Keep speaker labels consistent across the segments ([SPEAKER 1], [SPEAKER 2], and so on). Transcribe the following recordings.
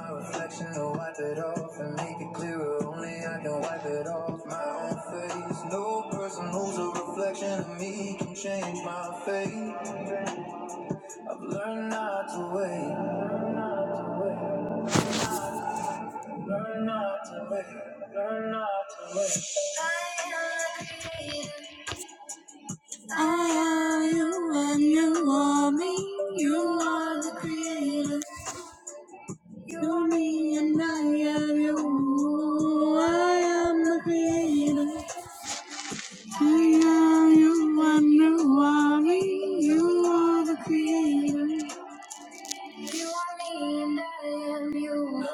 [SPEAKER 1] My reflection, I'll wipe it off and make it clearer. Only I can wipe it off my own face. No person who's a reflection of me can change my fate. I've learned not to wait. Learn not to wait. Learn not to wait. Learn not to wait. I am the creator. I am you and you are me. You are the creator. You're me and I am you. I am the creator. I am you, I'm the worry, you are the creator. You are me and I am you.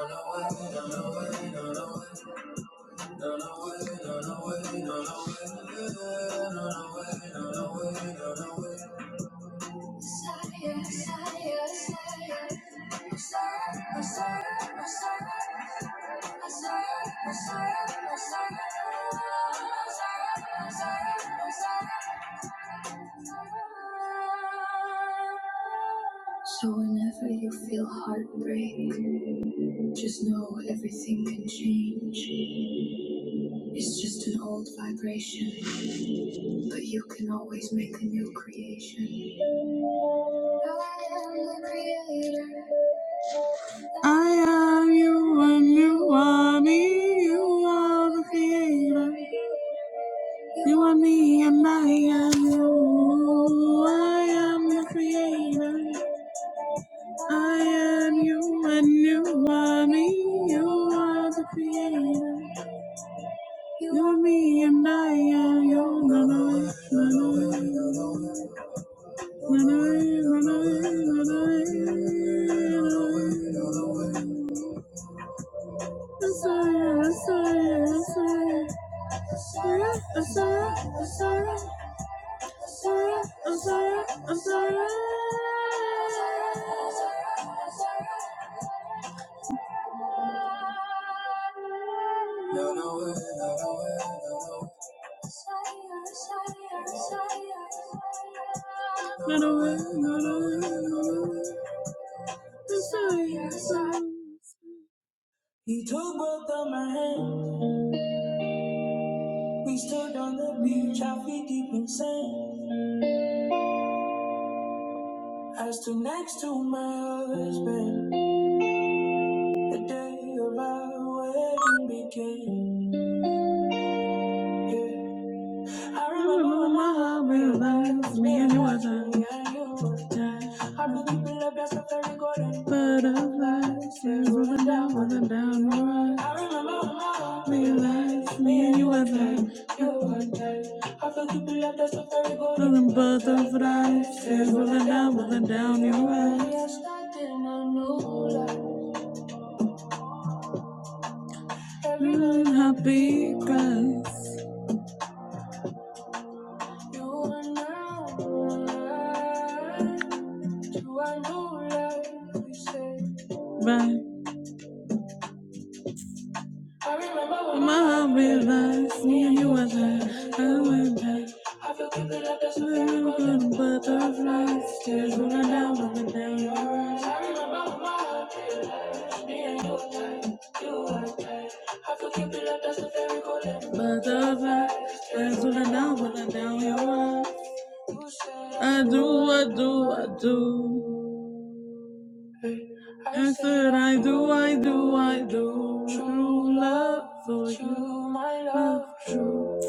[SPEAKER 1] Messiah, Messiah, Messiah. Messiah, Messiah, Messiah. Messiah, Messiah, Messiah. Messiah, Messiah, Messiah. So whenever you feel heartbreak, just know everything can change. It's just an old vibration, but you can always make a new creation. I am the creator. You I am the creator. I am you and you are me. You are the creator. You are me and I am you. He took both of my hands. We stood on the beach, our feet deep in sand. I stood next to my husband the day of our wedding began. Yeah. I remember when my heart realized me and you were done. I do you feel about the fairy golden butterflies? Things rolling down, rolling down your eyes. I remember when my heart realized me and you were done. You were done. I do you feel about the fairy golden golden butterflies? Things rolling down, rolling down your eyes. Yes, I did not You are now. mine. You are no life, you said. Right. I remember My heart realized me and you was was there. I went back. I feel guilty like there's something Swimming going through on. the butterflies, tears rolling down, rolling down your eyes. I remember when my heart realized me and you were there. You were there. I feel guilty like that's something going on. Butterflies, tears rolling down, rolling down your eyes. You said I I do, I do, I do. I said, I do, I do, I do. True love for you, my love, true.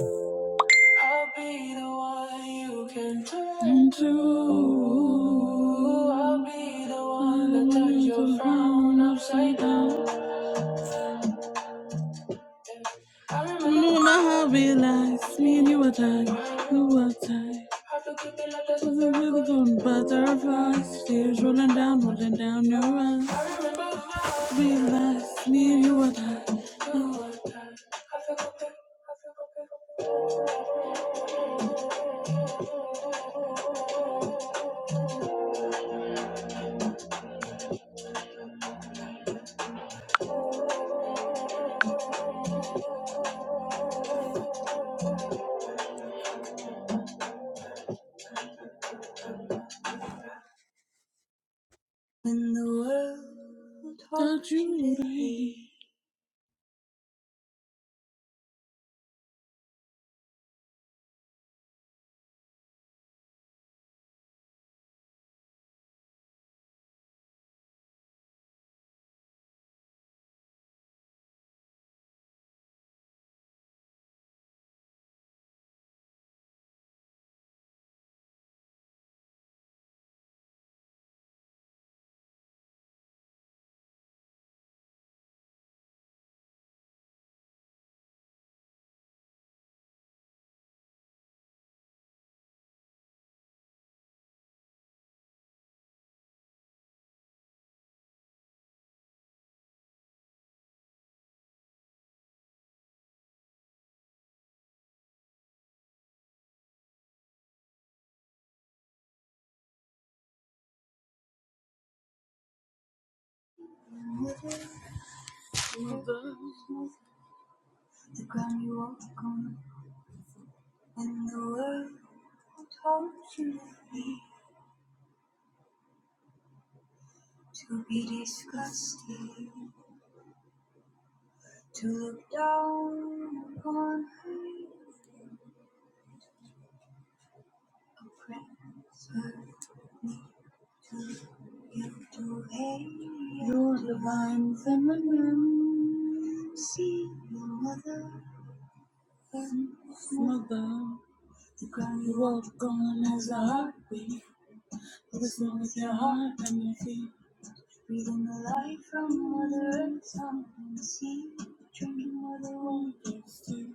[SPEAKER 1] I'll be the one you can turn to. I'll be the one that turns your frown upside down. I remember how we last, me and you were tight, you were tight. It Was it really going butterflies? Tears rolling down, rolling down your eyes. We last, me and you were tight, you were tight. When the world taught you to would hate. hate the ground you walk on. When the world taught you to hate, to be disgusted, to look You're divine feminine. See your mother and mother. The ground you walk on has a heartbeat. Listen with your heart and your feet. Breathing the light from Mother Earth, something to see. Drinking Mother Wonders too.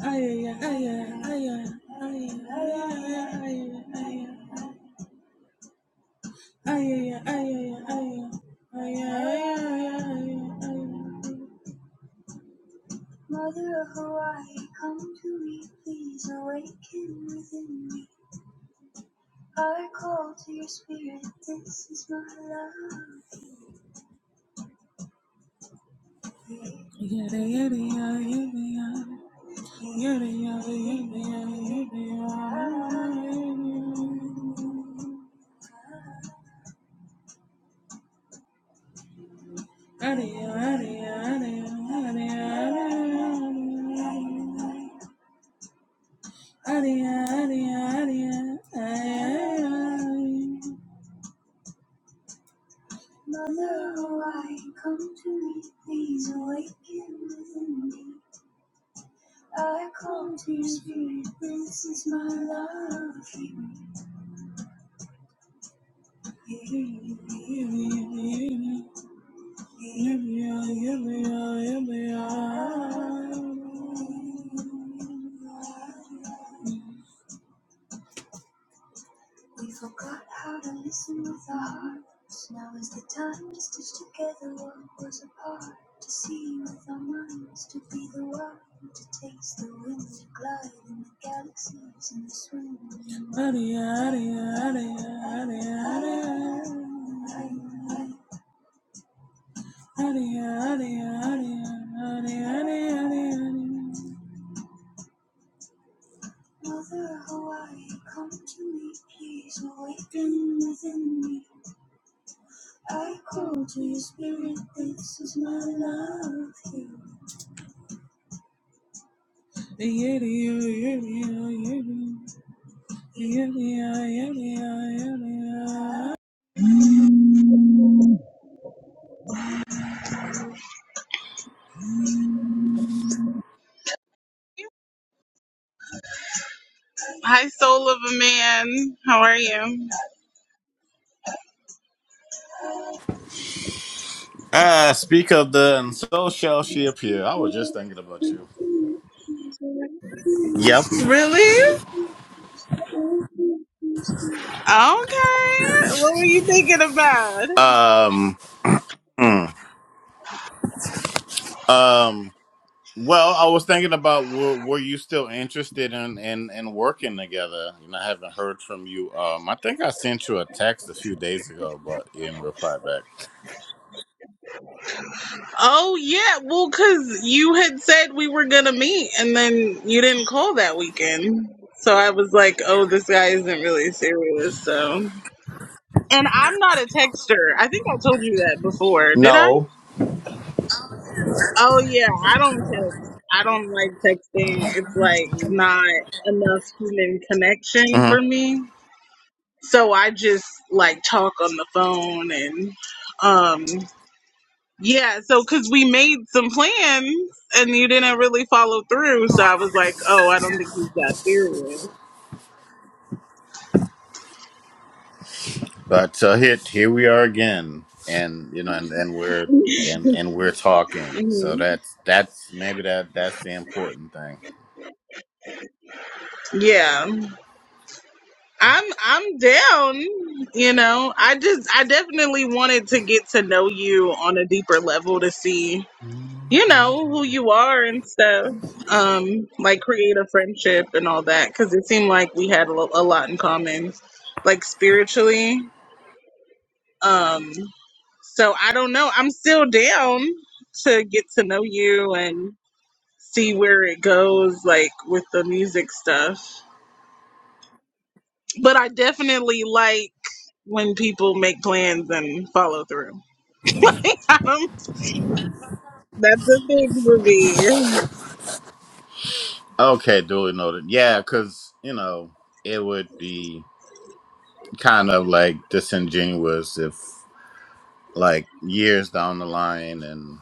[SPEAKER 1] Ay, ay, ay, ay, ay, ay, ay, ay, ay, ay, ay, ay, ay. Ay, ay, ay, ay, ay, ay, ay, ay, ay. ay, ay. Mother of Hawaii, come to me, please awaken within me. I call to your spirit, this is my love. Yada yada yada yada yada yada yada yada yada yada yada yada yada yada Aria, aria, aria, aria. Mother, oh, I come to me, please awaken within me. I come to your spirit, this is my love. We forgot how to listen with our hearts. Now is the time to stitch together what was apart. To see with our minds, to be the one, to taste the wind, to glide in the galaxies and the swim. in the Aria, aria, aria, aria, aria, aria, aria, aria, aria, aria. Mother Hawaii, come to me, please awaken within me. I call to your spirit, this is my love. Yeah, yeah, yeah, yeah, yeah, yeah, yeah, yeah, yeah. yeah. Hi, soul of a man. How are you?
[SPEAKER 2] Ah, speak of the and so shall she appear. I was just thinking about you. Yep.
[SPEAKER 1] Really? Okay. What were you thinking about?
[SPEAKER 2] Um. hmm. Um. Well, I was thinking about were, were you still interested in, in in working together? You know, I haven't heard from you. Um, I think I sent you a text a few days ago, but you didn't reply back.
[SPEAKER 1] Oh, yeah. Well, because you had said we were going to meet and then you didn't call that weekend. So I was like, oh, this guy isn't really serious. So. And I'm not a texter. I think I told you that before. Did I?
[SPEAKER 2] No.
[SPEAKER 1] Oh yeah, I don't text. I don't like texting. It's like not enough human connection
[SPEAKER 2] hmm
[SPEAKER 1] for me. So I just like talk on the phone and um yeah, so cuz we made some plans and you didn't really follow through, so I was like, "Oh, I don't think he's that serious."
[SPEAKER 2] But uh, here here we are again, and you know, and, and we're and and we're talking. So
[SPEAKER 1] hmm
[SPEAKER 2] that's that's maybe that that's the important thing.
[SPEAKER 1] Yeah. I'm I'm down, you know. I just I definitely wanted to get to know you on a deeper level to see, you know, who you are and stuff. Um like create a friendship and all that cuz it seemed like we had a, lo- a lot in common like spiritually. Um so I don't know. I'm still down to get to know you and see where it goes like with the music stuff. But I definitely like when people make plans and follow through. I don't- That's a big for me.
[SPEAKER 2] Okay, duly noted. Yeah, because, you know, it would be kind of like disingenuous if, like, years down the line and,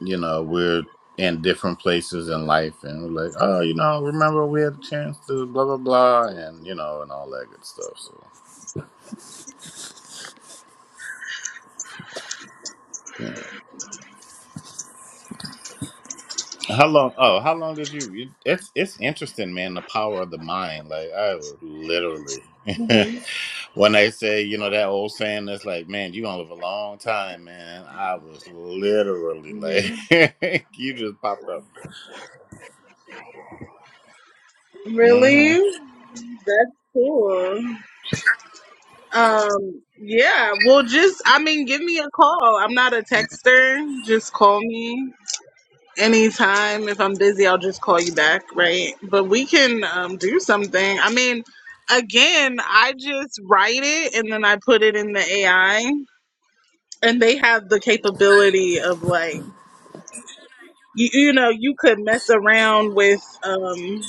[SPEAKER 2] you know, we're in different places in life and we're like, oh, you know, remember we had a chance to blah, blah, blah, and, you know, and all that good stuff. So, yeah. how long? Oh, how long did you? you- It's, it's interesting, man, the power of the mind. Like, I would literally. When they say, you know, that old saying that's like, man, you gonna live a long time, man. I was literally like, you just popped up. hmm
[SPEAKER 1] Really? That's cool. Um, yeah. Well, just I mean, give me a call. I'm not a texter. Just call me anytime. If I'm busy, I'll just call you back, right? But we can um, do something. I mean, again, I just write it and then I put it in the AI. and they have the capability of like you, you know you could mess around with um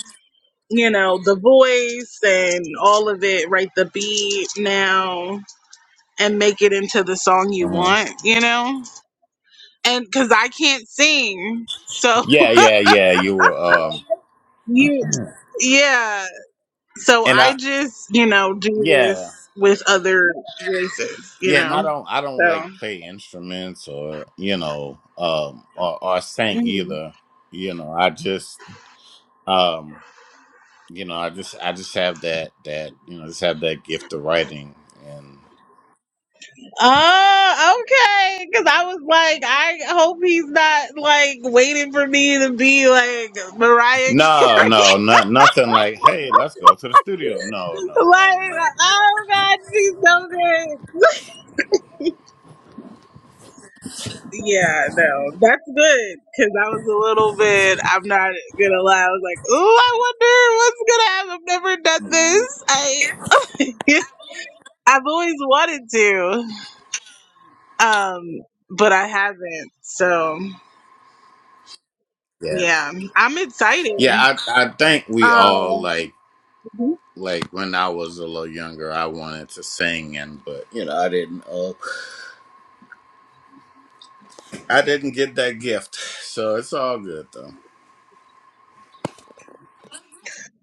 [SPEAKER 1] you know the voice and all of it right the beat now and make it into the song you
[SPEAKER 2] hmm
[SPEAKER 1] want you know and because i can't sing so
[SPEAKER 2] Yeah, yeah, yeah. You were, um,
[SPEAKER 1] you yeah so
[SPEAKER 2] and I,
[SPEAKER 1] i just you know do
[SPEAKER 2] yeah,
[SPEAKER 1] this with other voices you
[SPEAKER 2] yeah. And I
[SPEAKER 1] know
[SPEAKER 2] don't, I don't
[SPEAKER 1] so
[SPEAKER 2] like play instruments or, you know, um, or, or sing
[SPEAKER 1] mhm.
[SPEAKER 2] either. You know, I just, um, you know, I just, I just have that, that, you know, just have that gift of writing
[SPEAKER 1] Oh, okay. Because I was like, I hope he's not like waiting for me to be like Mariah Carey.
[SPEAKER 2] No, no, not nothing like, hey, let's go to the studio. No, no, no,
[SPEAKER 1] like,
[SPEAKER 2] no.
[SPEAKER 1] oh God, she's so good. Yeah, no, that's good. Because I was a little bit, I'm not gonna lie. I was like, oh, I wonder what's gonna happen. I've never done
[SPEAKER 2] Mhm.
[SPEAKER 1] this. I, I've always wanted to, um, but I haven't. So
[SPEAKER 2] Yeah.
[SPEAKER 1] yeah, I'm
[SPEAKER 2] Yeah,
[SPEAKER 1] excited.
[SPEAKER 2] I I think we
[SPEAKER 1] Um,
[SPEAKER 2] all like like when I was a little younger, I wanted to sing and but you know, I didn't uh, I didn't get that gift. So it's all good though.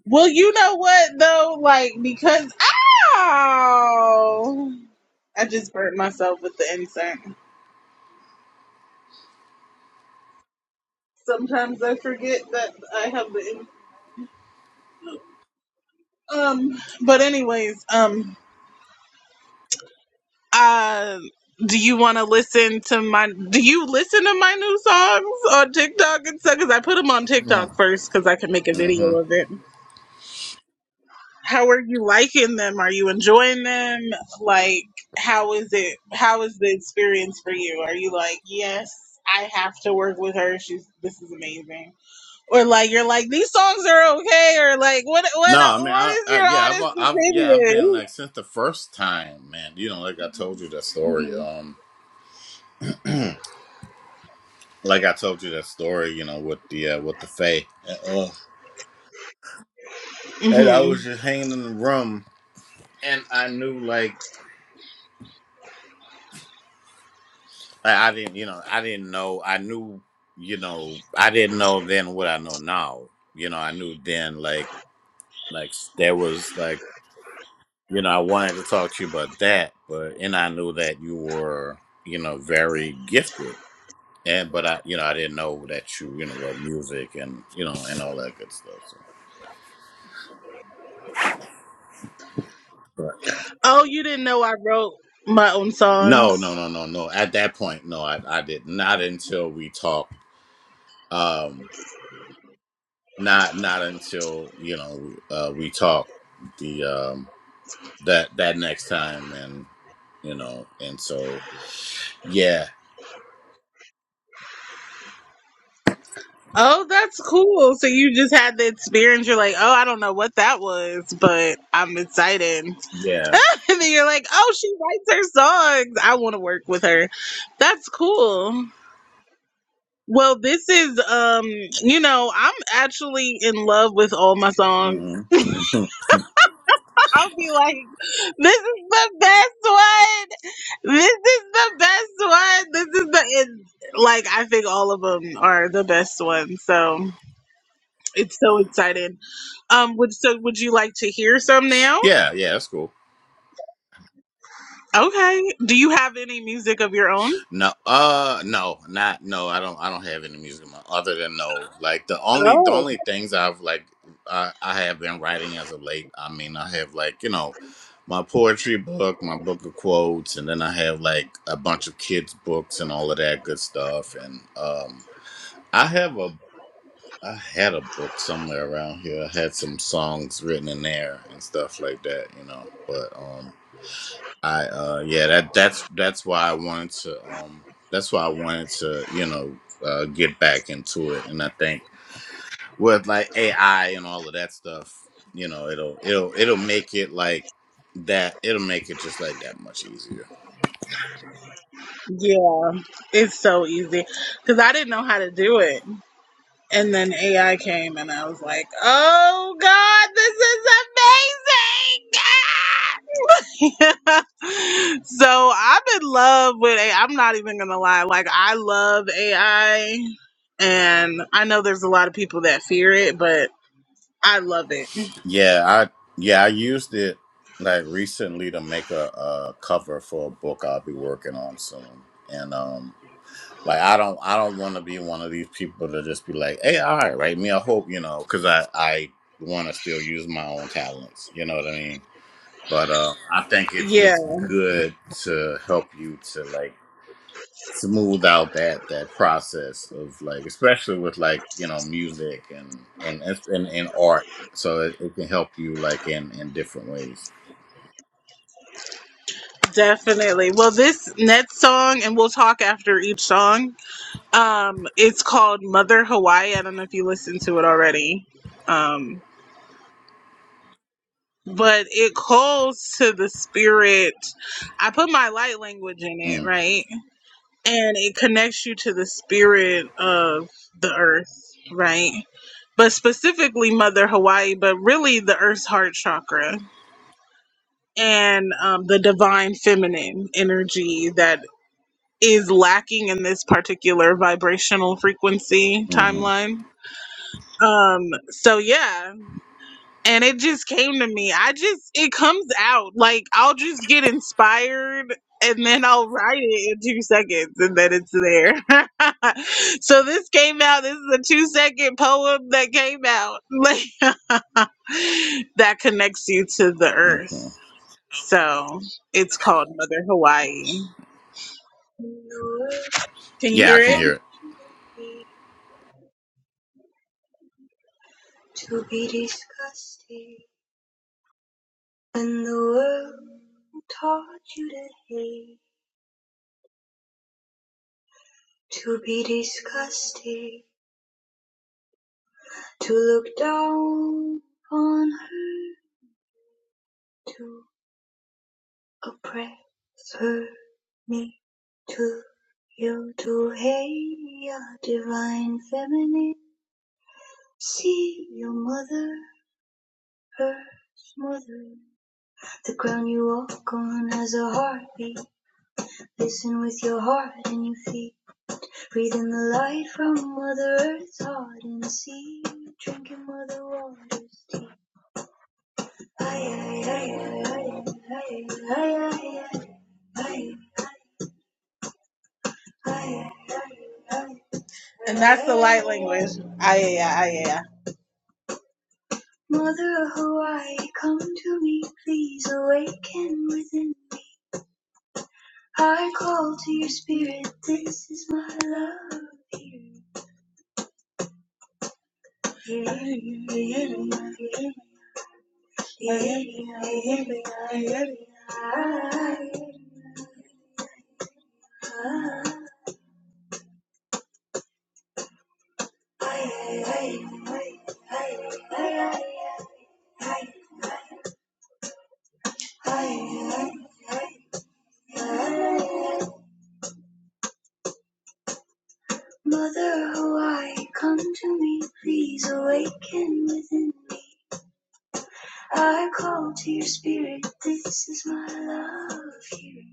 [SPEAKER 1] Well, you know what though, like because ow, I just burnt myself with the insert. Sometimes I forget that I have the um. But anyways, um, uh, do you want to listen to my? Do you listen to my new songs on TikTok and stuff? Because I put them on TikTok first because I can make a
[SPEAKER 2] Mm-hmm.
[SPEAKER 1] video of it. How are you liking them? Are you enjoying them? Like, how is it? How is the experience for you? Are you like, yes, I have to work with her. She's this is amazing, or like you're like these songs are okay, or like what
[SPEAKER 2] No,
[SPEAKER 1] what
[SPEAKER 2] I mean,
[SPEAKER 1] what
[SPEAKER 2] I,
[SPEAKER 1] is
[SPEAKER 2] I
[SPEAKER 1] your
[SPEAKER 2] yeah, I've
[SPEAKER 1] honest
[SPEAKER 2] I've yeah, I've been like since the first time, man. You know, like I told you that story.
[SPEAKER 1] opinion?
[SPEAKER 2] Um, like I told you that story, you know, with the uh, with the Fae.
[SPEAKER 1] hmm
[SPEAKER 2] And I
[SPEAKER 1] hmm
[SPEAKER 2] was just hanging in the room, and I knew like I I didn't, you know, I didn't know. I knew, you know, I didn't know then what I know now. You know, I knew then like like there was like you know I wanted to talk to you about that, but and I knew that you were you know very gifted, and but I you know I didn't know that you you know wrote music and you know and all that good stuff. So. But
[SPEAKER 1] Oh, you didn't know I wrote my own
[SPEAKER 2] no,
[SPEAKER 1] songs.
[SPEAKER 2] no, no, no, no. At that point, no, I I did not until we talked. Um, not not until you know uh, we talk the um, that that next time and you know and so yeah
[SPEAKER 1] Oh, that's cool. So you just had the experience. You're like, oh, I don't know what that was, but I'm excited.
[SPEAKER 2] yeah
[SPEAKER 1] and then you're like, oh, she writes her songs. I want to work with her. That's cool. Well, this is, um, you know, I'm actually in love with all my songs.
[SPEAKER 2] hmm
[SPEAKER 1] I'll be like, this is the best one. This is the best one. This is the, it, like, I think all of them are the best ones. So. It's so exciting. Um, would so would you like to hear some now?
[SPEAKER 2] yeah yeah that's cool
[SPEAKER 1] Okay. Do you have any music of your own?
[SPEAKER 2] no uh no not no I don't I don't have any music in my, other than no like the only the
[SPEAKER 1] Oh,
[SPEAKER 2] only things I've like I, I have been writing as of late I mean I have like you know my poetry book my book of quotes and then I have like a bunch of kids books and all of that good stuff and um I have a I had a book somewhere around here. I had some songs written in there and stuff like that, you know. But um I uh yeah, that that's that's why I wanted to um that's why I wanted to, you know, uh get back into it and I think with like AI and all of that stuff, you know, it'll it'll it'll make it like that it'll make it just like that much easier.
[SPEAKER 1] yeah. It's so easy because I didn't know how to do it, and then AI came, and I was like, "Oh God, this is amazing!" Ah! so I'm in love with AI. I'm not even gonna lie. Like I love AI, and I know there's a lot of people that fear it, but I love it.
[SPEAKER 2] Yeah, I yeah, I used it like recently to make a, a cover for a book I'll be working on soon. And um like I don't I don't want to be one of these people to just be like, "Hey, all right, write me a hope," you know, cuz I I want to still use my own talents, you know what I mean? But uh I think it's
[SPEAKER 1] Yeah.
[SPEAKER 2] it's good to help you to like smooth out that that process of like especially with like you know music and and and, and art so it, it can help you like in in different ways
[SPEAKER 1] Definitely. Well, this next song, and we'll talk after each song. Um, it's called Mother Hawaii. I don't know if you listened to it already. Um, but it calls to the spirit. I put my light language in it,
[SPEAKER 2] mm,
[SPEAKER 1] right? And it connects you to the spirit of the earth, right? But specifically Mother Hawaii, but really the earth's heart chakra and um, the divine feminine energy that is lacking in this particular vibrational frequency
[SPEAKER 2] hmm
[SPEAKER 1] timeline. Um, so yeah, and it just came to me. I just it comes out like I'll just get inspired and then I'll write it in two seconds and then it's there. so this came out, this is a two second poem that came out like that connects you to the earth.
[SPEAKER 2] okay.
[SPEAKER 1] So it's called Mother Hawaii. Can you
[SPEAKER 2] yeah i
[SPEAKER 1] hear
[SPEAKER 2] can hear
[SPEAKER 1] it?
[SPEAKER 2] it
[SPEAKER 1] to be disgusted when the world taught you to hate to be disgusted to look down on her to oppress her me to you to hate your divine feminine see your mother her smother the ground you walk on has a heartbeat listen with your heart and your feet Breathing the light from Mother Earth's hardened sea, drinking Mother Water's tea. Aye, aye, aye, aye, aye, aye, aye, aye, aye, And that's the light language. Aye, aye, aye, aye. Mother Hawaii, come to me, please awaken within me. I call to your spirit, this is my love. Here, here, here, here, here, Mother Hawaii, come to me, please awaken within me. I call to your spirit, this is my love. Hearing,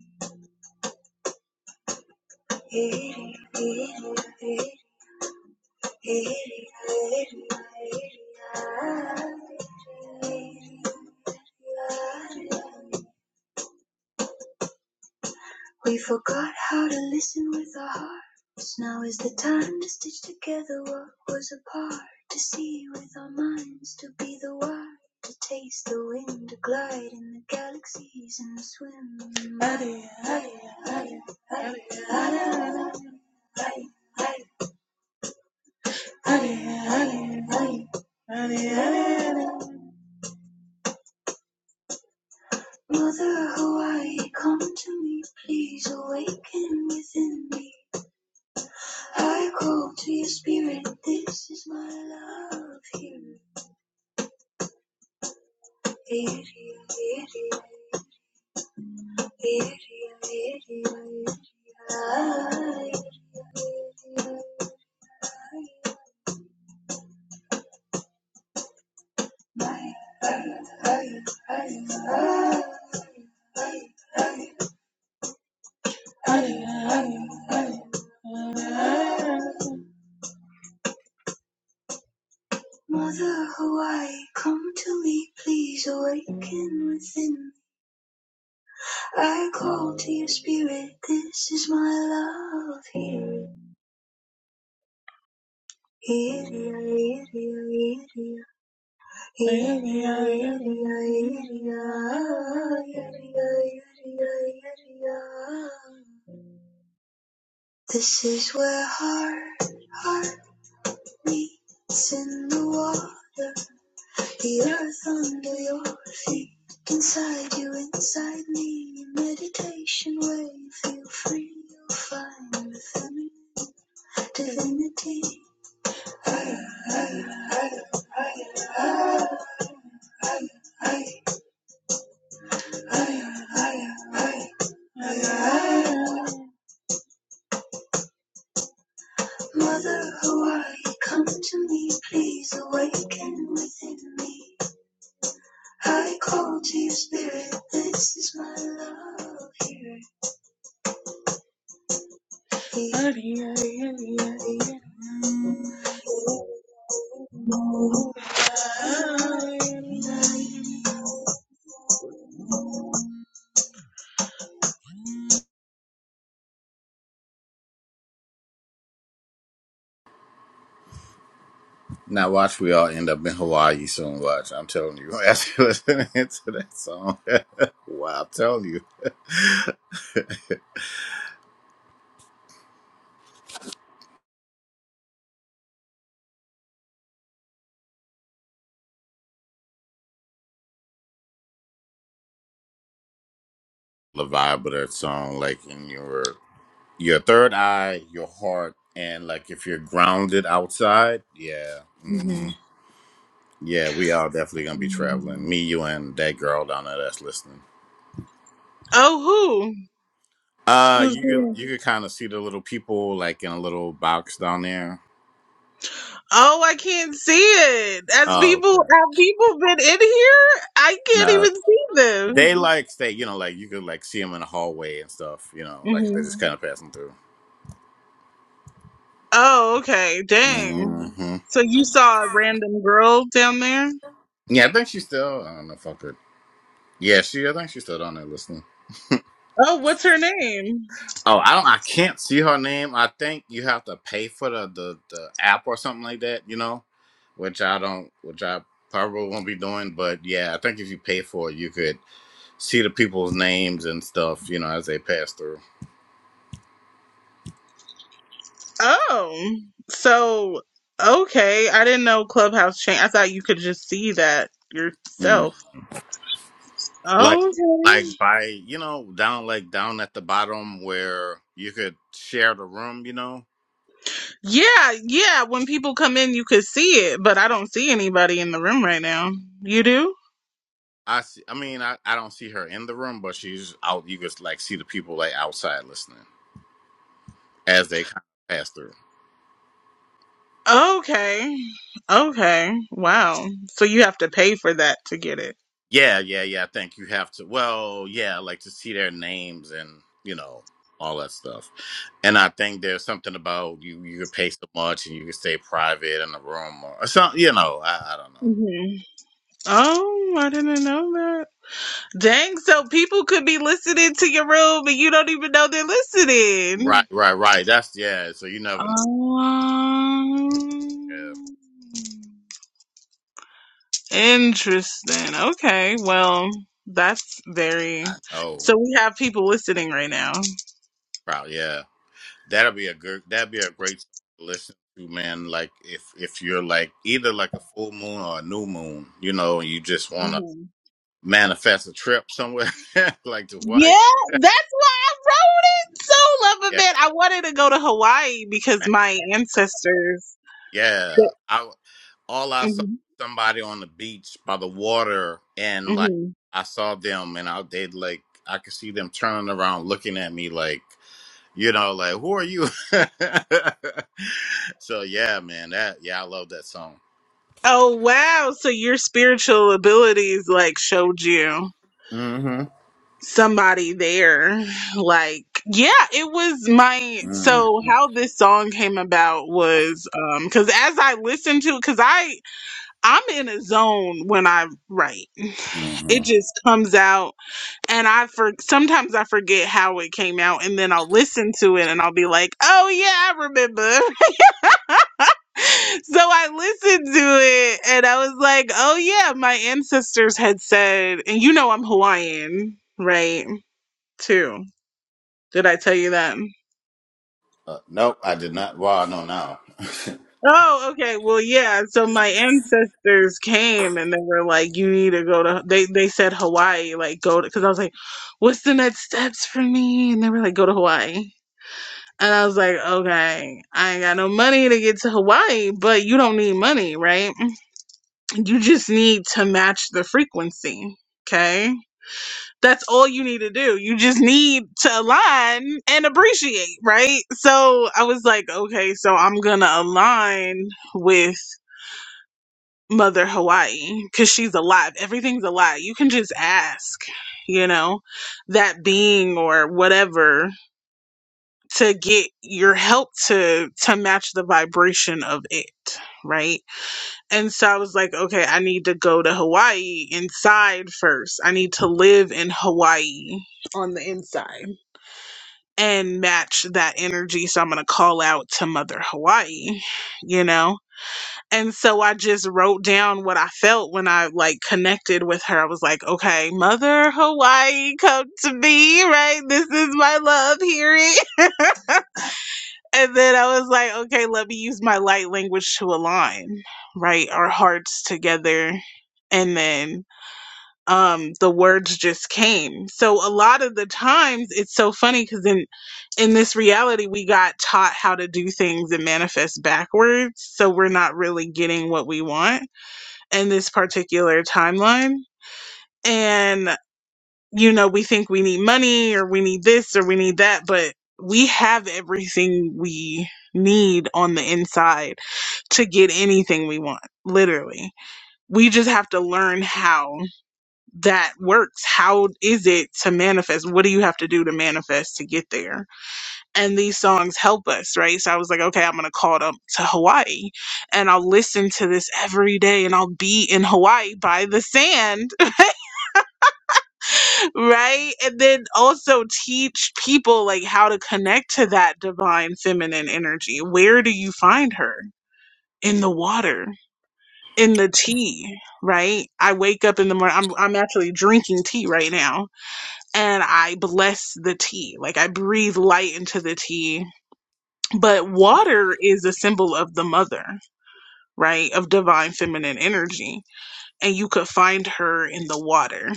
[SPEAKER 1] We forgot how to listen with our hearts. Now is the time to stitch together what was apart. To see with our minds, to be the wire, to taste the wind, to glide in the galaxies and to swim. in mud. Mother Hawaii, come to me, please awaken within me. I call to your spirit, this is my love here. Area, area, area, area, area, area. My, I, I, I, I, I, I, I, I. Mother Hawaii, come to me, please awaken within I call to your spirit, this is my love. here. it, hear it, hear it, hear it, hear This is where heart, heart meets in the water, the earth under your feet. Inside you, inside me, in meditation where you feel free, you'll find within me divinity. Mother, who are you? Come to me, please awaken within me. I call to your spirit, this is my love. here. it. Love you, hear you,
[SPEAKER 2] now watch we all end up in hawaii soon watch i'm telling you as you listening to that song wow i'm telling you the vibe of that song like in your your third eye your heart and like if you're grounded outside yeah mm-hmm.
[SPEAKER 1] Mm-hmm.
[SPEAKER 2] Yeah, we are definitely gonna be traveling. Me, you, and that girl down there that's listening.
[SPEAKER 1] Oh, who?
[SPEAKER 2] Uh,
[SPEAKER 1] Who's
[SPEAKER 2] you
[SPEAKER 1] there?
[SPEAKER 2] could you could kind of see the little people like in a little box down there.
[SPEAKER 1] Oh, I can't see it. As
[SPEAKER 2] Oh,
[SPEAKER 1] people,
[SPEAKER 2] okay.
[SPEAKER 1] have people been in here? I can't
[SPEAKER 2] No,
[SPEAKER 1] even see them.
[SPEAKER 2] they like stay. You know, like you could like see them in the hallway and stuff. You know, like they're
[SPEAKER 1] hmm
[SPEAKER 2] just kind of passing through.
[SPEAKER 1] Oh, okay. Dang.
[SPEAKER 2] hmm
[SPEAKER 1] So you saw a random girl down there?
[SPEAKER 2] Yeah, I think she's still. I don't know. Fuck her. Yeah, she. I think she's still down there listening.
[SPEAKER 1] Oh, what's her name?
[SPEAKER 2] Oh, I don't. I can't see her name. I think you have to pay for the the, the app or something like that. You know, which I don't. Which I probably won't be doing. But yeah, I think if you pay for it, you could see the people's names and stuff. You know, as they pass through.
[SPEAKER 1] Oh, so okay. I didn't know Clubhouse changed. I thought you could just see that
[SPEAKER 2] Mm.
[SPEAKER 1] yourself.
[SPEAKER 2] Like
[SPEAKER 1] Okay.
[SPEAKER 2] like by you know down like down at the bottom where you could share the room. You know.
[SPEAKER 1] Yeah, yeah. When people come in, you could see it, but I don't see anybody in the room right now. You do?
[SPEAKER 2] I, see, I mean I, I don't see her in the room, but she's out. You could like see the people like outside listening as they kind of pass through.
[SPEAKER 1] Okay. Okay. Wow. So you have to pay for that to get it.
[SPEAKER 2] Yeah, yeah, yeah. I think you have to. Well, yeah, like to see their names and you know all that stuff. And I think there's something about you. You could pay so much, and you could stay private in a room or, or something. You know, I, I don't know.
[SPEAKER 1] hmm Oh, I didn't know that. Dang, so people could be listening to your room and you don't even know they're listening.
[SPEAKER 2] Right, right, right. That's yeah. So you never. know.
[SPEAKER 1] Um,
[SPEAKER 2] Yeah,
[SPEAKER 1] interesting. Okay, well, that's very.
[SPEAKER 2] I know.
[SPEAKER 1] So we have people listening right now.
[SPEAKER 2] Probably. Yeah, that'll be a good. That'd be a great song to listen to, man. Like if if you're like either like a full moon or a new moon, you know, and you just wanna manifest a trip somewhere like to
[SPEAKER 1] Yeah,
[SPEAKER 2] Hawaii.
[SPEAKER 1] that's why I wrote it. So love a man.
[SPEAKER 2] Yeah
[SPEAKER 1] I wanted to go to Hawaii because my ancestors.
[SPEAKER 2] Yeah, I all I saw
[SPEAKER 1] Mhm,
[SPEAKER 2] was somebody on the beach by the water, and like
[SPEAKER 1] mhm.
[SPEAKER 2] I saw them, and I they like I could see them turning around, looking at me like you know, like who are you? so yeah, man, that yeah, I love that song.
[SPEAKER 1] Oh wow! So your spiritual abilities like showed you
[SPEAKER 2] Mm-hmm.
[SPEAKER 1] somebody there. Like yeah, it was my. So
[SPEAKER 2] Mm-hmm.
[SPEAKER 1] how this song came about was um because as I listened to because I I'm in a zone when I write.
[SPEAKER 2] hmm
[SPEAKER 1] It just comes out and I for sometimes I forget how it came out, and then I'll listen to it and I'll be like, "Oh yeah, I remember." so I listened to it, and I was like, "Oh yeah, my ancestors had said," and you know I'm Hawaiian, right? Too. Did I tell you that?
[SPEAKER 2] Uh, nope, I did not. Well, I know now.
[SPEAKER 1] Oh, okay. Well, yeah. So my ancestors came and they were like, "You need to go to." They they said Hawaii, like go to, because I was like, "What's the next steps for me?" And they were like, "Go to Hawaii." And I was like, okay, I ain't got no money to get to Hawaii, but you don't need money, right? You just need to match the frequency. Okay. That's all you need to do. You just need to align and appreciate, right? So I was like, okay, so I'm going to align with Mother Hawaii because she's alive. Everything's alive. You can just ask, you know, that being or whatever to get your help to to match the vibration of it right and so i was like okay i need to go to hawaii inside first i need to live in hawaii on the inside and match that energy so i'm going to call out to mother hawaii you know and so i just wrote down what i felt when i like connected with her i was like okay mother hawaii come to me right this is my love Hear it. And then I was like, okay, let me use my light language to align, right? Our hearts together. And then um the words just came. So a lot of the times it's so funny because in in this reality we got taught how to do things and manifest backwards. So we're not really getting what we want in this particular timeline. And you know, we think we need money or we need this or we need that, but we have everything we need on the inside to get anything we want, literally. We just have to learn how that works. How is it to manifest? What do you have to do to manifest to get there? And these songs help us, right? So I was like, okay, I'm going to call it up to Hawaii and I'll listen to this every day and I'll be in Hawaii by the sand right and then also teach people like how to connect to that divine feminine energy where do you find her in the water in the tea right i wake up in the morning I'm, I'm actually drinking tea right now and i bless the tea like i breathe light into the tea but water is a symbol of the mother right of divine feminine energy and you could find her in the water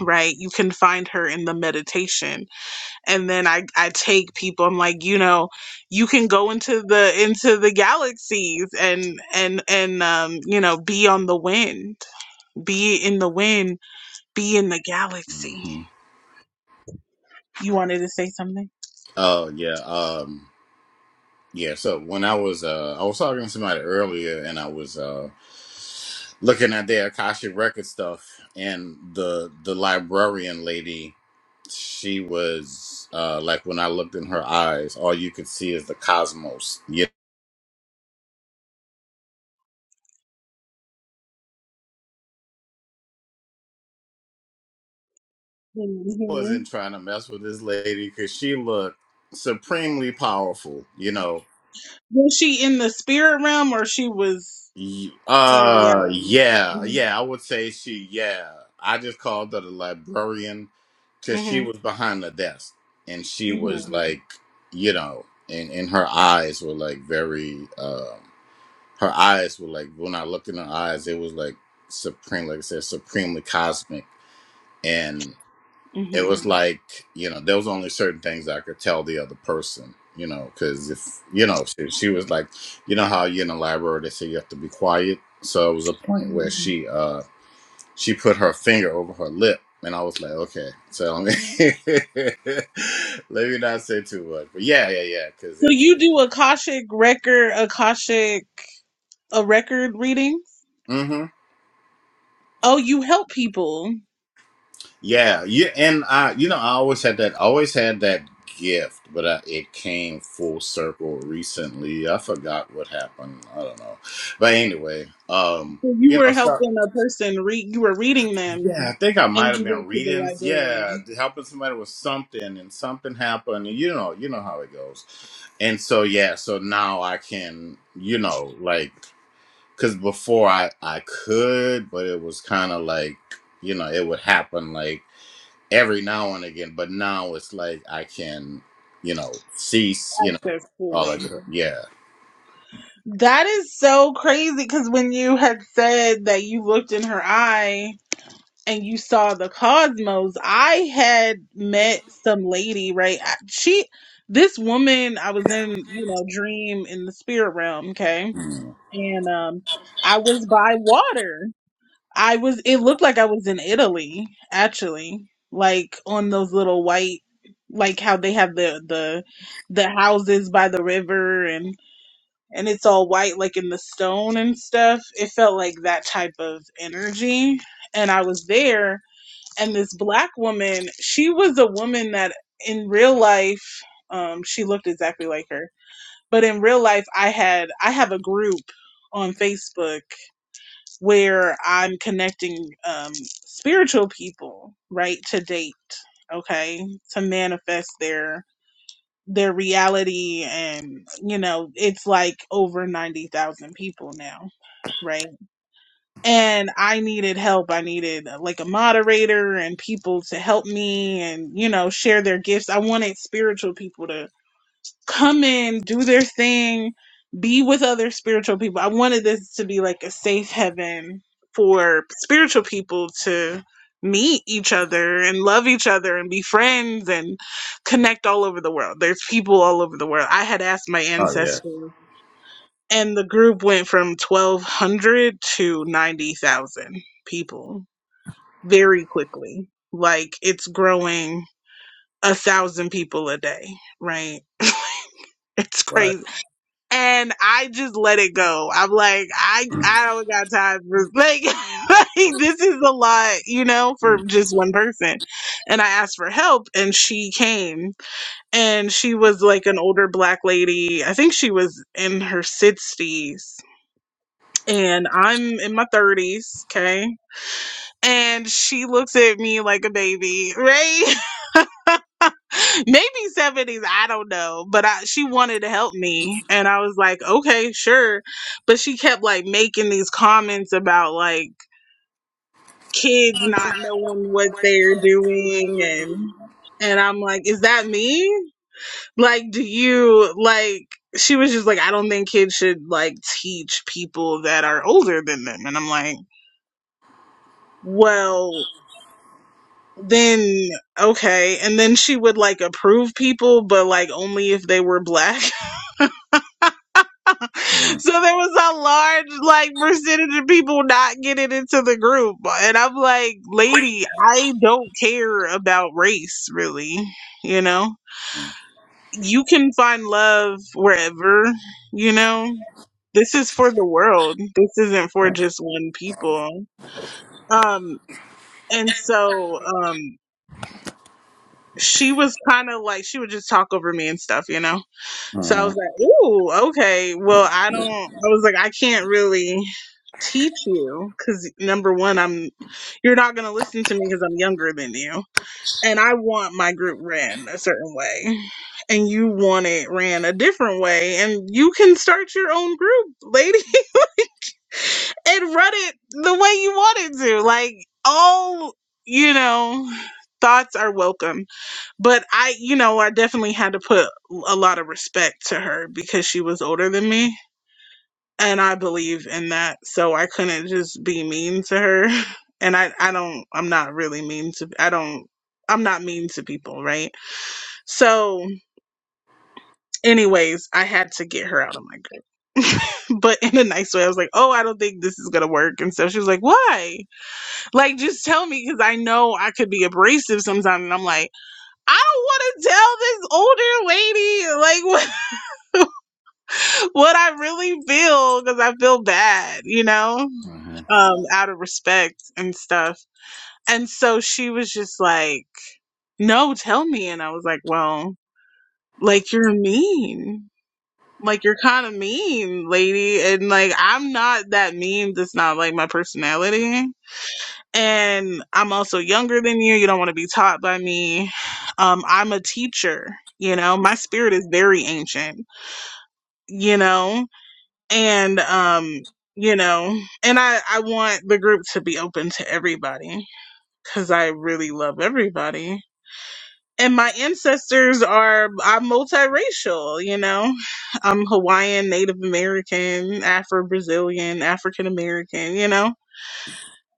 [SPEAKER 1] right you can find her in the meditation and then I, I take people i'm like you know you can go into the into the galaxies and and and um you know be on the wind be in the wind be in the galaxy
[SPEAKER 2] hmm
[SPEAKER 1] you wanted to say something
[SPEAKER 2] Oh yeah. Um. Yeah, so when I was uh I was talking to somebody earlier and I was uh looking at their Akashic record stuff and the the librarian lady, she was uh like when I looked in her eyes, all you could see is the cosmos. Yeah. I wasn't
[SPEAKER 1] Mhm.
[SPEAKER 2] trying to mess with this lady cuz she looked supremely powerful, you know.
[SPEAKER 1] was she in the spirit realm or she was
[SPEAKER 2] Y-
[SPEAKER 1] in
[SPEAKER 2] Uh,
[SPEAKER 1] reality
[SPEAKER 2] yeah, yeah, I would say she, yeah. I just called her the librarian because she
[SPEAKER 1] hmm
[SPEAKER 2] was behind the desk and she
[SPEAKER 1] hmm
[SPEAKER 2] was like, you know, and, and her eyes were like very, um, her eyes were like, when I looked in her eyes, it was like supreme, like I said, supremely cosmic
[SPEAKER 1] hmm
[SPEAKER 2] it was like you know there was only certain things i could tell the other person you know because if you know she, she was like you know how you in the library they say you have to be quiet so it was a point where
[SPEAKER 1] hmm
[SPEAKER 2] she uh she put her finger over her lip and i was like okay so let me let me not say too much but yeah yeah yeah because
[SPEAKER 1] So
[SPEAKER 2] it's
[SPEAKER 1] you do Akashic record, Akashic a record reading?
[SPEAKER 2] mm-hmm.
[SPEAKER 1] Oh, you help people.
[SPEAKER 2] Yeah, yeah, and I, you know, I always had that, always had that gift, but I, it came full circle recently. I forgot what happened. I don't know, but anyway, um,
[SPEAKER 1] So you
[SPEAKER 2] you
[SPEAKER 1] were
[SPEAKER 2] know, so
[SPEAKER 1] helping a person read. You were reading them,
[SPEAKER 2] yeah, I think I
[SPEAKER 1] and
[SPEAKER 2] might have
[SPEAKER 1] you
[SPEAKER 2] been
[SPEAKER 1] went to the
[SPEAKER 2] reading, yeah,
[SPEAKER 1] librarian.
[SPEAKER 2] helping somebody with something, and something happened, and you know, you know how it goes. And so yeah, so now I can, you know, like, cause before I I could, but it was kind of like, you know, it would happen like every now and again, but now it's like I can, you know, cease, you know,
[SPEAKER 1] That's
[SPEAKER 2] all that.
[SPEAKER 1] fully.
[SPEAKER 2] good- Yeah.
[SPEAKER 1] That is so crazy. Because when you had said that you looked in her eye and you saw the cosmos, I had met some lady. Right? I- She, this woman, I was in, you know, dream in the spirit realm. Okay
[SPEAKER 2] Mm.
[SPEAKER 1] and um I was by water. I was it looked like I was in Italy actually, like on those little white like how they have the the the houses by the river and and it's all white like in the stone and stuff. It felt like that type of energy and I was there and this black woman, she was a woman that in real life um she looked exactly like her. But in real life I had I have a group on Facebook where I'm connecting um, spiritual people, right, to date, okay, to manifest their their reality, and you know, it's like over ninety thousand people now, right? And I needed help. I needed uh, like a moderator and people to help me, and you know, share their gifts. I wanted spiritual people to come in, do their thing, be with other spiritual people. I wanted this to be like a safe heaven for spiritual people to meet each other and love each other and be friends and connect all over the world. There's people all over the world. I had asked my
[SPEAKER 2] Oh yeah.
[SPEAKER 1] ancestors, and the group went from 1,200 to 90,000 people very quickly. Like it's growing a thousand people a day, right? it's
[SPEAKER 2] Right.
[SPEAKER 1] crazy and I just let it go. I'm like, I
[SPEAKER 2] Mm.
[SPEAKER 1] I don't got time for like, like this is a lot, you know, for just one person. And I asked for help, and she came, and she was like an older black lady. I think she was in her sixties, and I'm in my thirties. Okay, and she looks at me like a baby, right? maybe 70s i don't know but I, she wanted to help me and i was like okay sure but she kept like making these comments about like kids not knowing what they're doing and and i'm like is that me like do you like she was just like i don't think kids should like teach people that are older than them and i'm like well then okay and then she would like approve people but like only if they were black
[SPEAKER 2] Mm. Mm.
[SPEAKER 1] So there was a large like percentage of people not getting into the group. And I'm like, lady, I don't care about race really, you know? You can find love wherever, you know? This is for the world. This isn't for just one people. Um and so um she was kind of like she would just talk over me and stuff, you know? So I was
[SPEAKER 2] Mhm.
[SPEAKER 1] like, ooh, okay. Well, I don't, I was like, I can't really teach you because number one, I'm, you're not going to listen to me because I'm younger than you. And I want my group ran a certain way. And you want it ran a different way. And you can start your own group, lady, and run it the way you want it to. Like, all, you know, thoughts are welcome but I, you know, I definitely had to put a lot of respect to her because she was older than me. And I believe in that. So I couldn't just be mean to her. And I, I don't, I'm not really mean to, I don't, I'm not mean to people, right? So, anyways, I had to get her out of my group. but in a nice way, I was like, oh, I don't think this is going to work. And so she was like, why? Like, just tell me because I know I could be abrasive sometimes. And I'm like, I don't want to tell this older lady. like. what I really feel because I feel bad, you know,
[SPEAKER 2] Mhm.
[SPEAKER 1] um, out of respect and stuff. And so she was just like, no, tell me. And I was like, well, like you're mean. Like you're kind of mean, lady. And like, I'm not that mean. That's not like my personality. And I'm also younger than you. You don't want to be taught by me. Um, I'm a teacher. You know, my spirit is very ancient, you know? and um you know and i i want the group to be open to everybody because i really love everybody and my ancestors are i'm multiracial you know i'm hawaiian native american afro brazilian african american you know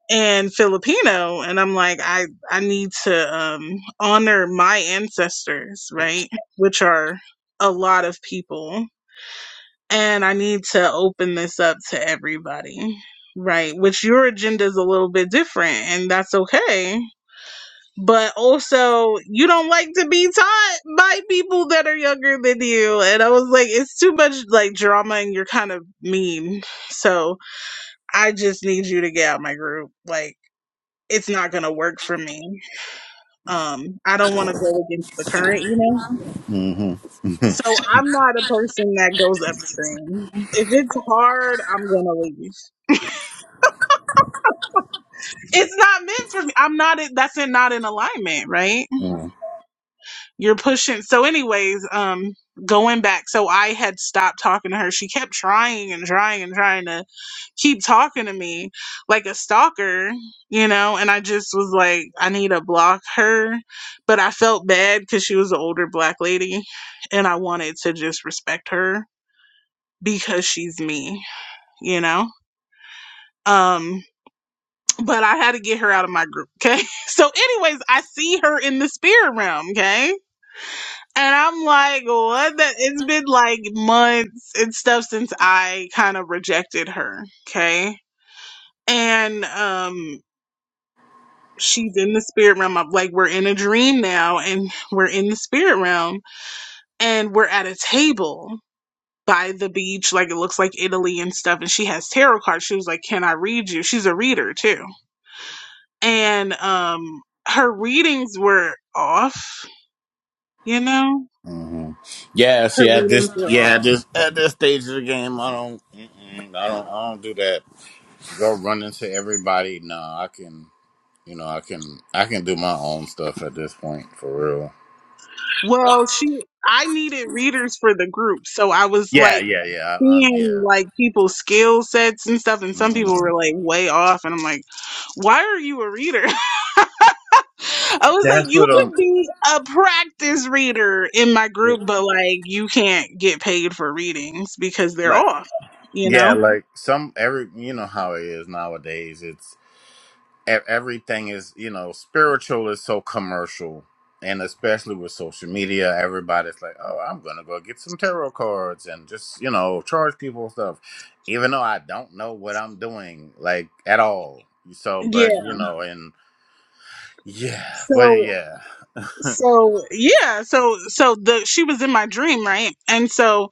[SPEAKER 1] and filipino and i'm like i i need to um honor my ancestors right which are a lot of people and I need to open this up to everybody, right? Which your agenda is a little bit different, and that's okay. But also, you don't like to be taught by people that are younger than you. And I was like, it's too much like drama, and you're kind of mean. So I just need you to get out of my group. Like, it's not gonna work for me. Um, I don't want to go against the current, you know.
[SPEAKER 2] Mhm. Mhm.
[SPEAKER 1] So I'm not a person that goes upstream. If it's hard, I'm gonna leave. it's not meant for me. I'm not. That's in, not in alignment, right?
[SPEAKER 2] Mhm.
[SPEAKER 1] You're pushing. So, anyways, um, going back. So I had stopped talking to her. She kept trying and trying and trying to keep talking to me like a stalker, you know. And I just was like, I need to block her. But I felt bad because she was an older black lady, and I wanted to just respect her because she's me, you know. Um. but I had to get her out of my group. Okay. So, anyways, I see her in the spirit realm. Okay. And I'm like, what the? It's been like months and stuff since I kind of rejected her. Okay. And, um, she's in the spirit realm. I'm like, we're in a dream now and we're in the spirit realm and we're at a table by the beach. Like, it looks like Italy and stuff. And she has tarot cards. She was like, can I read you? She's a reader too and um her readings were off you know
[SPEAKER 2] Mhm. Yeah.
[SPEAKER 1] her
[SPEAKER 2] See, at this,
[SPEAKER 1] readings were
[SPEAKER 2] yeah,
[SPEAKER 1] off
[SPEAKER 2] at this, at this stage of the game, I don't, mm-mm, I don't, I don't do that. Go run into everybody. No, I can, you know, I can, I can do my own stuff at this point for real.
[SPEAKER 1] well she i needed readers for the group so i was
[SPEAKER 2] Yeah.
[SPEAKER 1] like
[SPEAKER 2] Yeah. Yeah. I, I'm. Yeah.
[SPEAKER 1] seeing like people's skill sets and stuff and some people
[SPEAKER 2] Mm-hmm.
[SPEAKER 1] were like way off and i'm like why are you a reader i was like
[SPEAKER 2] That's
[SPEAKER 1] you
[SPEAKER 2] what
[SPEAKER 1] could
[SPEAKER 2] I'm.
[SPEAKER 1] be a practice reader in my group but like you can't get paid for readings because they're
[SPEAKER 2] like
[SPEAKER 1] off you
[SPEAKER 2] yeah
[SPEAKER 1] know
[SPEAKER 2] like some every you know how it is nowadays it's e- everything is you know spiritual is so commercial and especially with social media everybody's like oh i'm gonna go get some tarot cards and just you know charge people stuff even though i don't know what i'm doing like at all so
[SPEAKER 1] yeah.
[SPEAKER 2] but you know and yeah but
[SPEAKER 1] So
[SPEAKER 2] yeah
[SPEAKER 1] so yeah so so the she was in my dream right and so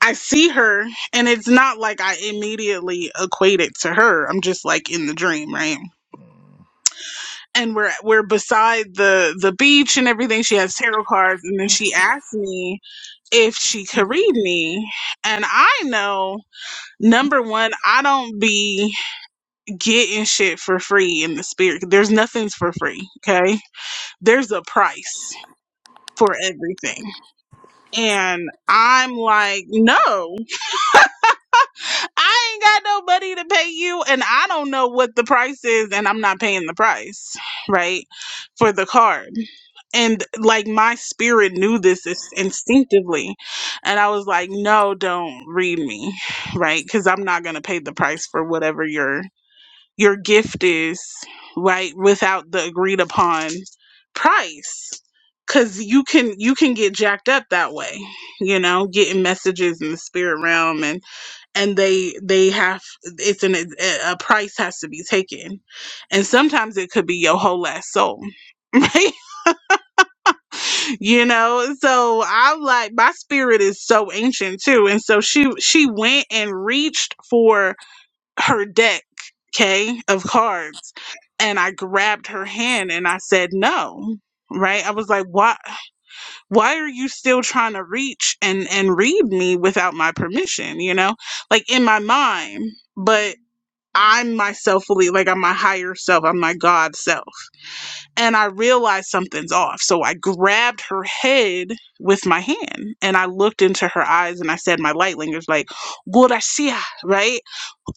[SPEAKER 1] i see her and it's not like i immediately equate it to her i'm just like in the dream right and we're we're beside the the beach and everything she has tarot cards and then she asked me if she could read me and i know number one i don't be getting shit for free in the spirit there's nothing's for free okay there's a price for everything And I'm like, no, I ain't got no money to pay you, and I don't know what the price is, and I'm not paying the price, right, for the card. And like my spirit knew this is- instinctively, and I was like, no, don't read me, right, because I'm not gonna pay the price for whatever you're your gift is, right? Without the agreed upon price. Cause you can you can get jacked up that way, you know, getting messages in the spirit realm and and they they have it's an a a price has to be taken, and sometimes it could be your whole last soul, right? you know so i'm like my spirit is so ancient too and so she she went and reached for her deck, okay, of cards. And I grabbed her hand and I said, no, right? I was like, why, why are you still trying to reach and, and read me without my permission? You know, like in my mind, but I'm myself fully, like I'm my higher self, I'm my God self. And I realized something's off. So I grabbed her head with my hand and I looked into her eyes and I said, my light lingers like, Gurasia, right?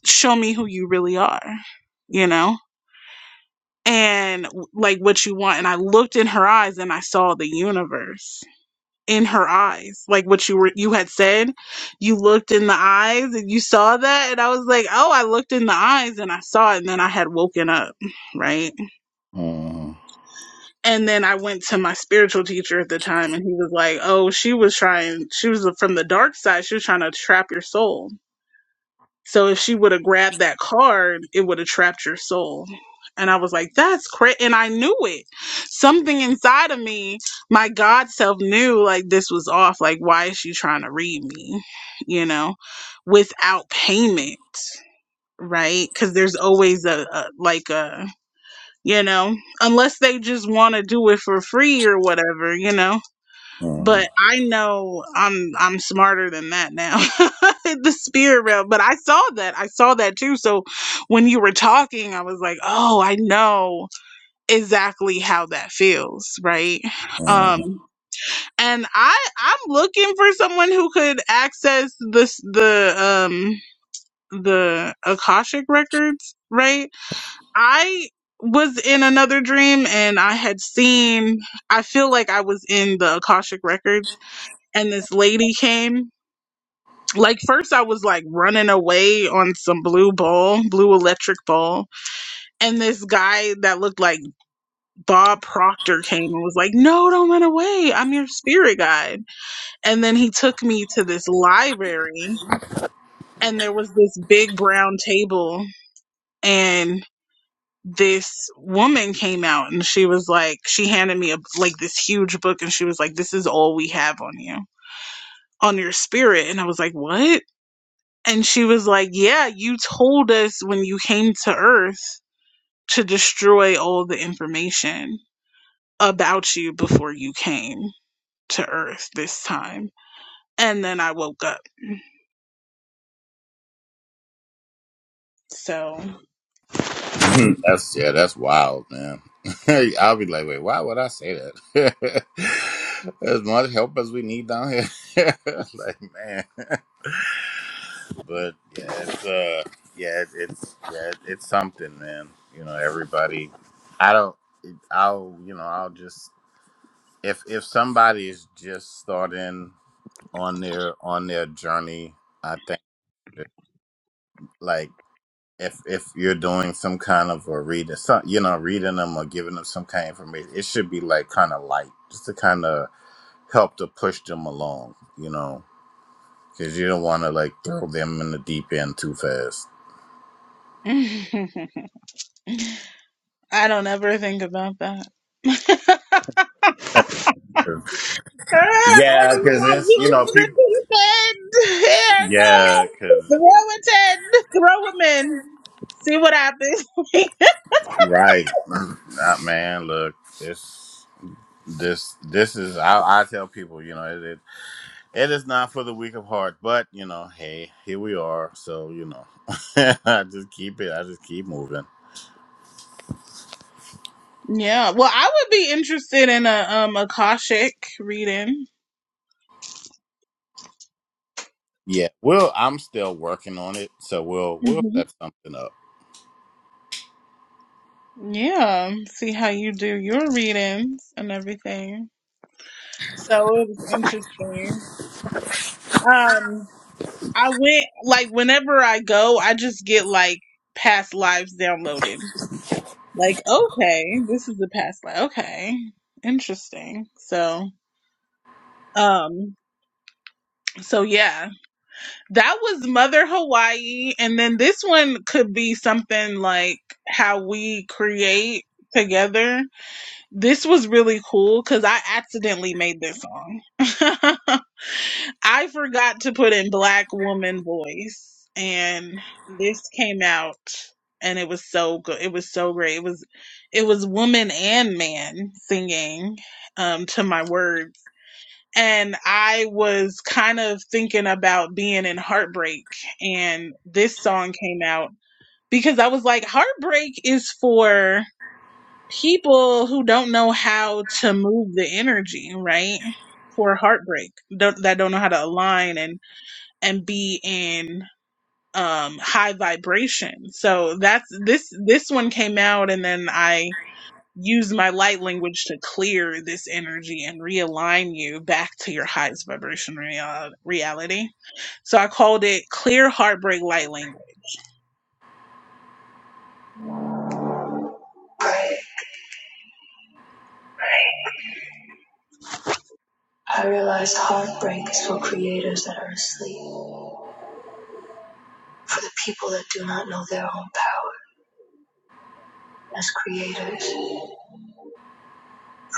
[SPEAKER 1] show me who you really are, you know, and like what you want. And I looked in her eyes and I saw the universe in her eyes, like what you were, you had said. You looked in the eyes and you saw that. And I was like, oh, I looked in the eyes and I saw it. And then I had woken up, right?
[SPEAKER 2] Mhm,
[SPEAKER 1] And then I went to my spiritual teacher at the time and he was like, oh, she was trying, she was from the dark side. She was trying to trap your soul So if she would have grabbed that card, it would have trapped your soul. And I was like, that's crazy. And I knew it. Something inside of me, my God self knew like this was off. Like, why is she trying to read me? You know, without payment, right? Because there's always a, a, like a, you know, unless they just want to do it for free or whatever, you know? but I know I'm I'm smarter than that now. the spirit realm. But I saw that. I saw that too. So when you were talking, I was like, oh, I know exactly how that feels, right?
[SPEAKER 2] mhm,
[SPEAKER 1] Um and I I'm looking for someone who could access this the um the Akashic records, right? I was in another dream and I had seen I feel like I was in the Akashic records and this lady came. Like first I was like running away on some blue ball, blue electric ball, and this guy that looked like Bob Proctor came and was like, "No, don't run away. I'm your spirit guide." And then he took me to this library and there was this big brown table and this woman came out and she was like she handed me a like this huge book and she was like this is all we have on you on your spirit and i was like what And she was like, Yeah, you told us when you came to Earth to destroy all the information about you before you came to Earth this time. And then I woke up. So,
[SPEAKER 2] Mhm. That's yeah, that's wild, man. I'll be like, wait, why would I say that? as much help as we need down here, like man. But yeah, it's uh, yeah, it, it's yeah, it, it's something, man. You know, everybody. I don't. I'll you know I'll just if if somebody is just starting on their on their journey, I think like. if if you're doing some kind of a reading, some, you know, reading them or giving them some kind of information, it should be like kind of light, just to kind of help to push them along, you know, because you don't want to like throw them in the deep end too fast.
[SPEAKER 1] I don't ever think about that. I'll
[SPEAKER 2] Yeah,
[SPEAKER 1] be
[SPEAKER 2] because
[SPEAKER 1] like,
[SPEAKER 2] it's you know
[SPEAKER 1] here's the
[SPEAKER 2] people.
[SPEAKER 1] pin. Here,
[SPEAKER 2] Yeah,
[SPEAKER 1] go.
[SPEAKER 2] because
[SPEAKER 1] Throw a 10. Throw them in. See what happens.
[SPEAKER 2] right, Ah, man, look, this this this is I, I tell people, you know, It is not for the weak of heart, but you know, hey, here we are. So you know, I just keep it. I just keep moving.
[SPEAKER 1] yeah. Well, I would be interested in a um Akashic reading.
[SPEAKER 2] Yeah, well, I'm still working on it, so we'll we'll
[SPEAKER 1] hmm
[SPEAKER 2] set something up.
[SPEAKER 1] Yeah. See how you do your readings and everything. So it was interesting. Um, I went like whenever I go, I just get like past lives downloaded. Like, okay, this is the past life. Okay. Interesting. So, um, so yeah, that was Mother Hawaii. And then this one could be something like how we create together. This was really cool because I accidentally made this song. I forgot to put in black woman voice and this came out and it was so good. It was so great. It was it was woman and man singing um to my words. And I was kind of thinking about being in heartbreak and this song came out because I was like heartbreak is for people who don't know how to move the energy, right? For heartbreak, don't, that don't know how to align and and be in um high vibration. So that's this this one came out and then I use my light language to clear this energy and realign you back to your highest vibration real- reality. So I called it clear heartbreak light language. I realized heartbreak is for creators that are asleep, for the people that do not know their own power as creators, for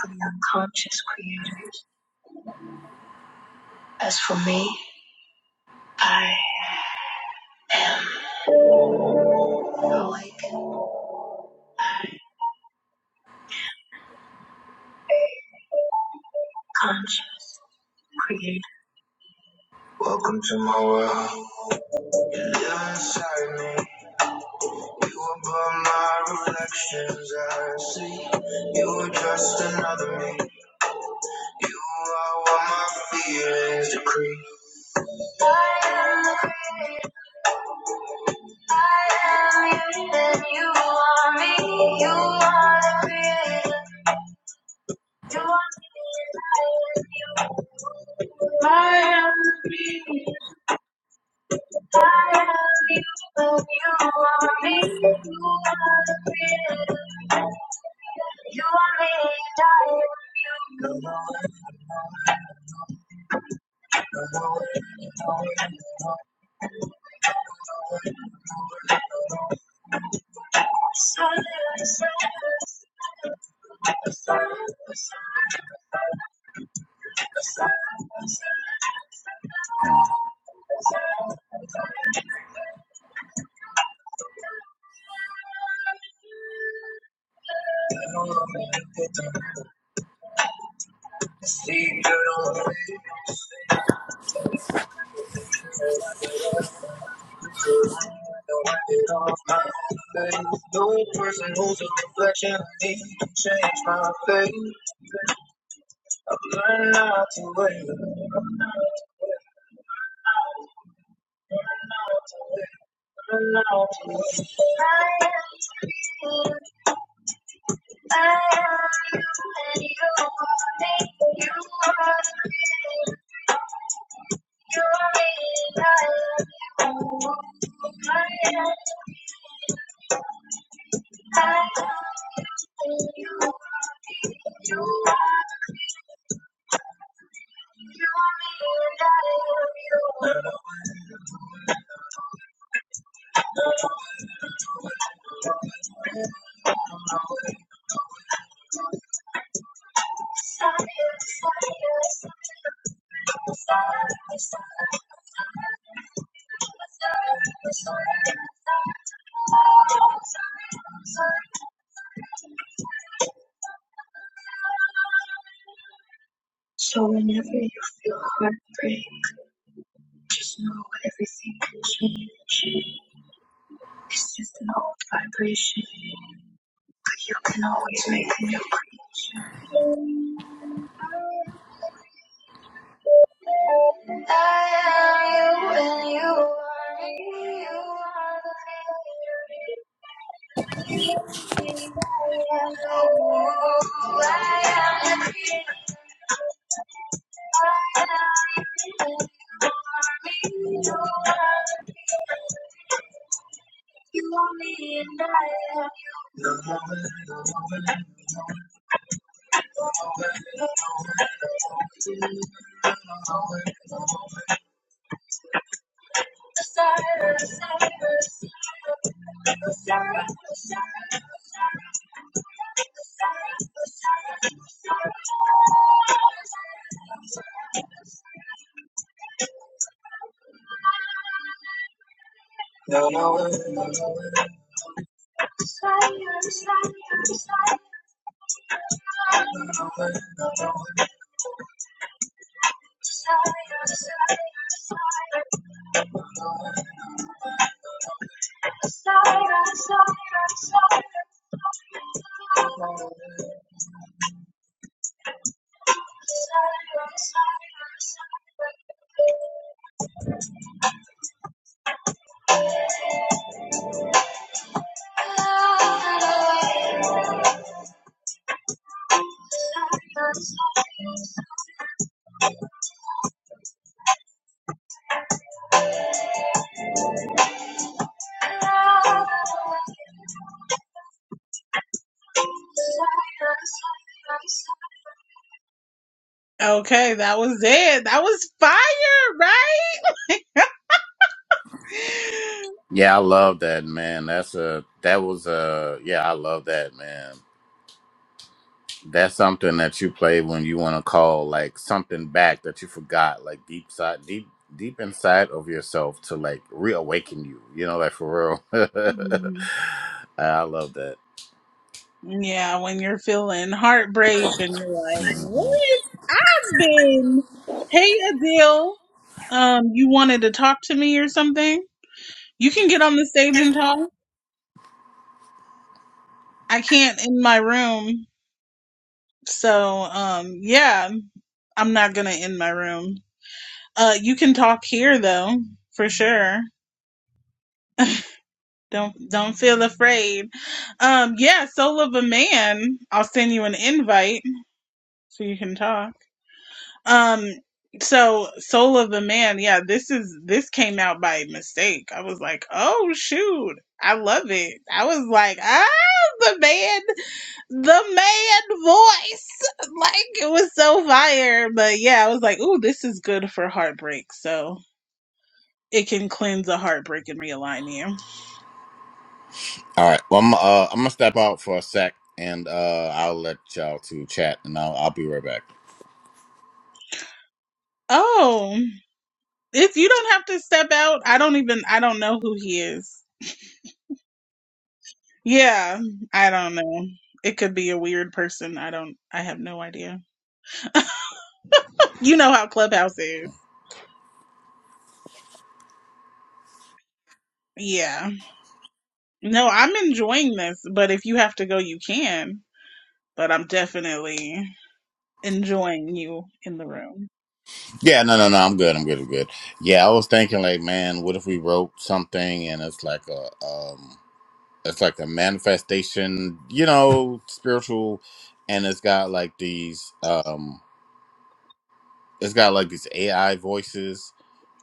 [SPEAKER 1] the unconscious creators. As for me, I am awake creator. Welcome to my world. You're inside me. You above my reflections. I see you are just another me. You are what my feelings decree.
[SPEAKER 2] Hmm.
[SPEAKER 1] Dirt on the bed, don't wipe it off my own face. No person who's a reflection of me can change my fate. I've learned not to wait. Learned not to wait. So whenever you feel heartbreak, just know everything can change. It's just an old vibration. You can always make a new. I am you and you are me. You are the feeling. You are the I am you. Okay, that was it. That was fire, right?
[SPEAKER 2] Yeah, I love that man. That's a that was a yeah, I love that man. That's something that you play when you want to call like something back that you forgot, like deep side, deep deep inside of yourself to like reawaken you. You know, like for real. I love that.
[SPEAKER 1] Yeah, when you're feeling heartbreak and you're like,
[SPEAKER 2] Mhm.
[SPEAKER 1] what? I've been, hey Adele, um, you wanted to talk to me or something? You can get on the stage and talk. I can't in my room. So, um, yeah, I'm not gonna in my room. Uh, you can talk here though, for sure. Don't, don't feel afraid. Um, yeah, Soul of a Man, I'll send you an invite so you can talk. Um, so Soul of the Man, yeah, this is this came out by mistake. I was like, oh shoot, I love it. I was like, ah, the man, the man voice, like it was so fire. But yeah, I was like, ooh, this is good for heartbreak. So it can cleanse a heartbreak and realign you.
[SPEAKER 2] All right. Well, I'm uh, I'm gonna step out for a sec, and uh, I'll let y'all to chat, and I'll I'll be right back.
[SPEAKER 1] Oh, if you don't have to step out, I don't even I don't know who he is. Yeah, I don't know. It could be a weird person. I don't. I have no idea. You know how Clubhouse is. Yeah. No, I'm enjoying this, but if you have to go, you can. But I'm definitely enjoying you in the room.
[SPEAKER 2] Yeah, no, no, no. I'm good. I'm good. I'm good. Yeah, I was thinking like, man, what if we wrote something, and it's like a um, it's like a manifestation, you know, spiritual, and it's got like these um, it's got like these AI voices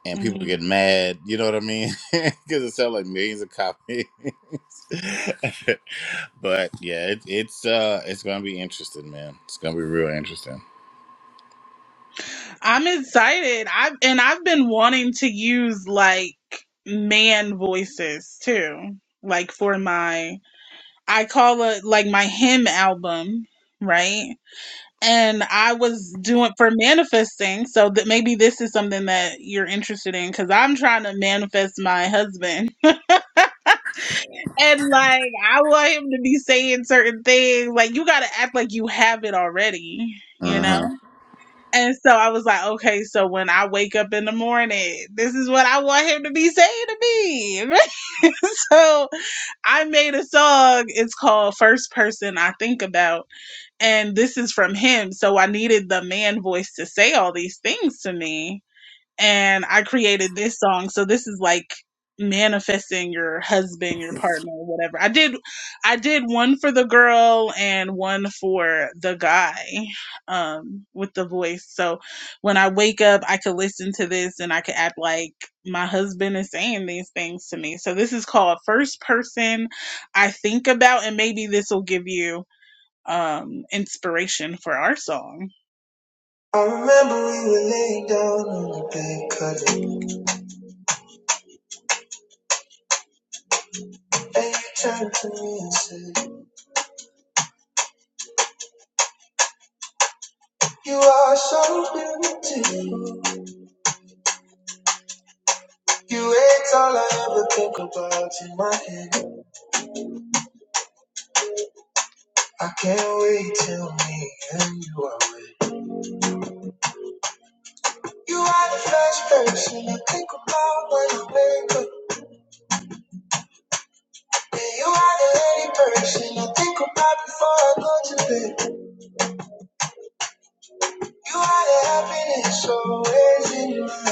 [SPEAKER 2] and people
[SPEAKER 1] Mm.
[SPEAKER 2] get mad. You know what I mean? Because it sells like millions of copies. but yeah, it, it's uh, it's gonna be interesting, man. It's gonna be real interesting.
[SPEAKER 1] I'm excited. I've and I've been wanting to use like man voices too, like for my I call it like my hymn album, right? And I was doing for manifesting, so that maybe this is something that you're interested in because I'm trying to manifest my husband. And like, I want him to be saying certain things. Like, you got to act like you have it already, you
[SPEAKER 2] Uh
[SPEAKER 1] know?
[SPEAKER 2] huh.
[SPEAKER 1] And so I was like, okay, so when I wake up in the morning, this is what I want him to be saying to me. So I made a song. It's called First Person I Think About and this is from him. So I needed the man voice to say all these things to me. And I created this song. So this is like manifesting your husband, your partner, whatever. I did I did one for the girl and one for the guy um with the voice. So when I wake up, I could listen to this and I could act like my husband is saying these things to me. So this is called first person I think about and maybe this will give you um, inspiration for our song. I remember we were laying down on the bed cuddling, and you turned to me and said, "You are so beautiful. You ain't all I ever think about in my head. I can't wait till me and you are with. You are the first person I think about when I wake up, and you are the only person I think about before I go to bed. You are the happiness always in mind.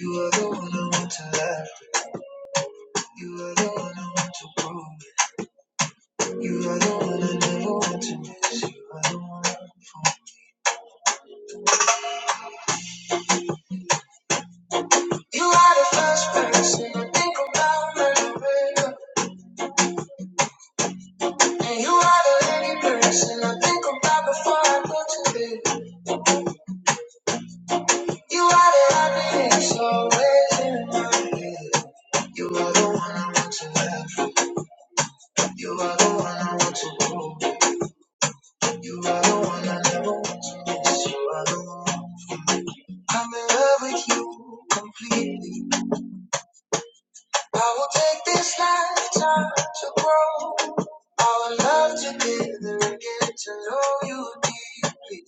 [SPEAKER 1] You are the one I want to love. You are the one I want to grow. You are the one I never want to miss. You are the one. You are the first person I think about when I wake up. And you are the only person I think about before I go to bed. You are the happiness always in my head. You are the one I want to love. You are the one I want to grow. You are the one I never want to miss. You are the one. I'm in love with you completely. I will take this lifetime to grow. I will love together and get to know you deeply.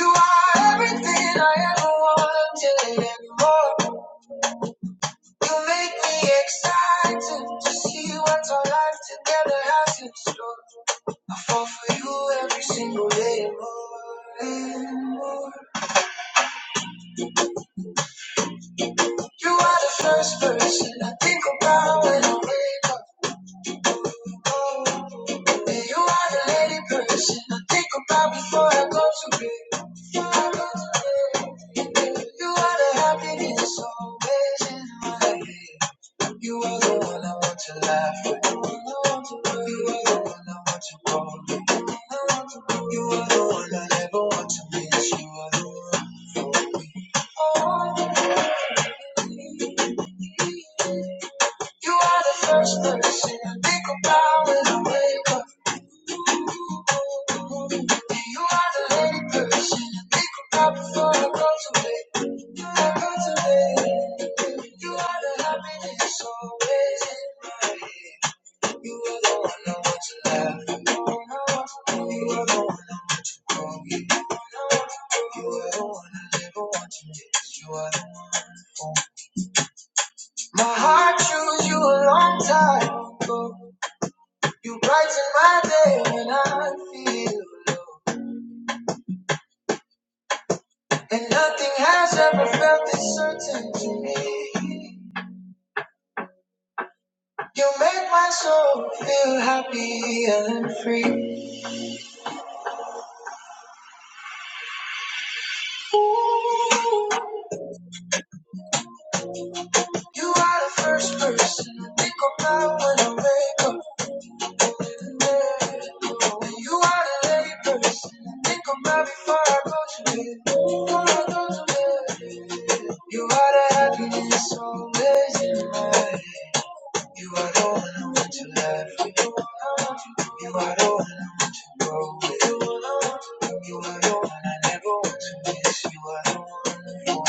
[SPEAKER 1] You are everything I ever wanted and more. You make me excited to see what our life together has in store. I fall for you every single day and more and more. You are the first person I think about when I wake up. You are the lady person I think about before I go to bed. Before I go to bed. You are the happiness always in my head. You are the one I want to laugh with. You are the one I want to call. me. You are the one I never want to miss. You are, you are the flower away. You are the lady person I think about before I go to bed. Before I go to bed. You are the happiness always in my head. You alone know what you love. You are the one I want. You are the one I ever wanted. You are the one for me. My heart chose you a long time ago. You brighten my day when I feel low. And nothing has ever felt this certain to me. You make my soul feel happy and free. You are the first person I think about when I wake up. You are a lady person. Think I'm right before I go to bed. Before I go to bed. You are the happiness always in my head. You are the one I want to laugh with. You are the one I want to grow with. You are the one I never want to miss. You are the one.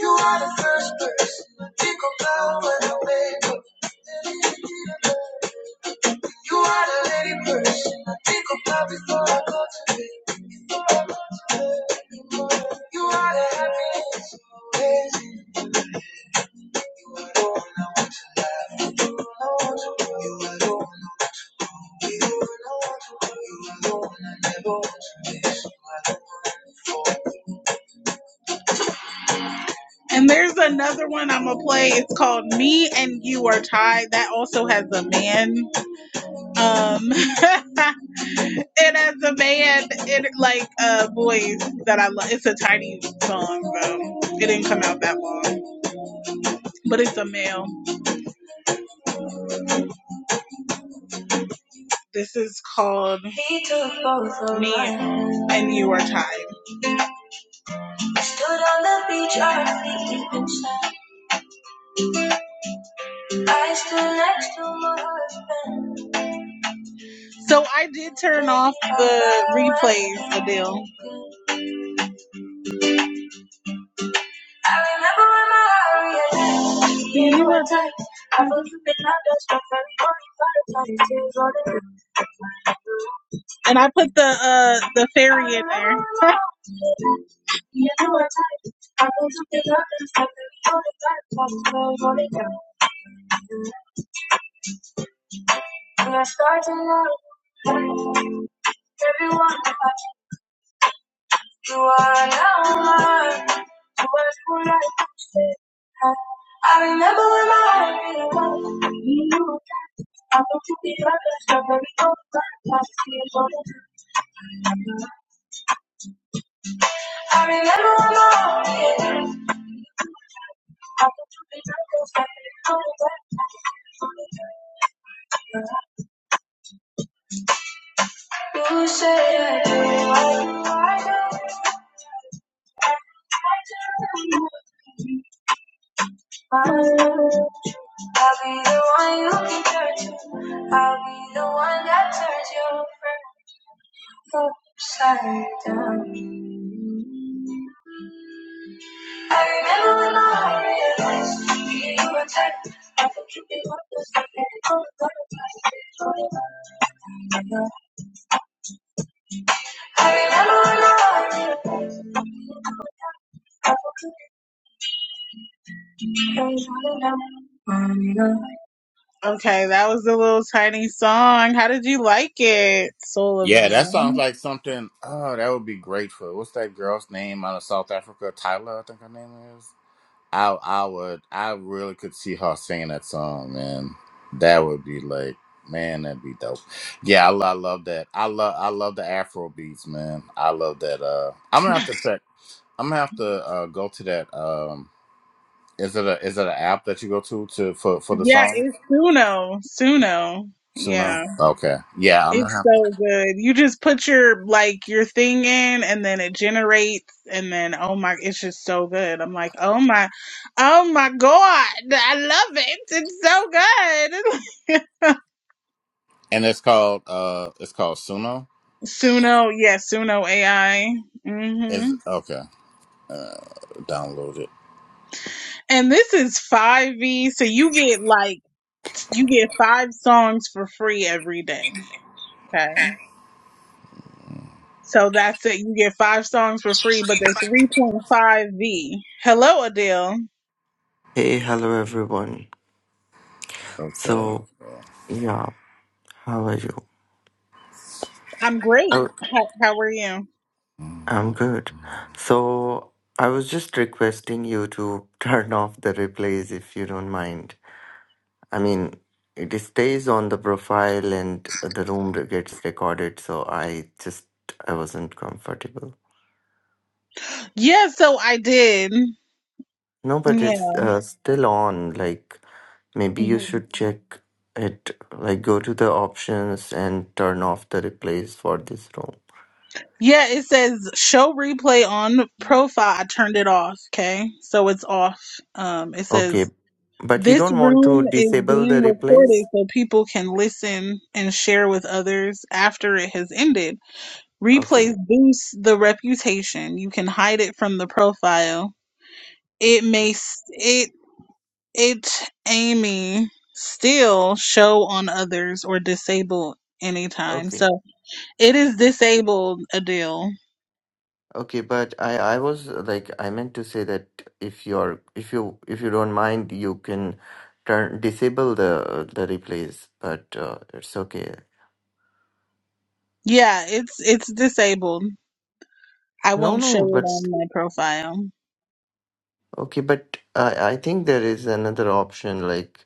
[SPEAKER 1] You are the way. You are the lady person. And there's another one I'm gonna play. It's called "Me and You Are Tied." That also has a man. Um, And as a man, it like a uh, voice that I love. It's a tiny song, bro. It didn't come out that long, but it's a male. This is called He took both Me and You Are Tied. Stood on the beach, our I stood next to my husband. So I did turn off the replays, Adele. I remember when my heart reacted. You were tight. I was dripping out the stuff and only five times. And I put the uh the fairy in there. Upside down. I remember when I realized you were tight. I thought you could want this thing and it all got a nice. I remember when I realized I thought you could change all around. Okay, that was a little tiny song. How did you like it, Soul of a
[SPEAKER 2] Yeah, that sounds
[SPEAKER 1] Man?
[SPEAKER 2] like something. Oh, that would be great for what's that girl's name out of South Africa? Tyler, I think her name is. I I would I really could see her singing that song, man. That would be like, man, that'd be dope. Yeah, I, lo- I love that. I love I love the Afro beats, man. I love that. Uh, I'm gonna have to check. I'm gonna have to uh, go to that. Um, is it a is it an app that you go to to for for the
[SPEAKER 1] Yeah,
[SPEAKER 2] song?
[SPEAKER 1] it's Suno. Suno. Yeah.
[SPEAKER 2] Suno. Okay. Yeah, I'm
[SPEAKER 1] It's
[SPEAKER 2] gonna have.
[SPEAKER 1] so good. You just put your like your thing in and then it generates and then oh my it's just so good. I'm like, "Oh my oh my god. I love it. It's so good."
[SPEAKER 2] And it's called uh, it's called Suno.
[SPEAKER 1] Suno, yeah, Suno AI.
[SPEAKER 2] Is
[SPEAKER 1] Mhm.
[SPEAKER 2] okay. Uh, download it.
[SPEAKER 1] And this is 5V, so you get like you get 5 songs for free every day. Okay. So that's it. You get 5 songs for free, but they're 3.5V. Hello, Adele.
[SPEAKER 3] Hey, hello everyone.
[SPEAKER 2] Okay.
[SPEAKER 3] So,
[SPEAKER 2] Yeah,
[SPEAKER 3] yeah, how are you?
[SPEAKER 1] I'm great.
[SPEAKER 3] I-
[SPEAKER 1] How, how are you?
[SPEAKER 3] I'm
[SPEAKER 2] Mm-hmm.
[SPEAKER 3] good. So, I was just requesting you to turn off the replays if you don't mind. I mean, it stays on the profile and the room gets recorded, so I just I wasn't comfortable.
[SPEAKER 1] Yeah, so I did.
[SPEAKER 3] No, but
[SPEAKER 1] Yeah.
[SPEAKER 3] it's uh, still on. Like, maybe you
[SPEAKER 1] Mhm.
[SPEAKER 3] should check it. Like, go to the options and turn off the replays for this room.
[SPEAKER 1] Yeah, it says show replay on profile. I turned it off, okay? So it's off. Um it
[SPEAKER 3] Okay,
[SPEAKER 1] says
[SPEAKER 3] but you
[SPEAKER 1] this
[SPEAKER 3] don't want to
[SPEAKER 1] room is
[SPEAKER 3] disable the
[SPEAKER 1] being recorded
[SPEAKER 3] replays?
[SPEAKER 1] so people can listen and share with others after it has ended. Replays
[SPEAKER 3] Okay,
[SPEAKER 1] boost the reputation. You can hide it from the profile. It
[SPEAKER 3] okay,
[SPEAKER 1] may s- it it Amy still show on others or disable anytime.
[SPEAKER 3] okay,
[SPEAKER 1] So It is disabled, Adele.
[SPEAKER 3] okay. But I, I was uh, like, I meant to say that if you're, if you, if you don't mind, you can turn disable the the replays. But uh, it's okay.
[SPEAKER 1] Yeah, it's it's disabled. I
[SPEAKER 3] No,
[SPEAKER 1] won't show
[SPEAKER 3] no,
[SPEAKER 1] it
[SPEAKER 3] but
[SPEAKER 1] on my profile.
[SPEAKER 3] okay, but I, I think there is another option. Like,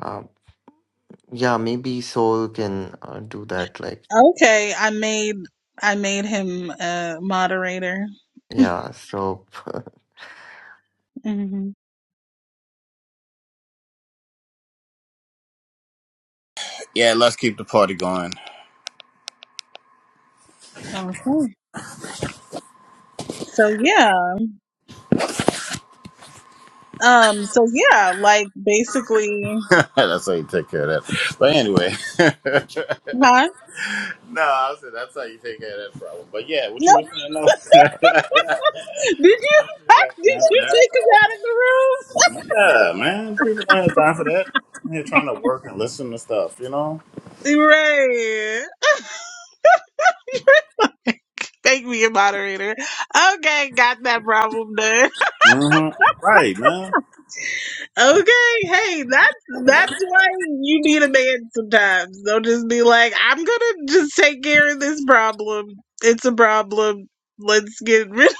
[SPEAKER 3] uh, yeah, maybe Soul can uh, do that. Like,
[SPEAKER 1] Okay, I made I made him a moderator.
[SPEAKER 3] yeah. So
[SPEAKER 1] hmm
[SPEAKER 2] Yeah, let's keep the party going.
[SPEAKER 1] Okay. So yeah. Um. So yeah. Like basically,
[SPEAKER 2] that's how you take care of that. But anyway,
[SPEAKER 1] huh?
[SPEAKER 2] no, I said that's how you take care of that problem. But yeah, what
[SPEAKER 1] No.
[SPEAKER 2] you were saying though.
[SPEAKER 1] did you did
[SPEAKER 2] time for
[SPEAKER 1] you
[SPEAKER 2] that.
[SPEAKER 1] take him out of the room?
[SPEAKER 2] Yeah, man, people don't have time for that. I'm here trying to work and listen to stuff, you know.
[SPEAKER 1] Right. Make me a moderator. Okay, got that problem done.
[SPEAKER 2] hmm Right, man.
[SPEAKER 1] Okay, hey, that's that's why you need a man sometimes. Don't just be like, I'm gonna just take care of this problem. It's a problem. Let's get rid of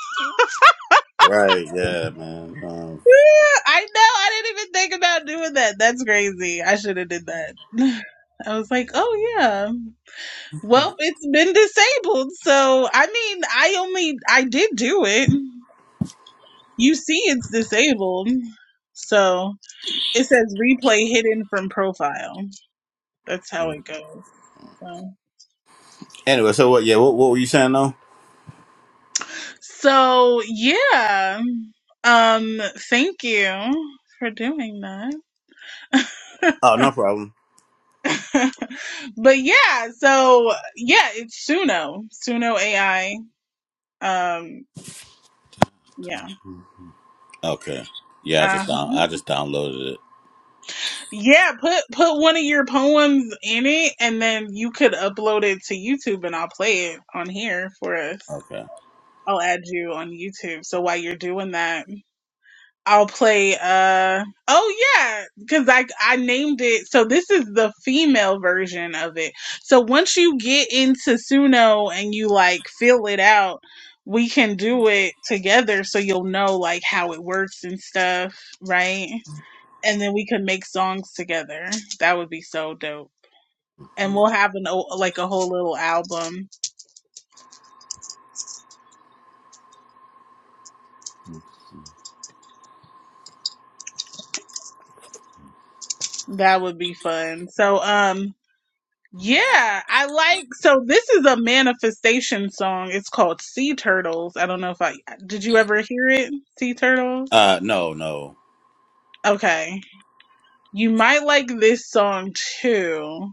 [SPEAKER 2] Right, yeah, man.
[SPEAKER 1] it. I know, I didn't even think about doing that. That's crazy. I should have did that. I was like, oh yeah.
[SPEAKER 2] Um,
[SPEAKER 1] Well, it's been disabled, so I mean I only I did do it. You see it's disabled. So it says replay hidden from profile. That's how
[SPEAKER 2] hmm.
[SPEAKER 1] it goes. So
[SPEAKER 2] anyway, so what? Yeah, what, what were you saying though?
[SPEAKER 1] so, yeah. Um thank you for doing that.
[SPEAKER 2] Oh, no problem.
[SPEAKER 1] but yeah, so yeah, it's Suno. Suno AI. Um yeah.
[SPEAKER 2] Okay. Yeah, I
[SPEAKER 1] Uh
[SPEAKER 2] just down, I just downloaded it.
[SPEAKER 1] yeah, put put one of your poems in it and then you could upload it to YouTube and I'll play it on here for us.
[SPEAKER 2] Okay.
[SPEAKER 1] I'll add you on YouTube. So while you're doing that, I'll play uh oh yeah, because I I named it so this is the female version of it. So once you get into Suno and you like fill it out, we can do it together so you'll know like how it works and stuff, right? And then we can make songs together. That would be so dope. And
[SPEAKER 2] Mm-hmm.
[SPEAKER 1] we'll have an o- like a whole little album. That would be fun. So um Yeah, I like so this is a manifestation song. It's called Sea Turtles. I don't know if I did you ever hear it? Sea Turtles?
[SPEAKER 2] Uh, no, no.
[SPEAKER 1] Okay. You might like this song too.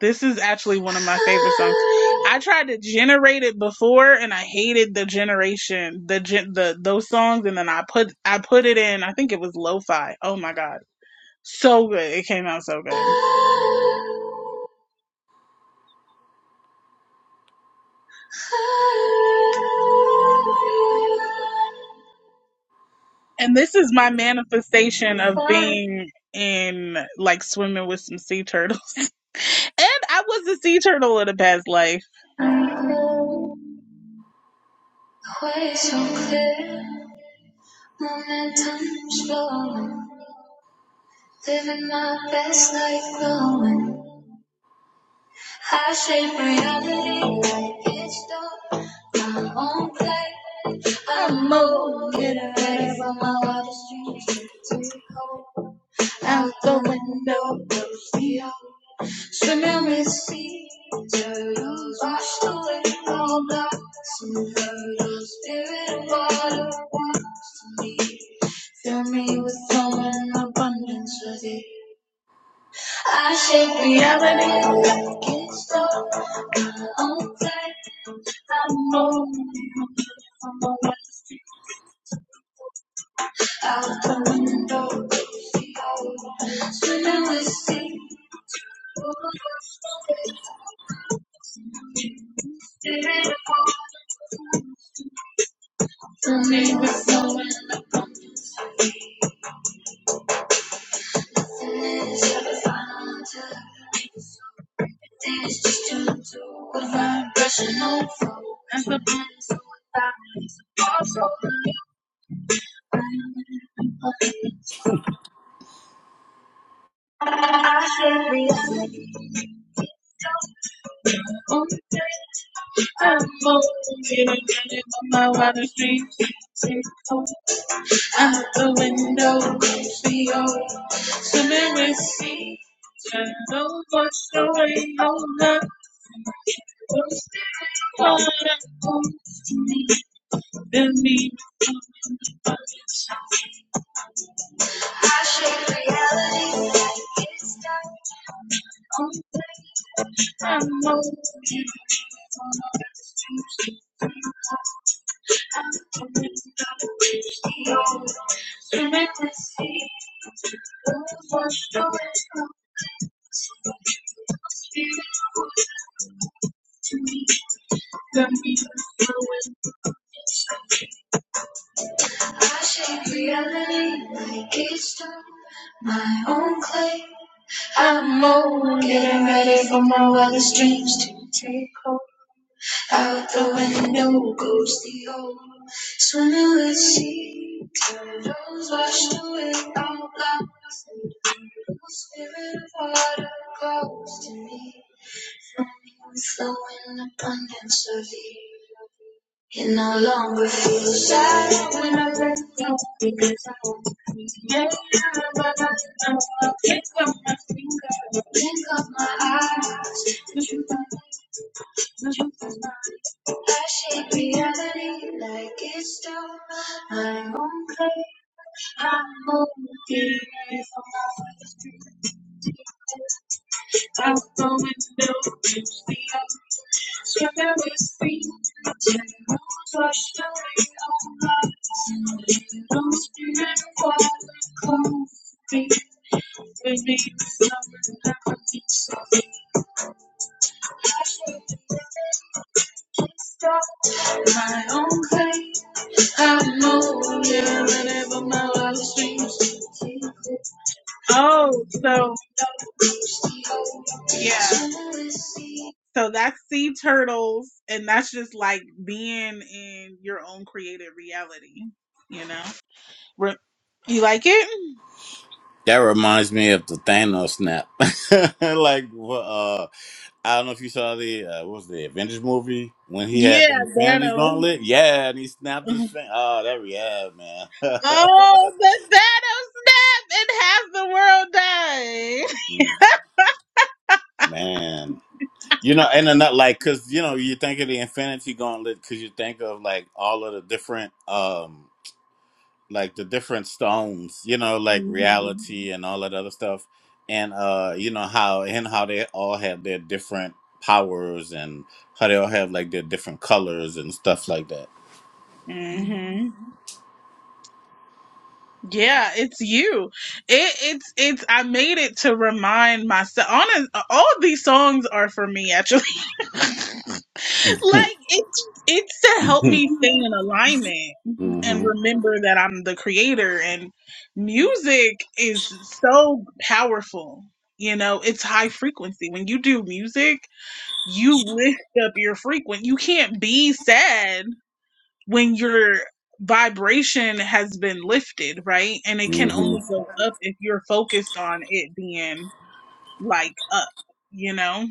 [SPEAKER 1] This is actually one of my favorite songs. I tried to generate it before and I hated the generation, the gen, the those songs and then I put I put it in. I think it was lo-fi. Oh my god. So good. It came out so good. And this is my manifestation of being in like swimming with some sea turtles. And I was a sea turtle in a past life. Way so clear, momentum slowing, living my best life glowing. I shape reality, it's dark, my own play. I move, get away from my wildest dreams, take hope out the window, go see hope. So now it's turtles washed away all blocks and hurdles. Spirit and water wants to me. Fill me with flow and abundance with it. Yeah, but it's dark like home. I'm going out the window. See how it's when I see. That's the best I also I should realize it's time I'm swimming to Washed away. I shake reality like it's time washed away. I'm like waves open can no longer blink of my eyes. I shake reality like it's time I'm washed away. I'm like lost in a cold street. Stop in my own pain. I'm over whenever my life seems to take it. Oh, so. Yeah. So that's sea turtles, and that's just like being in your own created reality, you know? Re- You like it?
[SPEAKER 2] That reminds me of the Thanos snap. like, uh, I don't know if you saw the uh, what was the Avengers movie when he had
[SPEAKER 1] Yeah,
[SPEAKER 2] the Infinity
[SPEAKER 1] Thanos.
[SPEAKER 2] Gauntlet. Yeah, and he snapped his fin Oh, that yeah,
[SPEAKER 1] Oh, the Thanos snap and half the world
[SPEAKER 2] man, man. You know, and then not like because you know you think of the Infinity Gauntlet because you think of like all of the different. um, like the different stones, you know, like
[SPEAKER 1] died. hmm
[SPEAKER 2] reality and all that other stuff, and uh, you know how and how they all have their different powers and how they all have like their different colors and stuff like that.
[SPEAKER 1] hmm Yeah, it's you. It, it's it's. I made it to remind myself. Honest, all of these songs are for me actually. like
[SPEAKER 2] mm-hmm.
[SPEAKER 1] it's it's to help me stay in alignment and
[SPEAKER 2] Mm-hmm.
[SPEAKER 1] remember that I'm the creator. And music is so powerful. You know, it's high frequency. When you do music, you lift up your frequency. You can't be sad when your vibration has been lifted, right? And it can only go up if you're focused on it being like up, you know?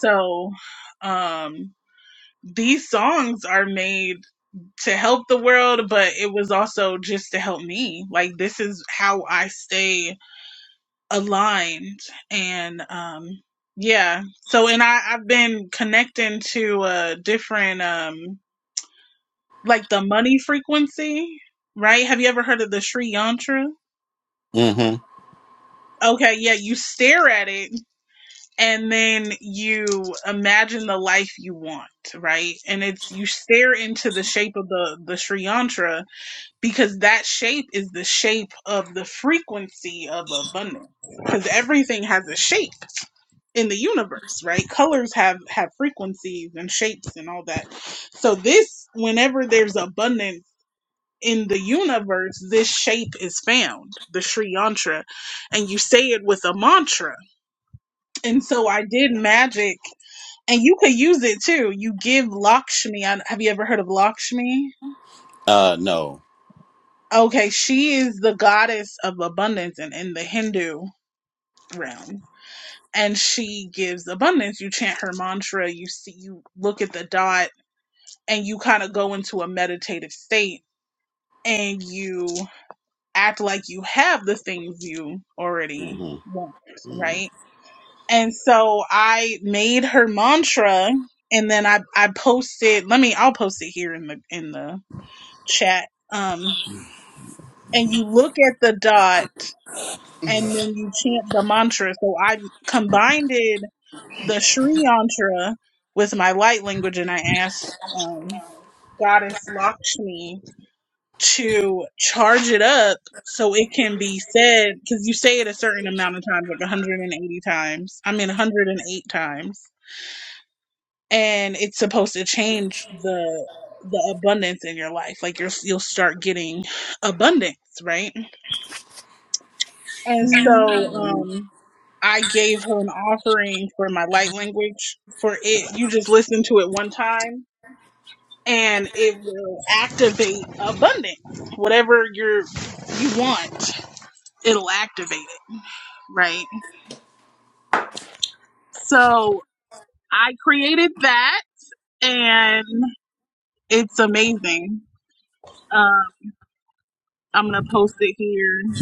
[SPEAKER 1] So, um, these songs are made to help the world, but it was also just to help me. Like, this is how I stay aligned. And, um, yeah. So, and I, I've been connecting to, uh, different, um, like the money frequency, right? Have you ever heard of the Sri Yantra?
[SPEAKER 2] Mm-hmm.
[SPEAKER 1] Okay, yeah, you stare at it and then you imagine the life you want, right? And it's you stare into the shape of the the Sri Yantra because that shape is the shape of the frequency of abundance because everything has a shape in the universe, right? Colors have have frequencies and shapes and all that. So this whenever there's abundance in the universe this shape is found the sri yantra and you say it with a mantra and so i did magic and you could use it too you give lakshmi I- have you ever heard of lakshmi
[SPEAKER 2] Uh, no.
[SPEAKER 1] okay she is the goddess of abundance and in in the hindu realm and she gives abundance you chant her mantra you see you look at the dot and you kind of go into a meditative state and you act like you have the things you already
[SPEAKER 2] Mm-hmm.
[SPEAKER 1] want, right? And so I made her mantra and then I I posted, let me I'll post it here in the in the chat. Um and you look at the dot and then you chant the mantra. So I combined the Sri mantra with my light language and I asked um, goddess Lakshmi to charge it up so it can be said because you say it a certain amount of times, like 180 times. I mean, 108 times, and it's supposed to change the the abundance in your life. Like you're you'll start getting abundance, right? And so, um, I gave her an offering for my light language. For it, you just listen to it one time, and it will activate abundance, whatever you're you want. it'll activate it, right? So I created that and it's amazing. Um, I'm going to post it here.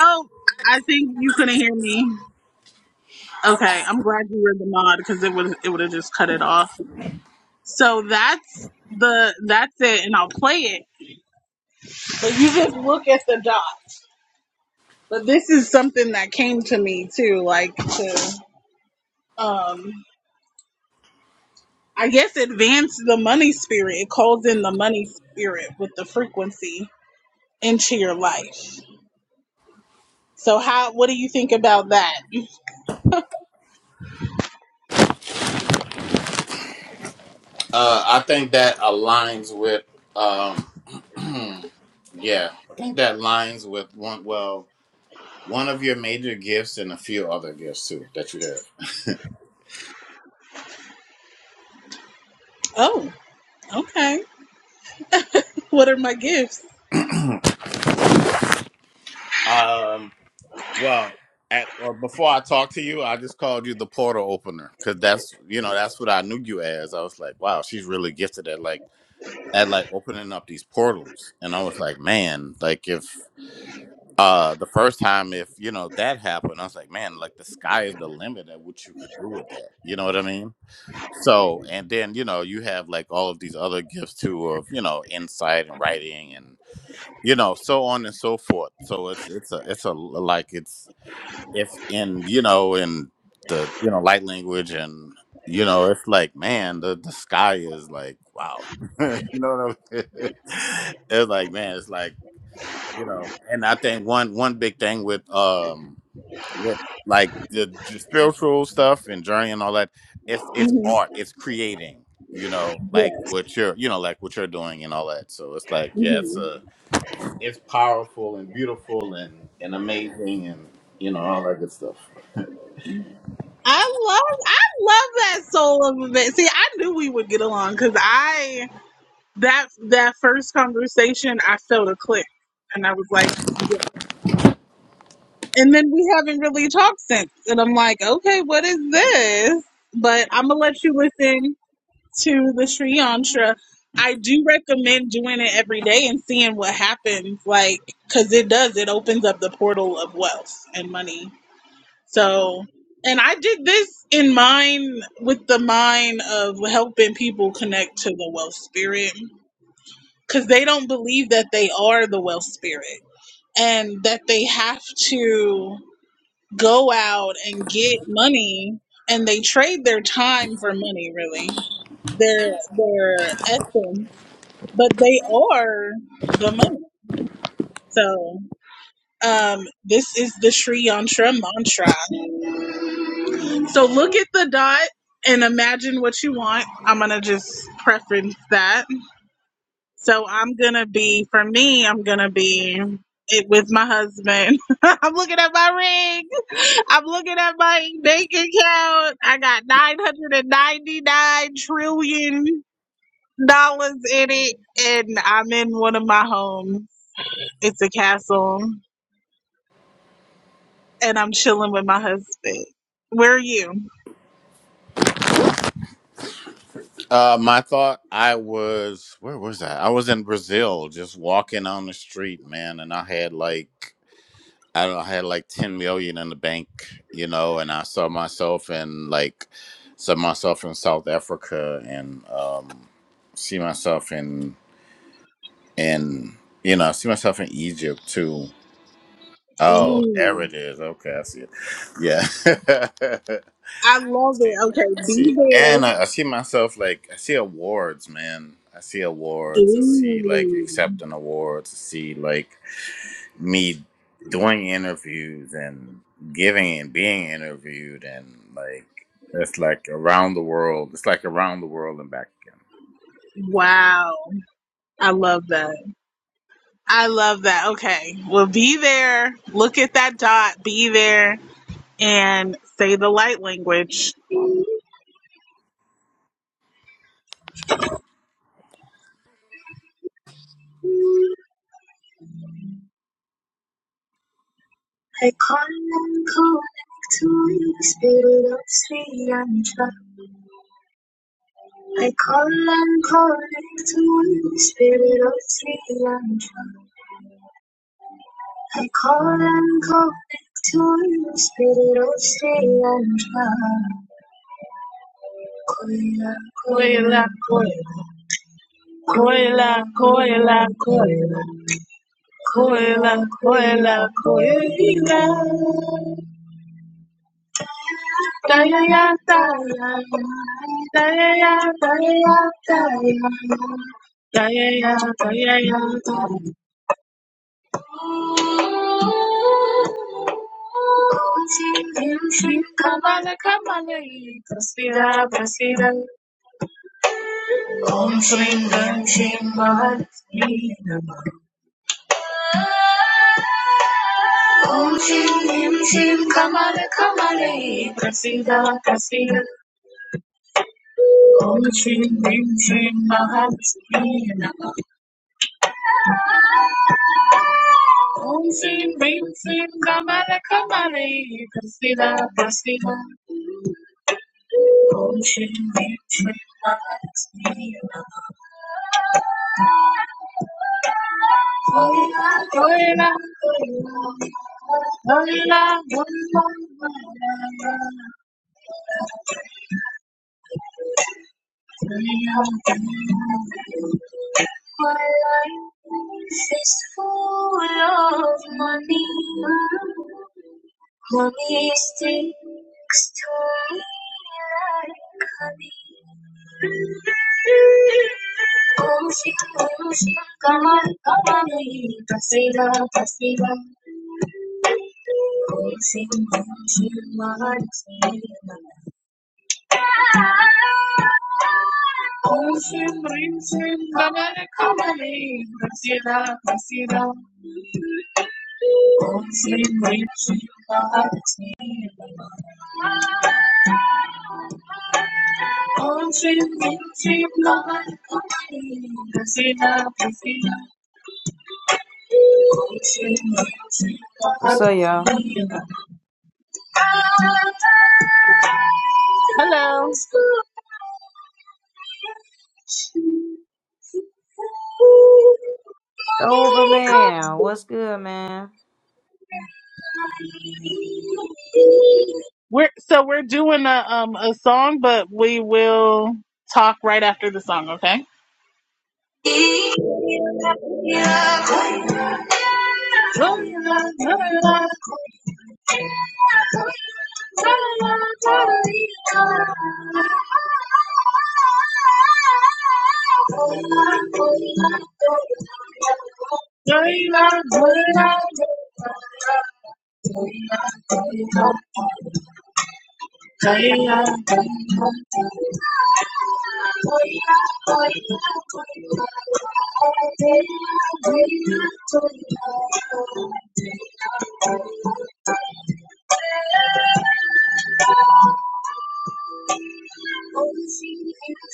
[SPEAKER 1] Oh, I think you couldn't hear me. Okay, I'm glad you read the mod because it would it would have just cut it off. So that's the that's it, and I'll play it. But you just look at the dots. But this is something that came to me too, like to um I guess advance the money spirit. It calls in the money spirit with the frequency into your life. So how what do you think about that?
[SPEAKER 2] Uh, I think that aligns with um, yeah, I think that aligns with one well one of your major gifts and a few other gifts too that you
[SPEAKER 1] Oh, okay. What are my gifts?
[SPEAKER 2] have. Um. Well, at, well, before I talk to you, I just called you the portal opener because that's you know that's what I knew you as. I was like, wow, she's really gifted at like at like opening up these portals, and I was like, man, like if uh the first time if you know that happened, I was like, man, like the sky is the limit at what you could do with that. You know what I mean? So, and then you know you have like all of these other gifts too of you know insight and writing and you know so on and so forth. So it's it's a it's a like it's if in you know in the you know light language and you know it's like man the the sky is like wow you know what I'm it's like man it's like you know and I think one one big thing with um with like the j- spiritual stuff and journey and all that it's it's art it's creating you know like what you're you know like what you're doing and all that so it's like yeah it's a it's powerful and beautiful and and amazing and you know all that good stuff
[SPEAKER 1] I love I love that soul of a man. See, I knew we would get along because I that that first conversation I felt a click. And I was like, yeah. and then we haven't really talked since. And I'm like, okay, what is this? But I'm gonna let you listen to the Sri Yantra, I do recommend doing it every day and seeing what happens. Like, because it does, it opens up the portal of wealth and money. So, and I did this in mind with the mind of helping people connect to the wealth spirit because they don't believe that they are the wealth spirit and that they have to go out and get money and they trade their time for money really their their essence but they are the money so um this is the sri yantra mantra so look at the dot and imagine what you want i'm gonna just preference that So I'm gonna be for me, I'm gonna be it with my husband. I'm looking at my ring. I'm looking at my bank account. I got nine hundred and ninety nine trillion dollars in it, and I'm in one of my homes. It's a castle, and I'm chilling with my husband. Where are you?
[SPEAKER 2] Uh, my thought, I was, where was that? I was in Brazil just walking on the street, man, and I had like, I don't know, I had like 10 million in the bank, you know, and I saw myself in like, saw myself in South Africa and, um, see myself in, in, you know, see myself in Egypt too. Oh, there
[SPEAKER 1] Ooh,
[SPEAKER 2] it is. Okay, I see it. Yeah.
[SPEAKER 1] I love
[SPEAKER 2] See,
[SPEAKER 1] it. Okay, be
[SPEAKER 2] see,
[SPEAKER 1] there.
[SPEAKER 2] and I, I see myself like I see awards, man. I see awards. I see like
[SPEAKER 1] Ooh,
[SPEAKER 2] accepting awards. I see like me doing interviews and giving and being interviewed, and like it's like around the world. It's like around the world and back again.
[SPEAKER 1] wow, I love that. I love that. Okay. Well, be there. Look at that dot. Be there and say the light language. I call and connect to you, spirit of Sri Lanka. I call and connect to you, spirit of Sri Lanka. I call and connect to you, spirit of Sri Lanka. Koila, koila, Koila, koila, koila, koila, koila, koila, koila, koila, koila, koila. My life is full of money. Money sticks to me like honey. Om Shri Om Shri Kamal Kamali Prasida Prasida Om Shri Om Shri Mahasi Mahasi. On cheap, cheap love, Christina, Christina,
[SPEAKER 4] What's up, y'all?
[SPEAKER 1] Hello.
[SPEAKER 4] Over man, what's good, man?
[SPEAKER 1] We're so we're doing a um a song, but we will talk right after the song. Okay.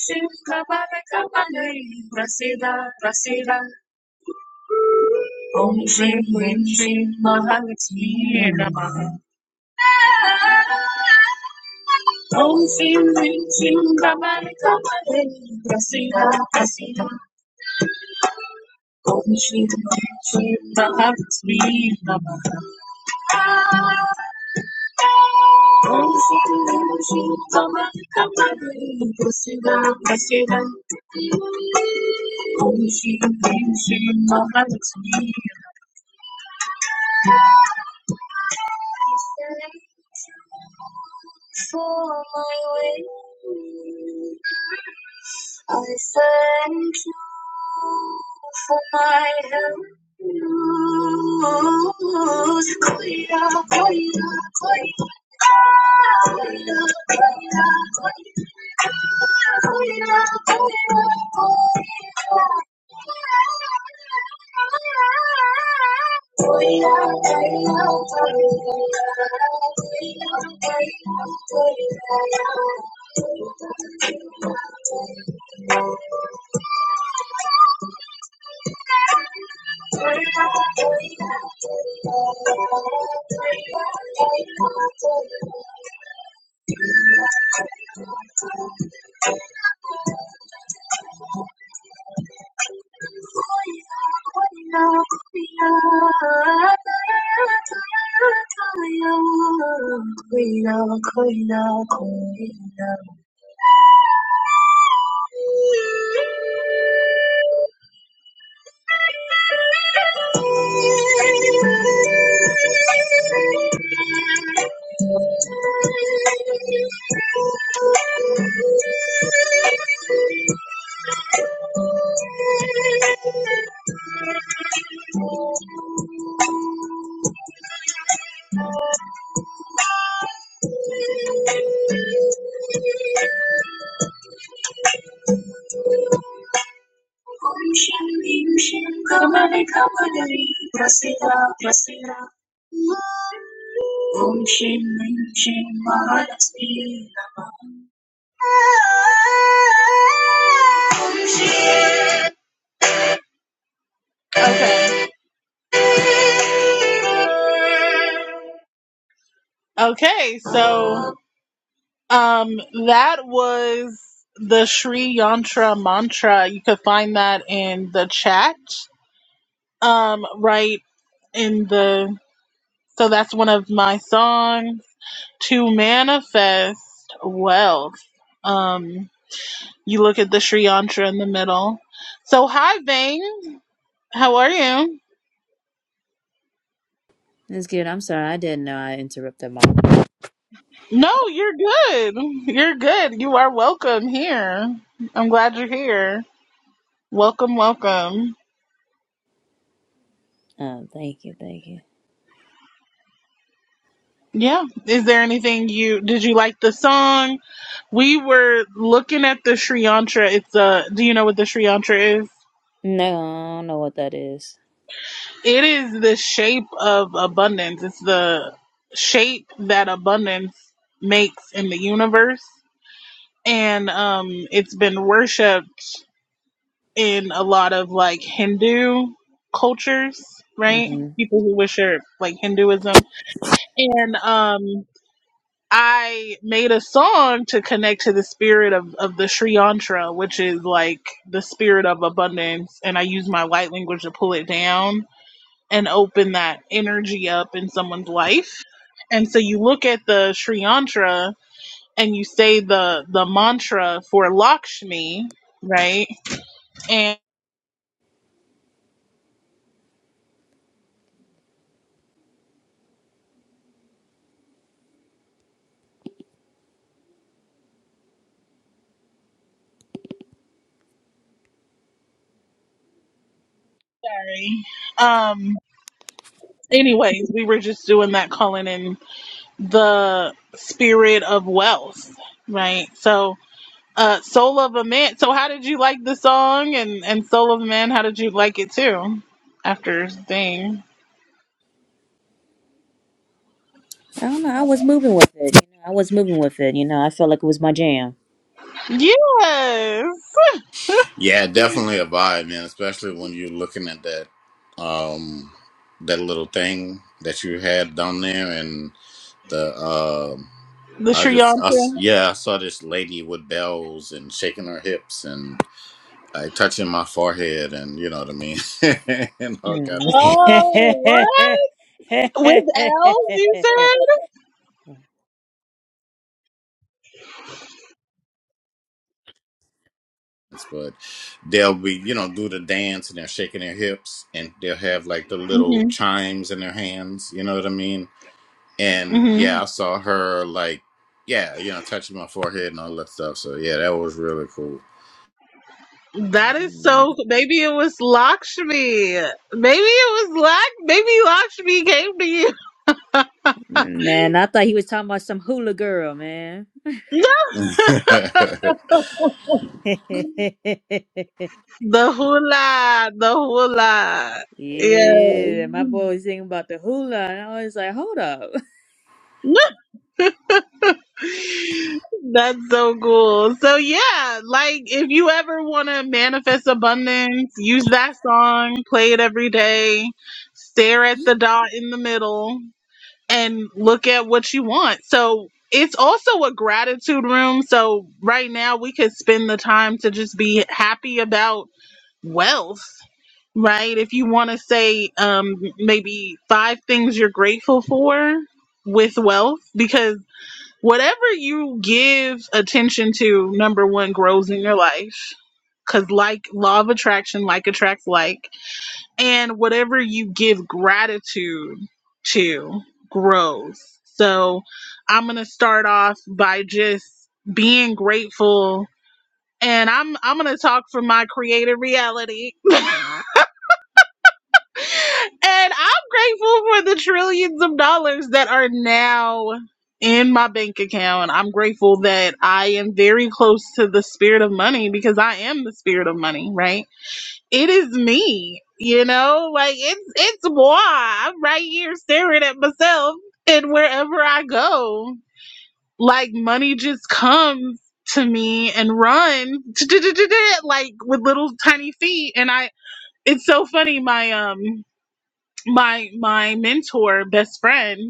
[SPEAKER 1] Shiva Baba Kamala, Prasida Prasida Vinshirama. Ocean, ocean, my tears. Thank for my way. I thank you for my help. Koira, koira, koira, koira, koira, koira, koira, koira. Queen, queen, queen, queen. ಪುರುಷಂ ಪೀಯೂಷಂ ಕಮಲೆ ಕಮಲೈ ಪ್ರಸಿದ ಪ್ರಸಿದ Om ಶೀಂ ಐಂ Okay. Okay, so um that was the Sri Yantra mantra. You could find that in the chat. Um right in the So that's one of my songs to manifest wealth. Um, you look at the Sri Yantra in the middle. So hi, Vane. How are you?
[SPEAKER 4] It's good. I'm sorry. I didn't know I interrupted my.
[SPEAKER 1] No, you're good. You're good. You are welcome here. I'm glad you're here. Welcome, welcome.
[SPEAKER 4] Um, thank you. Thank you.
[SPEAKER 1] Yeah. Is there anything you did you like the song? We were looking at the Sri Yantra. It's a. Do you know what the Sri Yantra is?
[SPEAKER 4] No, I don't know what that is.
[SPEAKER 1] It is the shape of abundance. It's the shape that abundance makes in the universe. And um, it's been worshipped in a lot of like Hindu cultures, right?
[SPEAKER 4] Mhm.
[SPEAKER 1] People who worship like Hinduism. And um, I made a song to connect to the spirit of, of the Sri Yantra, which is like the spirit of abundance. And I use my light language to pull it down and open that energy up in someone's life. And so you look at the Sri Yantra and you say the the mantra for Lakshmi, right? And sorry. Um anyways, we were just doing that calling in the spirit of wealth, right? So uh Soul of a Man. So how did you like the song and and Soul of a Man, how did you like it too? After thing.
[SPEAKER 4] I don't know. I was moving with it. You know, I was moving with it. You know, I felt like it was my jam.
[SPEAKER 1] Yes.
[SPEAKER 2] Yeah, definitely a vibe, man. Especially when you're looking at that, um, that little thing that you had down there, and the, um
[SPEAKER 1] The
[SPEAKER 2] I
[SPEAKER 1] Sri
[SPEAKER 2] just, I
[SPEAKER 1] Yantra.
[SPEAKER 2] s yeah, I saw this lady with bells and shaking her hips and like touching my forehead, and you know what I mean, and all kind of
[SPEAKER 4] Mm.
[SPEAKER 2] stuff.
[SPEAKER 1] Oh, what? With L's, you said?
[SPEAKER 2] But they'll be, you know, do the dance and they're shaking their hips, and they'll have like the little chimes in their hands. You know what I mean? And yeah, I
[SPEAKER 1] hmm
[SPEAKER 2] saw her like, yeah, you know, touching my forehead and all that stuff. So yeah, that was really cool.
[SPEAKER 1] hmm That is so. Maybe it was Lakshmi. Maybe it was Lak. Maybe Lakshmi came to you.
[SPEAKER 4] man, I thought he was talking about some hula girl, man. yeah,
[SPEAKER 1] The hula, the hula. Yeah,
[SPEAKER 4] my boy was thinking about the hula, and I was like, hold up.
[SPEAKER 1] that's so cool. So yeah, like if you ever want to manifest abundance, use that song. Play it every day. Stare at the dot in the middle. and look at what you want. So it's also a gratitude room. So right now we could spend the time to just be happy about wealth, right? If you want to say um, maybe five things you're grateful for with wealth, because whatever you give attention to, number one, grows in your life. Because like law of attraction, like attracts like and whatever you give gratitude to grows. So I'm going to start off by just being grateful and I'm I'm going to talk from my creative reality. and I'm grateful for the trillions of dollars that are now in my bank account. I'm grateful that I am very close to the spirit of money because I am the spirit of money, right? it is me, you know, like it's it's moi. I'm right here staring at myself, and wherever I go, like money just comes to me and runs like with little tiny feet. And I, it's so funny. My um, my my mentor, best friend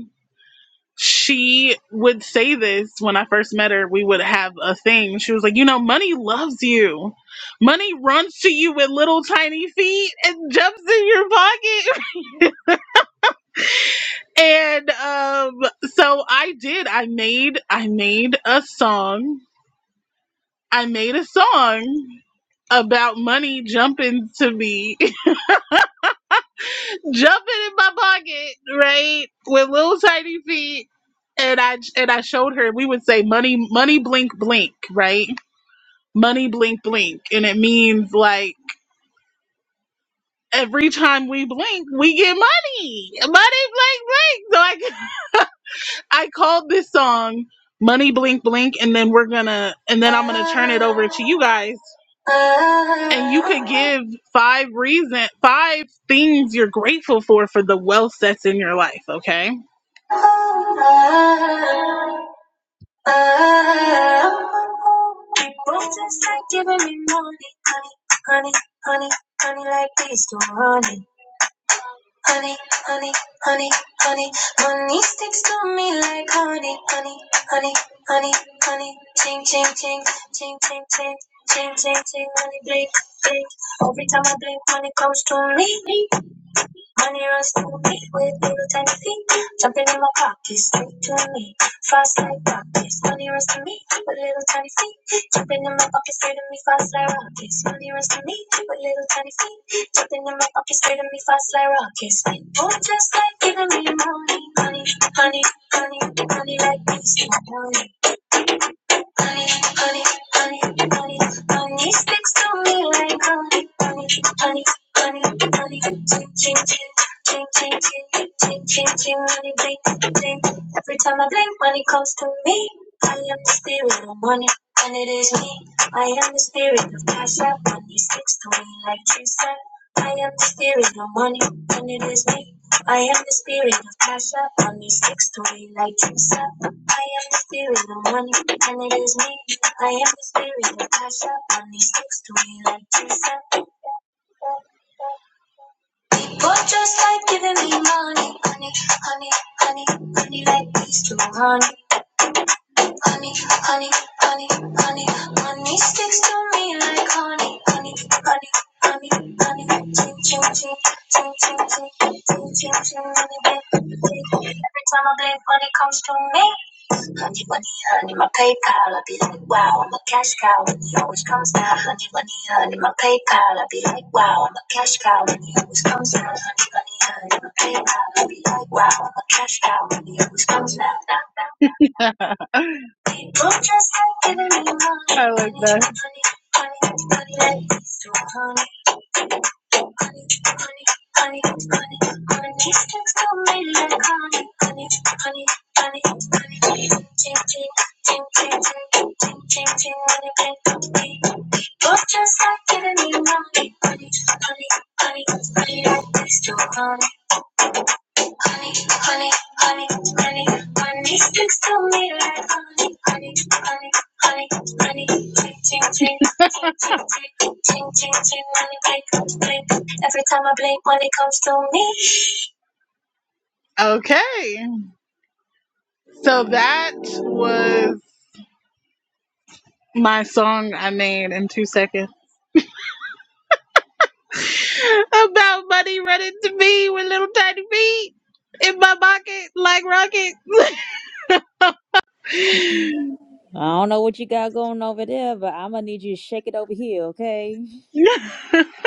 [SPEAKER 1] she would say this when I first met her. We would have a thing. She was like, You know, money loves you. Money runs to you with little tiny feet and jumps in your pocket. And um, so I did. I made I made a song. I made a song about money jumping to me, jumping in my pocket, right, with little tiny feet, and I and I showed her. We would say money, money, blink, blink, right money blink blink and it means like every time we blink we get money money blink blink so i i called this song money blink blink and then we're gonna and then i'm gonna turn it over to you guys and you could give five reason five things you're grateful for for the wealth that's in your life okay Oh, People just like giving me money, honey, honey, honey, honey, like this to honey. Honey, honey, honey, honey, money sticks to me like honey, honey, honey, honey, honey, ching, ching, ching, ching, ching, ching, ching, ching, ching, money blink, blink. Every time I blink, money comes to me. Money runs to me with little tiny feet, jumping in my pocket, straight to me. Fast like rockets, money runs to me with little tiny feet, jumping in my pocket, straight to me. Fast like rockets, money runs to me with little tiny feet, jumping in my pocket, straight to me. Fast like rockets, people just like giving me money, money, honey, honey, honey like bees, money honey, honey, honey, honey, honey sticks to me like honey, honey, honey, honey, honey, ching, ching, ching. Ching, ching, ching, ching, ching, ching, money blink, blink. Every time I blink, money comes to me. I am the spirit of money, and it is me. I am the spirit of cash out, money sticks to me like trees. I am the spirit of money, and it is me. I am the spirit of cash out, money sticks to me like trees. I am the spirit of money, and it is me. I am the spirit of cash up, money sticks to me like Jesus. But just like giving me money, honey, honey, honey, honey, like these two, honey, honey, honey, honey, honey, money sticks to me like honey, honey, honey, honey, honey, ching, ching, ching, ching, ching, ching, ching, ching, ching, money, babe. Every time I blink, money comes to me. Honey money, honey, my PayPal. I be like, wow, I'm a cash cow, and he always comes down. Honey money, honey, my PayPal. I be like, wow, I'm a cash cow, and he always comes down. Honey money, honey, my PayPal. I be like, wow, I'm a cash cow, and he always comes down. People just ain't giving me money. I like that. Honey, honey, honey, sticks to me like honey, honey, honey, honey, honey, ting, ting, ting, ting, ting, ting, ting, ting, when you blink at me. Both Just like giving me money, honey, honey, honey, honey, like this, too, honey honey, honey, honey, honey, honey. Sticks to me like honey, honey, honey, honey, honey. Ting, ting, ting, ting, ting, ting, ting, ting, ting. Money blink, blink. Every time I blink, money comes to me. Okay, so that was my song I made in two seconds about money running to me with little tiny feet in my pocket like rockets.
[SPEAKER 4] I don't know what you got going over there, but I'm gonna need you to shake it over here, okay?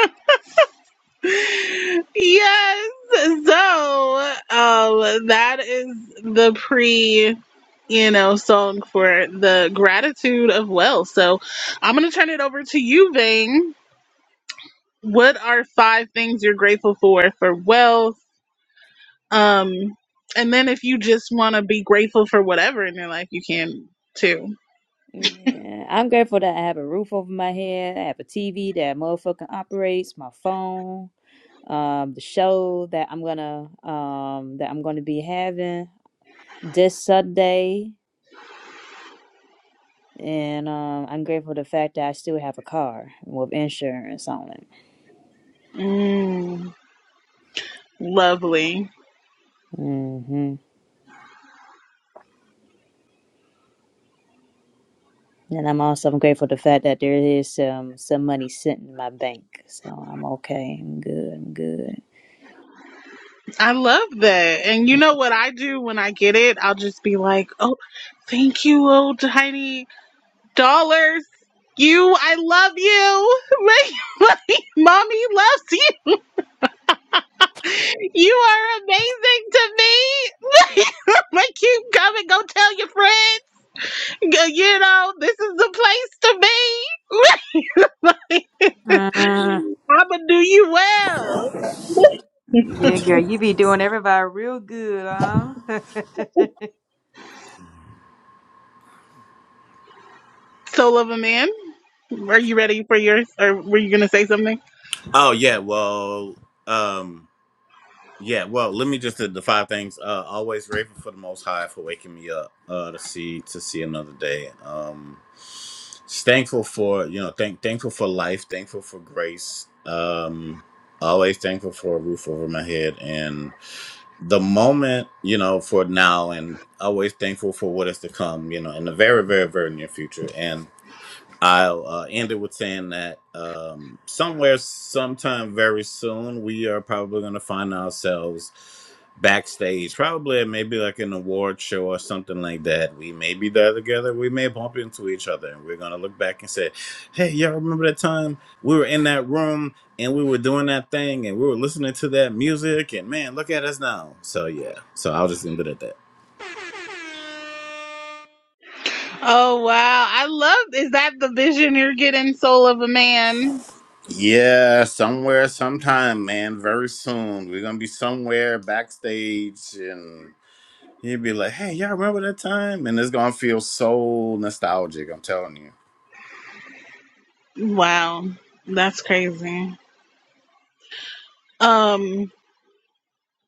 [SPEAKER 1] Yes. So, um, that is the pre, you know, song for the gratitude of wealth. So, I'm going to turn it over to you, Vane. What are five things you're grateful for for wealth? Um, and then if you just want to be grateful for whatever in your life, you can too.
[SPEAKER 4] Yeah, I'm grateful that I have a roof over my head, I have a TV that motherfucking operates, my phone, um, the show that I'm gonna um that I'm gonna be having this Sunday, and um, I'm grateful for the fact that I still have a car with insurance on it.
[SPEAKER 1] Mm, lovely.
[SPEAKER 4] hmm And I'm also grateful for the fact that there is some some money sitting in my bank, so I'm okay. I'm good. I'm good.
[SPEAKER 1] I love that. And you know what I do when I get it? I'll just be like, oh, thank you, old tiny dollars. You, I love you. My, my mommy loves you. You are amazing to me. like, you come and go tell your friends. Go- You know, this is the place to be. Like,
[SPEAKER 4] Uh,
[SPEAKER 1] I'ma do you well.
[SPEAKER 4] yeah, girl, you be doing everybody real good, huh?
[SPEAKER 1] Soul of a man, are you ready for yours? Or were you going to say something?
[SPEAKER 2] oh yeah, well, um, yeah, well, let me just do the five things. Uh, always grateful for the Most High for waking me up uh, to see to see another day. Um, thankful for you know, thank thankful for life, thankful for grace. Um, always thankful for a roof over my head the moment, you know, for now and always thankful for what is to come, you know, in the very, very, very near future. I'll uh, end it with saying that um, somewhere, sometime very soon, we are probably going to find ourselves backstage, probably at maybe like an award show or something like that. We may be there together. We may bump into each other, and we're going to look back and say, "Hey, y'all remember that time we were in that room and we were doing that thing and we were listening to that music? And man, look at us now." So yeah. So I'll just end it at that.
[SPEAKER 1] Oh wow. I love is that the vision you're getting, soul of a man?
[SPEAKER 2] Yeah, somewhere, sometime, man. Very soon, we're gonna be somewhere backstage, and he'll be like, "Hey, y'all remember that time?" And it's gonna feel so nostalgic. I'm telling you.
[SPEAKER 1] Wow. That's crazy. Um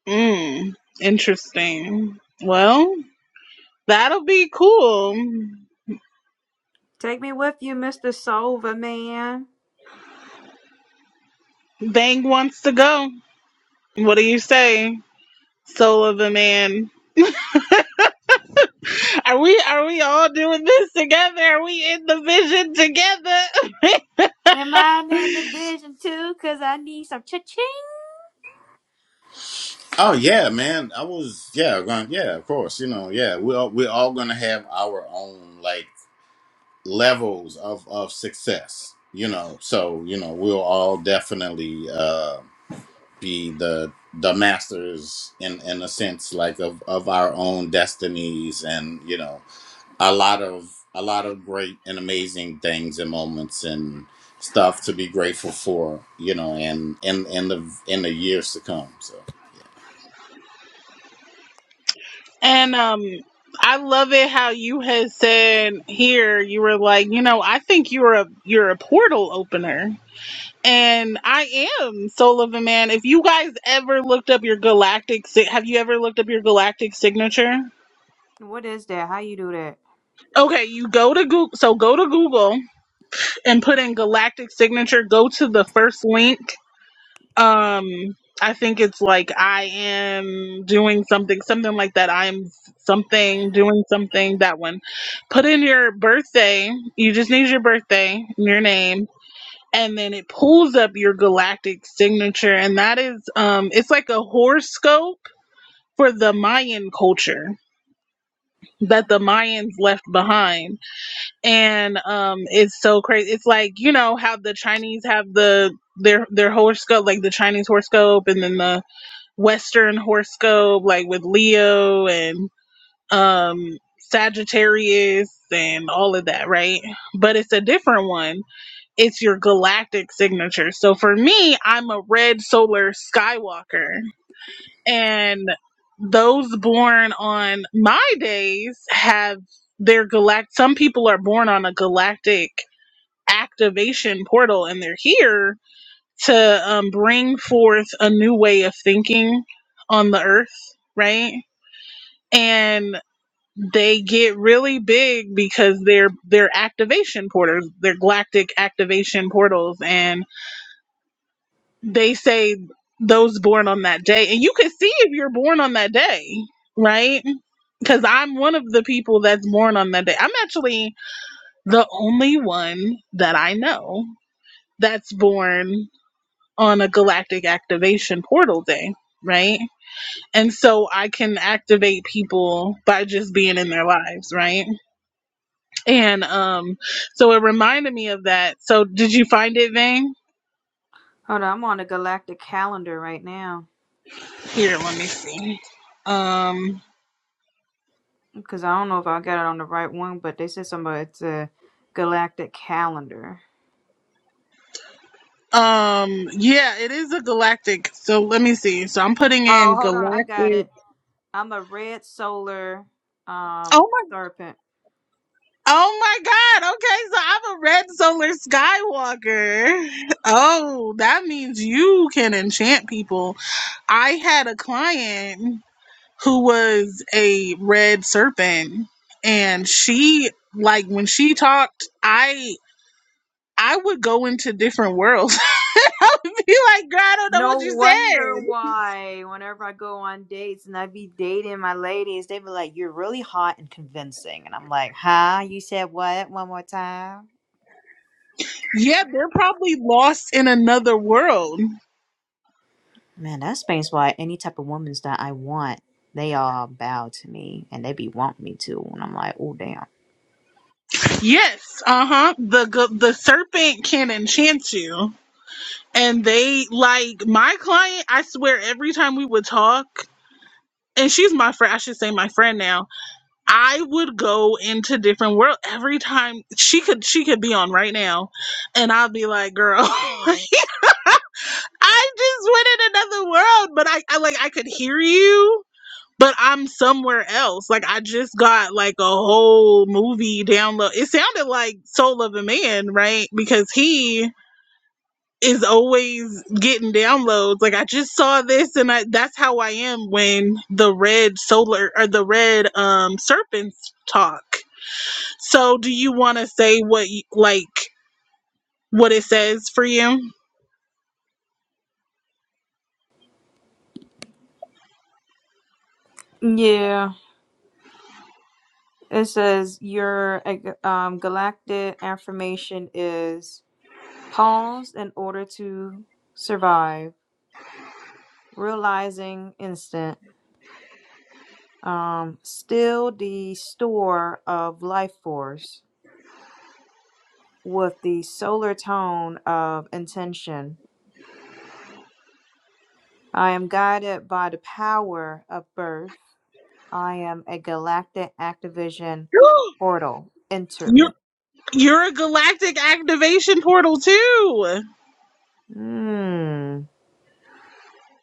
[SPEAKER 1] mm, interesting. Well, that'll be cool.
[SPEAKER 4] Take me with you, Mr. Solver, man.
[SPEAKER 1] Bang wants to go. What do you say? Soul of a man. Are we are we all doing this together? Are we in the vision together?
[SPEAKER 4] Am I in the vision too? Cause I need some cha-ching.
[SPEAKER 2] Oh yeah, man. I was yeah, going yeah, of course. You know, yeah. We all we're all gonna have our own like levels of of success. You know, so you know we'll all definitely uh, be the the masters in in a sense like of of our own destinies and you know a lot of a lot of great and amazing things and moments and stuff to be grateful for, you know, and in in the in the years to come. So
[SPEAKER 1] And um I love it how you had said here you were like, you know, I think you're a you're a portal opener. And I am Soul of a Man. If you guys ever looked up your galactic si- have you ever looked up your galactic signature?
[SPEAKER 4] What is that? How you do that?
[SPEAKER 1] Okay, you go to Google so go to Google and put in galactic signature, go to the first link Um, I think it's like I am doing something, something like that. I am something, doing something. That one. Put in your birthday. You just need your birthday, and your name, and then it pulls up your galactic signature, and that is um, it's like a horoscope for the Mayan culture that the Mayans left behind, and um, it's so crazy. It's like you know how the Chinese have the their their horoscope, like the Chinese horoscope, and then the Western horoscope, like with Leo and um, Sagittarius and all of that, right? But it's a different one. It's your galactic signature. So for me, I'm a red solar Skywalker. And those born on my days have their galactic. Some people are born on a galactic activation portal and they're here to um, bring forth a new way of thinking on the earth, right? And they get really big because they're they're activation portals, they're galactic activation portals, and they say those born on that day, and you can see if you're born on that day, right? Because I'm one of the people that's born on that day. I'm actually the only one that I know that's born on a galactic activation portal day, right? and so i can activate people by just being in their lives right and um so it reminded me of that so did you find it vane
[SPEAKER 4] Hold on, I'm on the galactic calendar right now.
[SPEAKER 1] here let me see um
[SPEAKER 4] Cause I don't know if I got it on the right one, but they said somebody it's a galactic calendar.
[SPEAKER 1] um yeah it is a galactic so let me see so i'm putting
[SPEAKER 4] Oh,
[SPEAKER 1] in
[SPEAKER 4] hold on, I got
[SPEAKER 1] galactic
[SPEAKER 4] it. I'm a red solar um
[SPEAKER 1] oh my
[SPEAKER 4] serpent.
[SPEAKER 1] oh my god okay so i'm a red solar skywalker oh that means you can enchant people I had a client. who was a red serpent and she like when she talked i i would go into different worlds i would be like girl i don't know what
[SPEAKER 4] No
[SPEAKER 1] you
[SPEAKER 4] wonder
[SPEAKER 1] said
[SPEAKER 4] why whenever I go on dates and I be dating my ladies, they be like, You're really hot and convincing and I'm like, Huh? You said what one more time?
[SPEAKER 1] yeah they're probably lost in another world
[SPEAKER 4] Man, that explains why any type of woman's that I want, they all bow to me and they be wanting me to and I'm like, Oh damn.
[SPEAKER 1] yes uh-huh the g- the serpent can enchant you and they like my client i swear every time we would talk and she's my friend i should say my friend now I would go into different world every time she could she could be on right now and I'll be like, girl, I just went in another world, but I, I like I could hear you, but I'm somewhere else. Like I just got like a whole movie download. It sounded like Soul of a Man, right? Because he is always getting downloads. Like I just saw this and I that's how I am when the red solar or the red um serpents talk. So, do you want to say what you, like what it says for you?
[SPEAKER 4] Yeah. It says your uh, um galactic affirmation is pause in order to survive realizing instant um still the store of life force with the solar tone of intention i am guided by the power of birth i am a galactic activision portal enter
[SPEAKER 1] you're
[SPEAKER 4] me
[SPEAKER 1] you're a galactic activation portal too.
[SPEAKER 4] Hmm.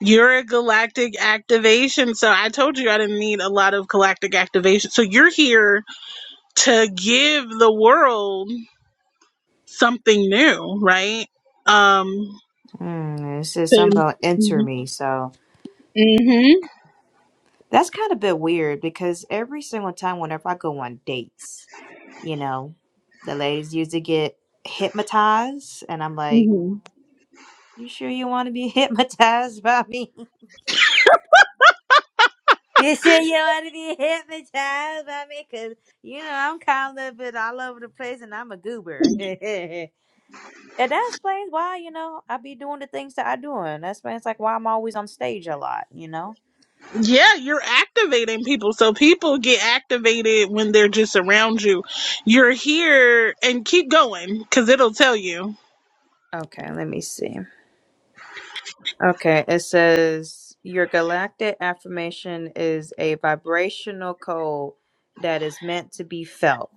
[SPEAKER 1] You're a galactic activation. So I told you I didn't need a lot of galactic activation. So you're here to give the world something new, right? Um
[SPEAKER 4] mm, it says something
[SPEAKER 1] to-
[SPEAKER 4] about
[SPEAKER 1] mm-hmm.
[SPEAKER 4] enter me so
[SPEAKER 1] Mm-hmm.
[SPEAKER 4] That's kind of a bit weird because every single time whenever I go on dates, you know, the ladies usually get hypnotized and I'm like,
[SPEAKER 1] Mm-hmm.
[SPEAKER 4] You sure you want to be hypnotized by me? You sure you want to be hypnotized by me? Because, you know, I'm kind of a little bit all over the place and I'm a goober. and that explains why, you know, I be doing the things that I do. And that explains, like, why I'm always on stage a lot, you know?
[SPEAKER 1] Yeah, you're activating people. So people get activated when they're just around you. You're here and keep going because it'll tell you.
[SPEAKER 4] Okay, let me see. Okay, it says your galactic affirmation is a vibrational code that is meant to be felt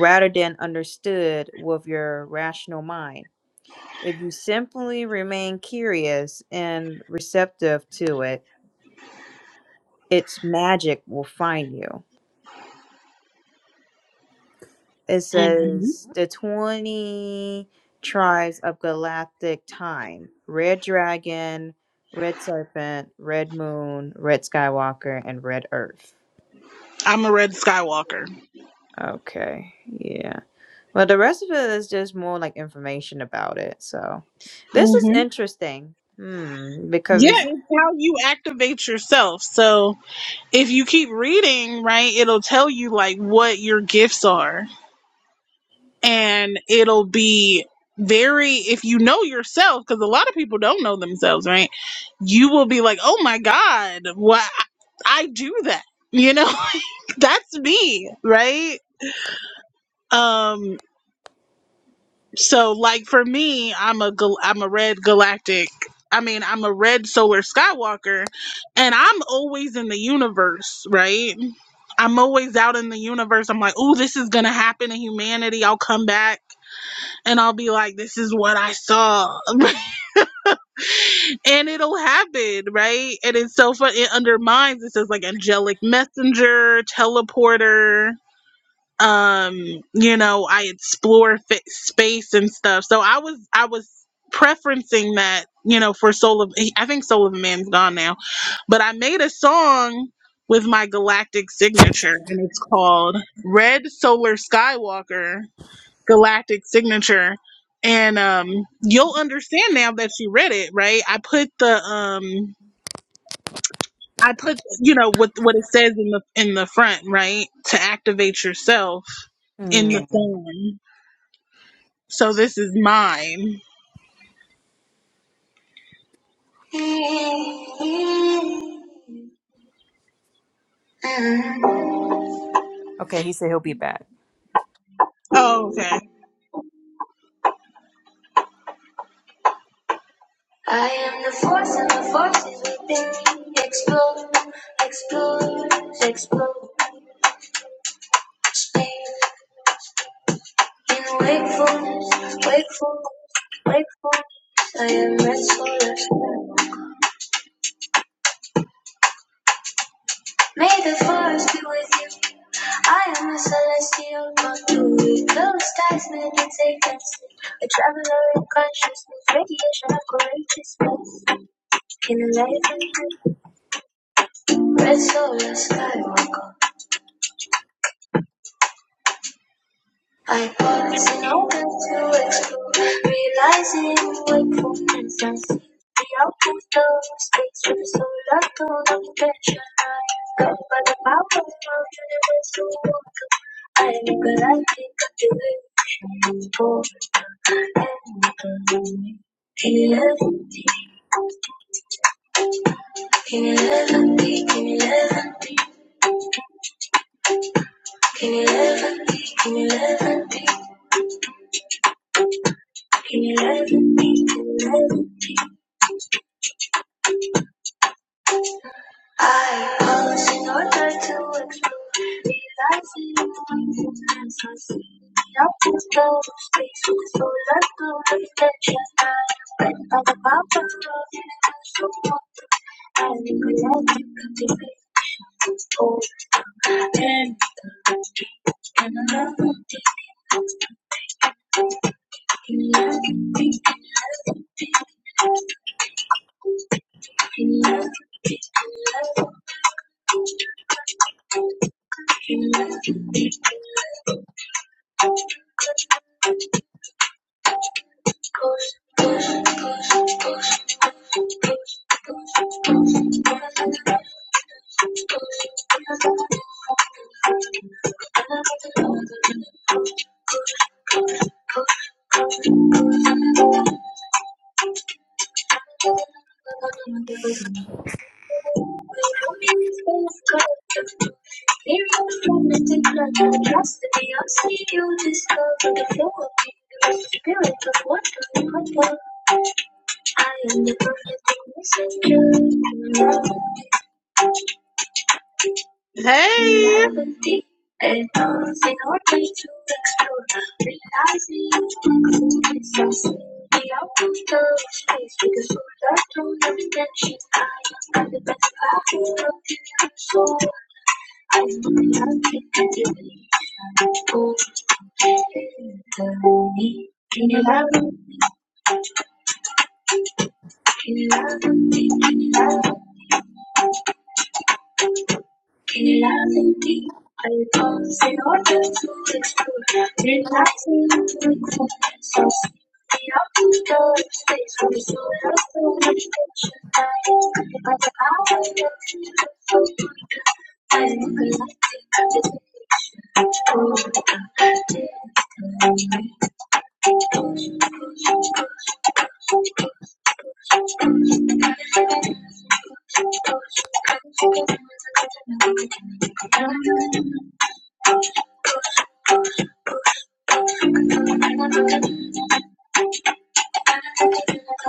[SPEAKER 4] rather than understood with your rational mind. If you simply remain curious and receptive to it, its magic will find you. It
[SPEAKER 1] Mhm.
[SPEAKER 4] says the 20 tribes of galactic time Red Dragon, Red Serpent, Red Moon, Red Skywalker, and Red Earth.
[SPEAKER 1] I'm a red Skywalker.
[SPEAKER 4] Okay, yeah. Well, the rest of it is just more like information about it. So, this is
[SPEAKER 1] hmm
[SPEAKER 4] interesting. Hmm,
[SPEAKER 1] Yeah,
[SPEAKER 4] because
[SPEAKER 1] it's how you activate yourself. So if you keep reading, right, it'll tell you like what your gifts are. and it'll be very if you know yourself because a lot of people don't know themselves right you will be like oh my god what i do that you know that's me right um so like for me i'm a gal- i'm a red galactic i mean i'm a red solar skywalker and i'm always in the universe right i'm always out in the universe i'm like oh this is gonna happen to humanity i'll come back and I'll be like, this is what I saw. and it'll happen, right? And it's so fun. It undermines, it says like angelic messenger, teleporter. Um, you know, I explore fa- space and stuff. So I was, I was preferencing that, you know, for Soul of, I think Soul of a Man's gone now, but I made a song with my galactic signature and it's called Red Solar Skywalker galactic signature and um you'll understand now that you read it right i put the um i put you know what what it says in the in the front right to activate yourself in
[SPEAKER 4] hmm.
[SPEAKER 1] the form so this is mine
[SPEAKER 4] Okay, he said he'll be back.
[SPEAKER 1] oh okay i am the force and the force is within me explode explode explode In wakefulness, wakefulness, wakefulness, I am restless. May the forest be with you. I am a celestial conduit. Blue skies meditate and sleep. A traveler in consciousness, radiation of courageousness. Can enlighten you. Red solar sky. I thought it's an open to explore, realizing wakefulness and see the output of space from solar to intention. I am governed by the power of universe to walk. I am a galactic activation, born and lonely. can you live? Can you live? Can you live? Can you live? Can you live? Can you live? Can you live? I polish in order to explore, realizing points in time so soon. Not to go to space, so let's go reflection. I am by the power of the so long. I recognize the beauty faithful and true. Will you meet space girl? Serious moment in love, just I see you discover the flow of you, spirit of wonder, wonder. I am the perfect messenger. Hey, Novelty and dancing our way to explore, realizing you is us. The out of space with the solar tone of intention. I am the best part of the universe, so I am the happy and the me? Can you love me? Can you love me? Can you love me? Can you love me? I don't say to do. Relaxing, so the outdoor space from so lost so much picture.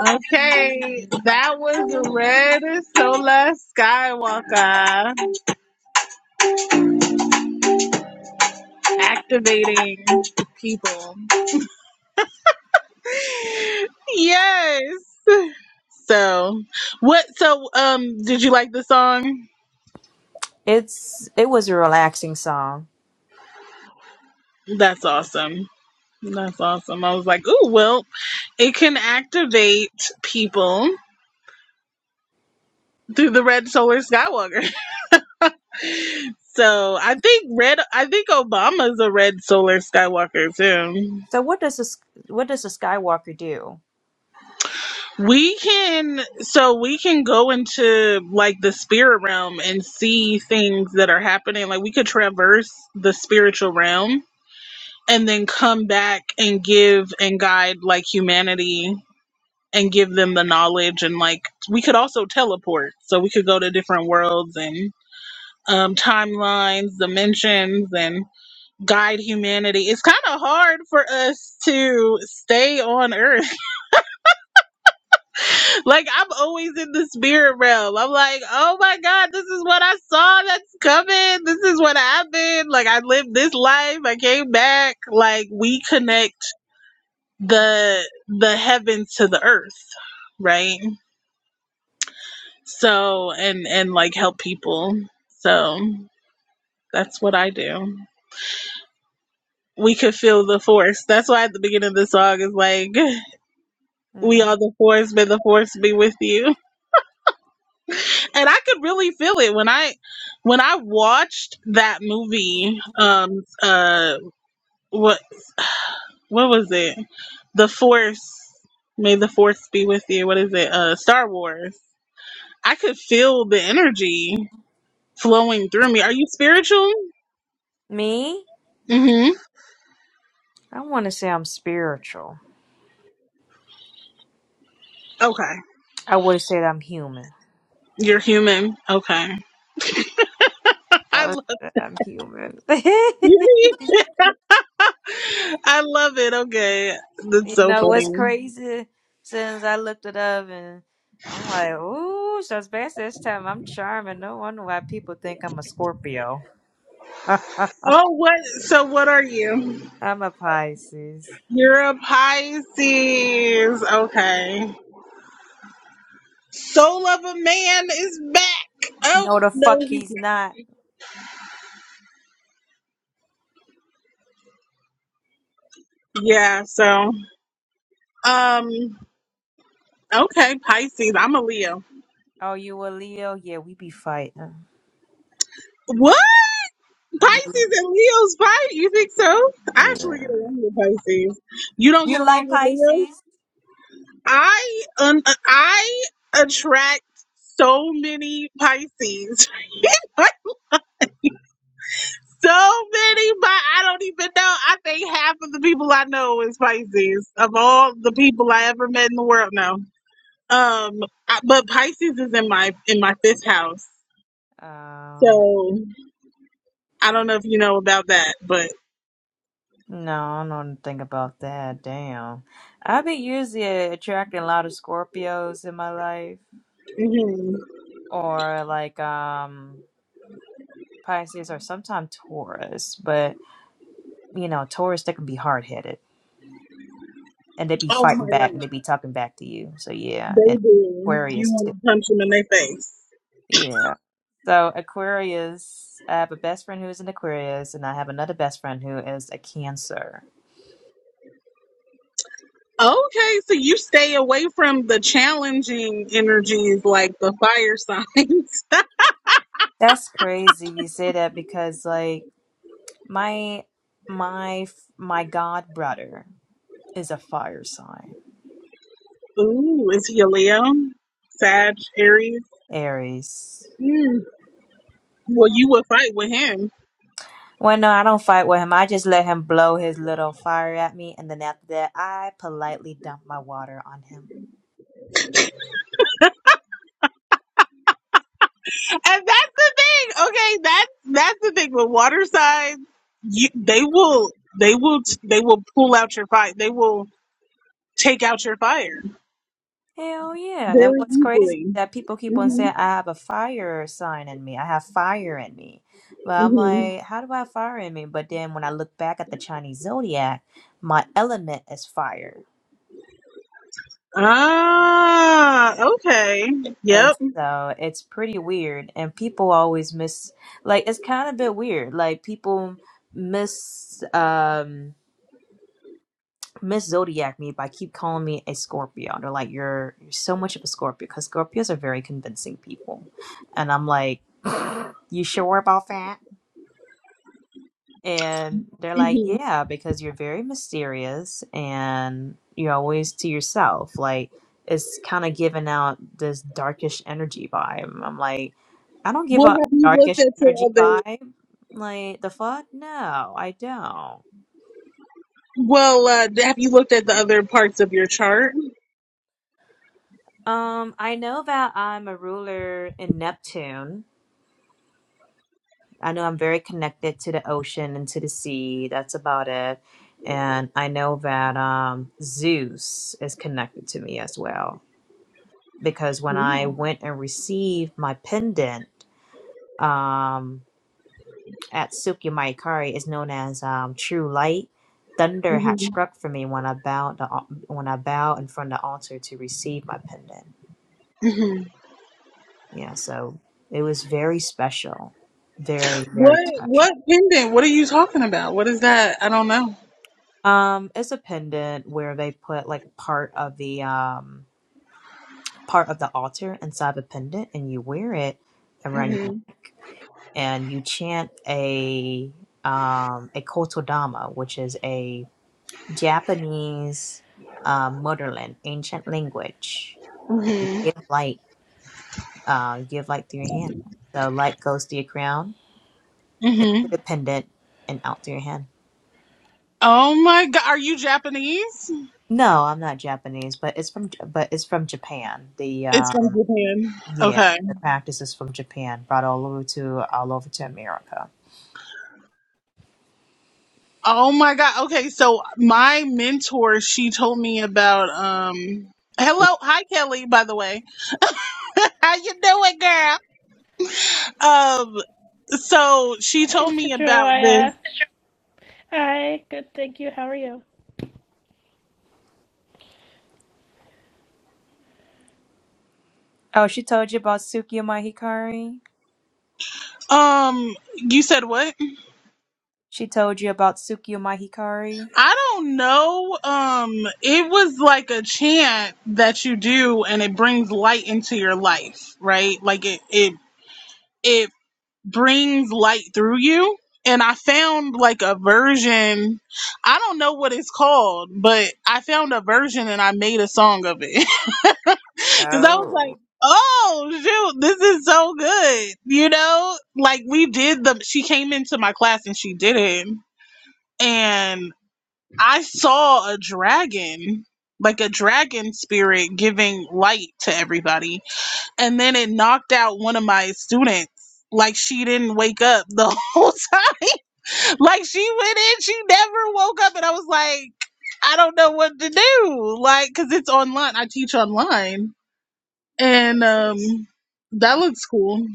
[SPEAKER 1] Okay, that was the Red Sola Skywalker activating people. yes. So, what? So, um, did you like the song?
[SPEAKER 4] It's it was a relaxing song.
[SPEAKER 1] That's awesome. That's awesome. I was like, oh well, it can activate people through the red solar Skywalker. So I think red. I think Obama's a red solar Skywalker too.
[SPEAKER 4] So what does this what does a Skywalker do?
[SPEAKER 1] We can. So we can go into like the spirit realm and see things that are happening. Like we could traverse the spiritual realm and then come back and give and guide like humanity and give them the knowledge and like we could also teleport so we could go to different worlds and um, timelines dimensions and guide humanity it's kind of hard for us to stay on earth like i'm always in the spirit realm i'm like oh my god this is what i saw that's coming this is what happened like i lived this life i came back like we connect the the heavens to the earth right so and and like help people so that's what i do we could feel the force that's why at the beginning of the song is like we
[SPEAKER 4] Mm,
[SPEAKER 1] are the force may the force be with you and i could really feel it when i when i watched that movie um uh what what was it the force may the force be with you what is it uh star wars i could feel the energy flowing through me. Are you spiritual?
[SPEAKER 4] me?
[SPEAKER 1] hmm
[SPEAKER 4] I want to say I'm spiritual.
[SPEAKER 1] Okay.
[SPEAKER 4] I would say that I'm human.
[SPEAKER 1] You're human. Okay.
[SPEAKER 4] I
[SPEAKER 1] I
[SPEAKER 4] would
[SPEAKER 1] love
[SPEAKER 4] say I'm human.
[SPEAKER 1] I love it. Okay. That's
[SPEAKER 4] You
[SPEAKER 1] so
[SPEAKER 4] know what's
[SPEAKER 1] funny.
[SPEAKER 4] crazy? Since I looked it up and I'm like, ooh, so it's best this time I'm charming. No wonder why people think I'm a Scorpio. I'm
[SPEAKER 1] Oh what so what are you?
[SPEAKER 4] a Pisces.
[SPEAKER 1] You're a Pisces. Okay. Soul of a man is back. Oh
[SPEAKER 4] No, the fuck
[SPEAKER 1] no he's
[SPEAKER 4] he's not.
[SPEAKER 1] not. Yeah, so um okay, Pisces. I'm a Leo.
[SPEAKER 4] Oh, you a Leo? Yeah, we be fighting.
[SPEAKER 1] What? Pisces and Leo's fight. You think so? I actually
[SPEAKER 4] Yeah.
[SPEAKER 1] get along with Pisces. You don't get
[SPEAKER 4] You
[SPEAKER 1] along
[SPEAKER 4] like
[SPEAKER 1] with Leo.
[SPEAKER 4] Pisces?
[SPEAKER 1] I um, I attract so many Pisces. so many, but I don't even know. I think half of the people I know is Pisces. Of all the people I ever met in the world, no. Um, I, but Pisces is in my in my fifth house.
[SPEAKER 4] Oh.
[SPEAKER 1] So I don't know if you know about that, but
[SPEAKER 4] No, I don't think about that. Damn. I've been usually attracting a lot of Scorpios in my life.
[SPEAKER 1] mhm.
[SPEAKER 4] Or like um Pisces are sometimes Taurus, but you know, Taurus they can be hard headed and they be
[SPEAKER 1] oh my
[SPEAKER 4] fighting back
[SPEAKER 1] god.
[SPEAKER 4] and they be talking back to you. So yeah,
[SPEAKER 1] They
[SPEAKER 4] and
[SPEAKER 1] do. You
[SPEAKER 4] Aquarius
[SPEAKER 1] want
[SPEAKER 4] too.
[SPEAKER 1] to punch them in their face.
[SPEAKER 4] Yeah. So Aquarius, I have a best friend who is an Aquarius, and I have another best friend who is a Cancer.
[SPEAKER 1] Okay, so you stay away from the challenging energies like the fire signs.
[SPEAKER 4] That's crazy you say that because like my my my god brother is a fire sign,
[SPEAKER 1] Ooh, is he a Leo? Sag, Aries?
[SPEAKER 4] Aries.
[SPEAKER 1] Mm. Well, you would fight with him.
[SPEAKER 4] Well, no, I don't fight with him. I just let him blow his little fire at me, and then after that, I politely dump my water on him.
[SPEAKER 1] And that's the thing. Okay, that's that's the thing with water signs. You, they will, they will, t- they will pull out your fight. They will take out your fire
[SPEAKER 4] Hell yeah. And
[SPEAKER 1] very
[SPEAKER 4] what's crazy is
[SPEAKER 1] easily.
[SPEAKER 4] that people keep on
[SPEAKER 1] hmm
[SPEAKER 4] saying, I have a fire sign in me. I have fire in me. But I'm
[SPEAKER 1] hmm
[SPEAKER 4] like, how do I have fire in me? But then when I look back at the Chinese zodiac, my element is fire.
[SPEAKER 1] Ah, okay.
[SPEAKER 4] And
[SPEAKER 1] Yep.
[SPEAKER 4] so it's pretty weird. And people always miss, like, it's kind of a bit weird. Like, people miss, um, Miss Zodiac me by keep calling me a Scorpio. They're like, you're you're so much of a Scorpio because Scorpios are very convincing people, and I'm like, you sure about that? And they're like,
[SPEAKER 1] hmm
[SPEAKER 4] yeah, because you're very mysterious and you're always to yourself. Like it's kind of giving out this darkish energy vibe. I'm like, I don't give
[SPEAKER 1] Well,
[SPEAKER 4] a
[SPEAKER 1] have you looked
[SPEAKER 4] darkish
[SPEAKER 1] at your
[SPEAKER 4] energy
[SPEAKER 1] other?
[SPEAKER 4] vibe. Like the fuck? No, I don't.
[SPEAKER 1] Well, uh, have you looked at the other parts of your chart?
[SPEAKER 4] Um, I know that I'm a ruler in Neptune, I know I'm very connected to the ocean and to the sea. That's about it. And I know that um, Zeus is connected to me as well. Because when I
[SPEAKER 1] hmm
[SPEAKER 4] went and received my pendant um, at Sukya Maikari, is known as um, True Light. Thunder had struck for me when I bowed the, al- when I bowed in front of the altar to receive my pendant.
[SPEAKER 1] hmm
[SPEAKER 4] Yeah, so it was very special, very
[SPEAKER 1] What
[SPEAKER 4] very special.
[SPEAKER 1] what pendant? What are you talking about? What is that? I don't know.
[SPEAKER 4] Um, it's a pendant where they put like part of the um part of the altar inside the pendant, and you wear it around
[SPEAKER 1] hmm
[SPEAKER 4] your neck, and you chant a um a kotodama, which is a Japanese uh, motherland ancient language, and you give light, uh, give light through your hand. So light goes through your crown into
[SPEAKER 1] hmm
[SPEAKER 4] the pendant and out through your hand.
[SPEAKER 1] Oh my god, are you Japanese?
[SPEAKER 4] No, I'm not Japanese, but it's from J- but it's from Japan. The
[SPEAKER 1] It's
[SPEAKER 4] um
[SPEAKER 1] from Japan.
[SPEAKER 4] Yeah,
[SPEAKER 1] Okay.
[SPEAKER 4] the practices from Japan brought all over to all over to America.
[SPEAKER 1] Oh my god. Okay, so my mentor, she told me about um Hello, hi Kelly, by the way. How you doing, girl? Um, so she
[SPEAKER 5] Hi,
[SPEAKER 1] told
[SPEAKER 5] It's a
[SPEAKER 1] me
[SPEAKER 5] joy.
[SPEAKER 1] about
[SPEAKER 5] Uh,
[SPEAKER 1] this.
[SPEAKER 5] hi, good, thank you. How are you?
[SPEAKER 4] Oh, she told you about Tsukio Mahikari?
[SPEAKER 1] Um, you said what?
[SPEAKER 4] She told you about Tsukio Mahikari?
[SPEAKER 1] I don't know. Um, it was like a chant that you do and it brings light into your life, right? Like it it it brings light through you. And I found like a version, I don't know what it's called, but I found a version and I made a song of it. Because I was
[SPEAKER 4] Oh.
[SPEAKER 1] like, oh, shoot, this is so good. You know, like we did the, she came into my class and she did it. And I saw a dragon, like a dragon spirit giving light to everybody. And then it knocked out one of my students. Like she didn't wake up the whole time. Like she went in, she never woke up. And I was like, I don't know what to do. Like, because it's online. I teach online and um that looks cool.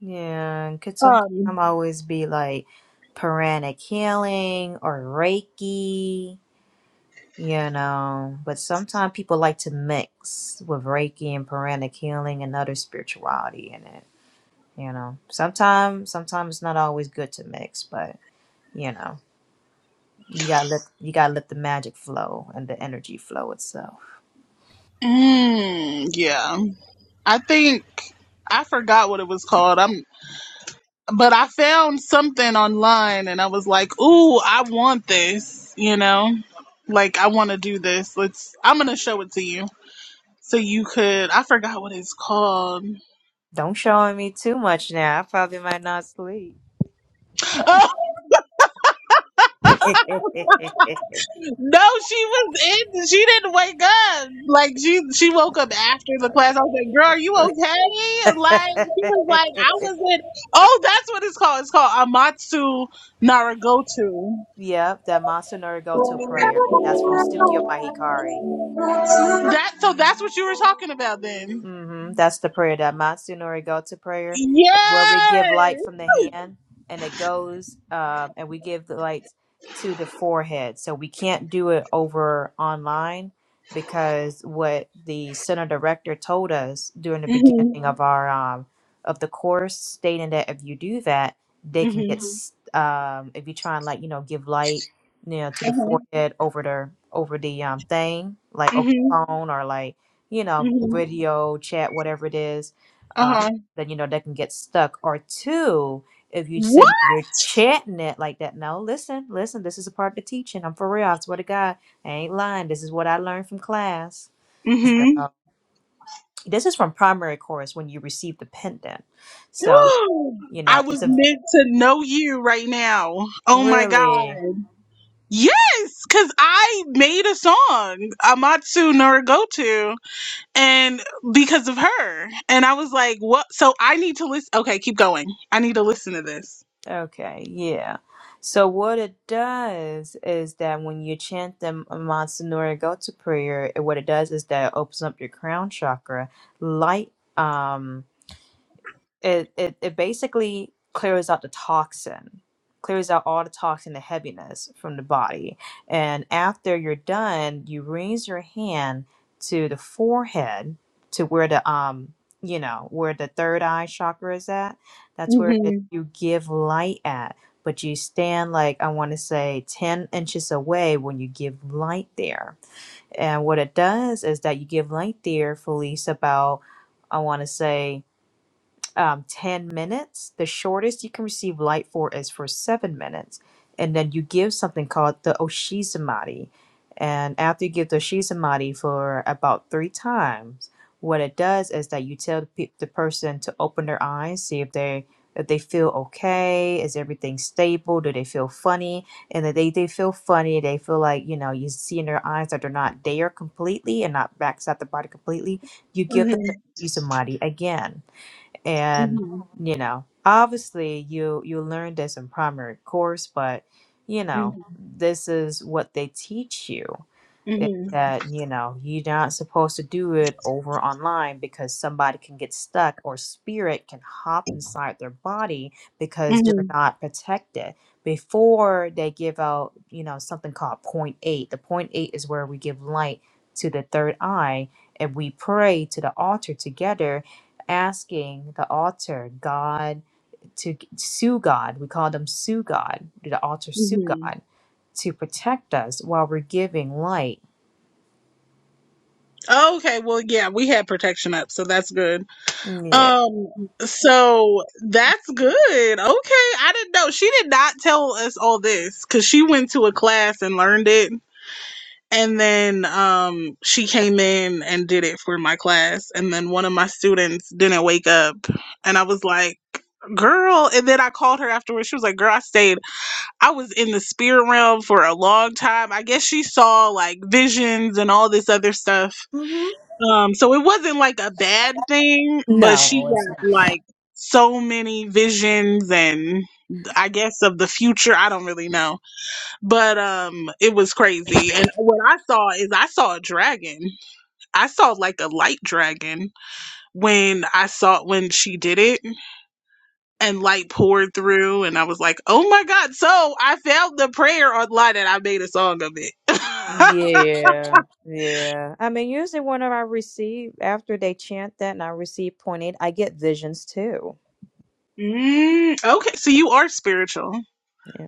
[SPEAKER 4] Yeah, and could sometimes
[SPEAKER 1] Um
[SPEAKER 4] always be like pranic healing or Reiki, you know. But sometimes people like to mix with Reiki and pranic healing and other spirituality in it, you know. Sometimes, sometimes it's not always good to mix, but you know, you gotta let you gotta let the magic flow and the energy flow itself.
[SPEAKER 1] mm, yeah. I think I forgot what it was called. I'm but I found something online and I was like, "Ooh, I want this," you know? Like I want to do this. Let's I'm going to show it to you so you could I forgot what it's called.
[SPEAKER 4] Don't show me too much now. I probably might not sleep.
[SPEAKER 1] No, she was in. She didn't wake up. Like she she woke up after the class. I was like, "Girl, are you okay?" Like she was like, "I was in." Oh, that's what it's called. It's called Amatsu Naragoto.
[SPEAKER 4] Yep, that Mansa Norigoto prayer. That's from Tsukio Mahikari.
[SPEAKER 1] That so that's what you were talking about then.
[SPEAKER 4] hmm That's the prayer, that Matsunori go to prayer. It's where we
[SPEAKER 1] Yes.
[SPEAKER 4] give light from the hand and it goes, um, and we give the light to the forehead. So we can't do it over online because what the center director told us during the
[SPEAKER 1] Mhm.
[SPEAKER 4] beginning of our um, of the course, stating that if you do that, they can
[SPEAKER 1] Mhm.
[SPEAKER 4] get Mhm. s um, if you try and like you know give light, you know, to the
[SPEAKER 1] Mhm.
[SPEAKER 4] forehead over the over the um, thing like over
[SPEAKER 1] Mhm.
[SPEAKER 4] the phone or like you know,
[SPEAKER 1] Mhm.
[SPEAKER 4] video, chat, whatever it is,
[SPEAKER 1] Uh
[SPEAKER 4] um,
[SPEAKER 1] huh.
[SPEAKER 4] then you know they can get stuck. Or two, if you said
[SPEAKER 1] What?
[SPEAKER 4] you're chatting it like that, no, listen, listen, this is a part of the teaching. I'm for real. I swear to God, I ain't lying. This is what I learned from class. So
[SPEAKER 1] Mhm.
[SPEAKER 4] this is from primary course when you receive the pendant. So you
[SPEAKER 1] I
[SPEAKER 4] know, it's
[SPEAKER 1] was
[SPEAKER 4] a
[SPEAKER 1] meant to know you right now. Oh my
[SPEAKER 4] really
[SPEAKER 1] god. Yes, because I made a song, Amatsu Norigoto, and because of her. And I was like, what? So I need to listen. Okay, keep going. I need to listen to this.
[SPEAKER 4] Okay, yeah. So what it does is that when you chant the Mansanuri Go-To prayer, it- what it does is that it opens up your crown chakra, light. Um, it it, it basically clears out the toxin clears out all the toxin the heaviness from the body and after you're done you raise your hand to the forehead to where the um you know where the third eye chakra is at that's where it, you give light at but you stand like i want to say 10 inches away when you give light there and what it does is that you give light there Felice. about i want to say um, 10 minutes. The shortest you can receive light for is for seven minutes. And then you give something called the Oshizumari. And after you give the Oshizumari for about three times, what it does is that you tell the, pe- the person to open their eyes, see if they if they feel okay, is everything stable, do they feel funny? And if they, they feel funny, they feel like, you know, you see in their eyes that they're not there completely and not backside the body completely, you give them the Oshizumari again and you know obviously you you learned this in primary course but you know this is what they teach you is that you know you're not supposed to do it over online because somebody can get stuck or spirit can hop inside their body because they're not protected before they give out you know something called point eight the point eight is where we give light to the third eye and we pray to the altar together asking the altar god to sue god we call them sue god the altar sue
[SPEAKER 1] hmm
[SPEAKER 4] god to protect us while we're giving light
[SPEAKER 1] Okay, well, yeah, we had protection up, so that's good.
[SPEAKER 4] Yeah.
[SPEAKER 1] Um, so that's good. Okay, I didn't know. She did not tell us all this because she went to a class and learned it And then um, she came in and did it for my class. And then one of my students didn't wake up. And I was like, girl. And then I called her afterwards. She was like, girl, I stayed. I was in the spirit realm for a long time. I guess she saw like visions and all this other stuff.
[SPEAKER 4] hmm
[SPEAKER 1] Um, so it wasn't like a bad thing, but she
[SPEAKER 4] No, it's not.
[SPEAKER 1] got like so many visions and I guess of the future. I don't really know but um it was crazy and what i saw is i saw a dragon i saw like a light dragon when i saw when she did it and light poured through and i was like oh my god so i found the prayer online and i made a song of it
[SPEAKER 4] Yeah, yeah. I mean, usually when I receive after they chant that and I receive point eight, I get visions too.
[SPEAKER 1] mm, okay so you are spiritual
[SPEAKER 4] Yeah.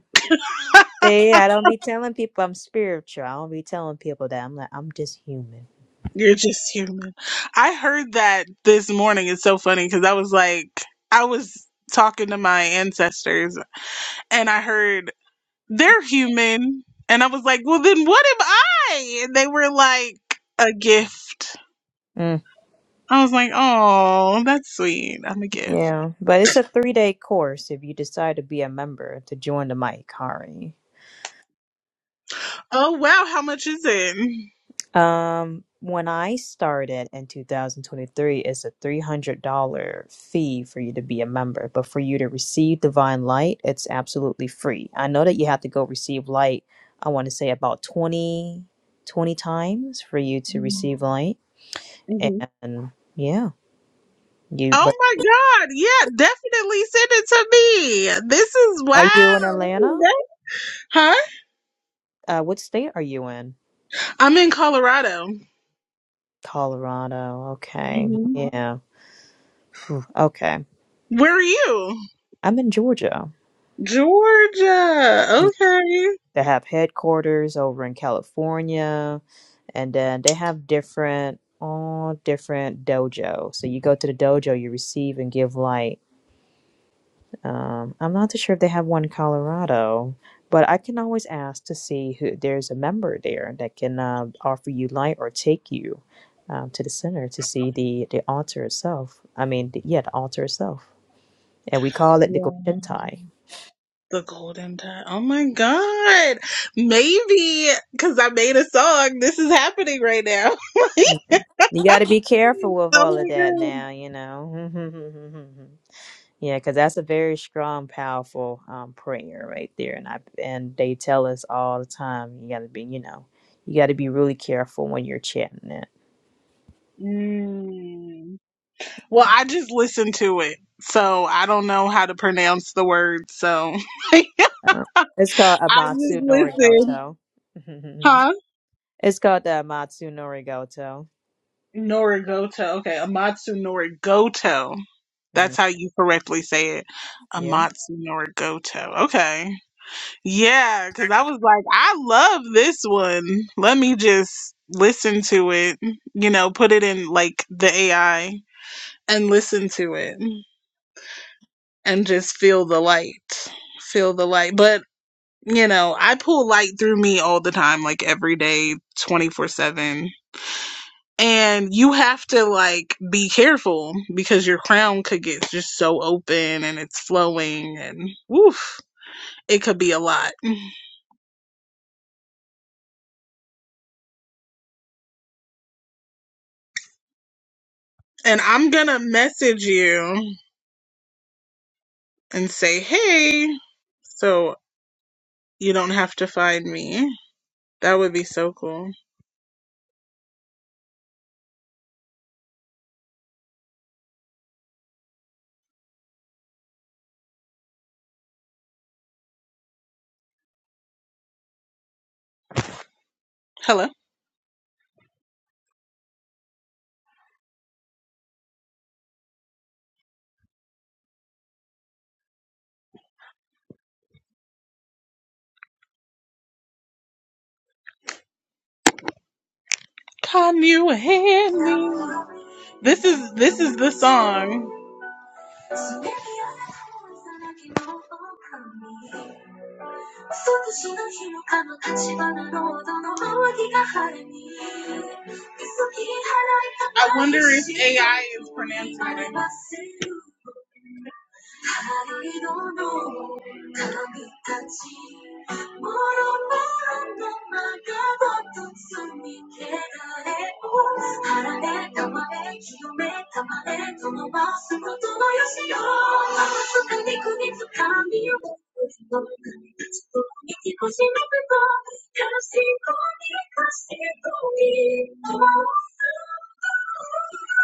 [SPEAKER 4] See, I don't be telling people I'm spiritual. I don't be telling people that I'm like I'm just human.
[SPEAKER 1] you're just human i heard that this morning it's so funny because i was like i was talking to my ancestors and i heard they're human. And I was like, well, then what am I? And they were like, a gift.
[SPEAKER 4] Mm,
[SPEAKER 1] I was like, oh, that's sweet. I'm a gift.
[SPEAKER 4] yeah, but it's a three day course if you decide to be a member to join the Mike Hari.
[SPEAKER 1] Oh, wow. How much is it?
[SPEAKER 4] Um, when I started in 2023, it's a $300 fee for you to be a member, but for you to receive Divine Light, it's absolutely free. I know that you have to go receive light, I want to say about 20, 20 times for you to
[SPEAKER 1] hmm
[SPEAKER 4] receive light. And yeah, you,
[SPEAKER 1] Oh
[SPEAKER 4] but
[SPEAKER 1] my God. Yeah, definitely send it to me. This is
[SPEAKER 4] are you
[SPEAKER 1] wow.
[SPEAKER 4] in Atlanta?
[SPEAKER 1] Huh?
[SPEAKER 4] Uh, what state are you in?
[SPEAKER 1] I'm in Colorado.
[SPEAKER 4] Colorado. Okay.
[SPEAKER 1] hmm
[SPEAKER 4] Yeah. Phew, Okay.
[SPEAKER 1] Where are you?
[SPEAKER 4] I'm in Georgia.
[SPEAKER 1] Georgia. Okay.
[SPEAKER 4] They have headquarters over in California, and then they have different all different dojo. So you go to the dojo, you receive and give light. Um, I'm not too sure if they have one in Colorado, but I can always ask to see who there's a member there that can uh, offer you light or take you um, to the center to see the the altar itself. I mean, the, yeah, the altar itself, and we call it the
[SPEAKER 1] Yeah.
[SPEAKER 4] Goshentai.
[SPEAKER 1] The golden time. Oh my god. Maybe because I made a song. This is happening right now.
[SPEAKER 4] You got to be careful with
[SPEAKER 1] Oh
[SPEAKER 4] all of that
[SPEAKER 1] my
[SPEAKER 4] now, you know. Yeah, because that's a very strong, powerful um, prayer right there, and I and they tell us all the time you got to be, you know, you got to be really careful when you're chanting it.
[SPEAKER 1] god. Mm. Well, I just listened to it. So I don't know how to pronounce the word. So I
[SPEAKER 4] Uh, it's called
[SPEAKER 1] just
[SPEAKER 4] Amatsu
[SPEAKER 1] listened.
[SPEAKER 4] Norigoto.
[SPEAKER 1] Huh?
[SPEAKER 4] it's called the Amatsu Norigoto.
[SPEAKER 1] Norigoto. Okay. Amatsu Norigoto. That's
[SPEAKER 4] Mm,
[SPEAKER 1] how you correctly say it.
[SPEAKER 4] yeah.
[SPEAKER 1] Amatsu Norigoto. Okay. Yeah, because I was like, I love this one. Let me just listen to it, you know, put it in like the AI and listen to it and just feel the light. Feel the light. But, you know, I pull light through me all the time, like every day, 24 7. And you have to like be careful because your crown could get just so open and it's flowing and woof, it could be a lot and I'm gonna message you. and say, hey, so you don't have to find me. That would be so cool. Hello. Can you hear me? This is this is the song. I wonder if AI is pronouncing it. Thank you.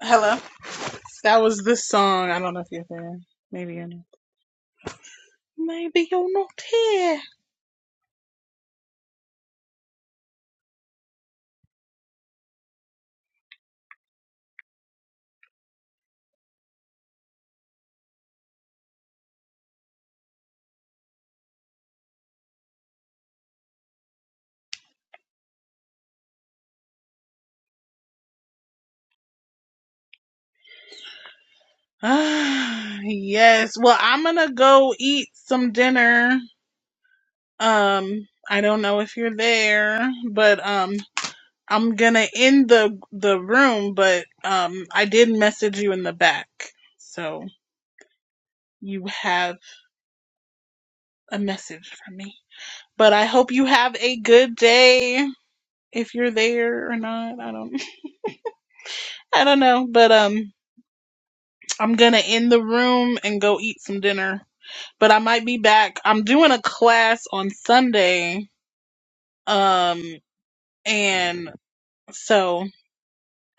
[SPEAKER 1] Hello. That was this song. I don't know if you're there. Maybe you're not. Maybe you're not here. Ah. yes. Well, I'm gonna go eat some dinner. Um, I don't know if you're there, but um, I'm gonna end the the room, but um, I did message you in the back, so you have a message from me. But I hope you have a good day. If you're there or not, I don't, I don't know. But um, I'm gonna end the room and go eat some dinner. But I might be back. I'm doing a class on Sunday, um, and so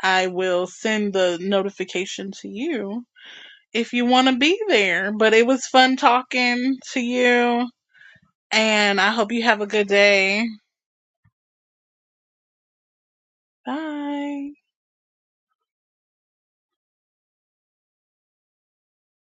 [SPEAKER 1] I will send the notification to you if you want to be there. But it was fun talking to you, and I hope you have a good day. Bye.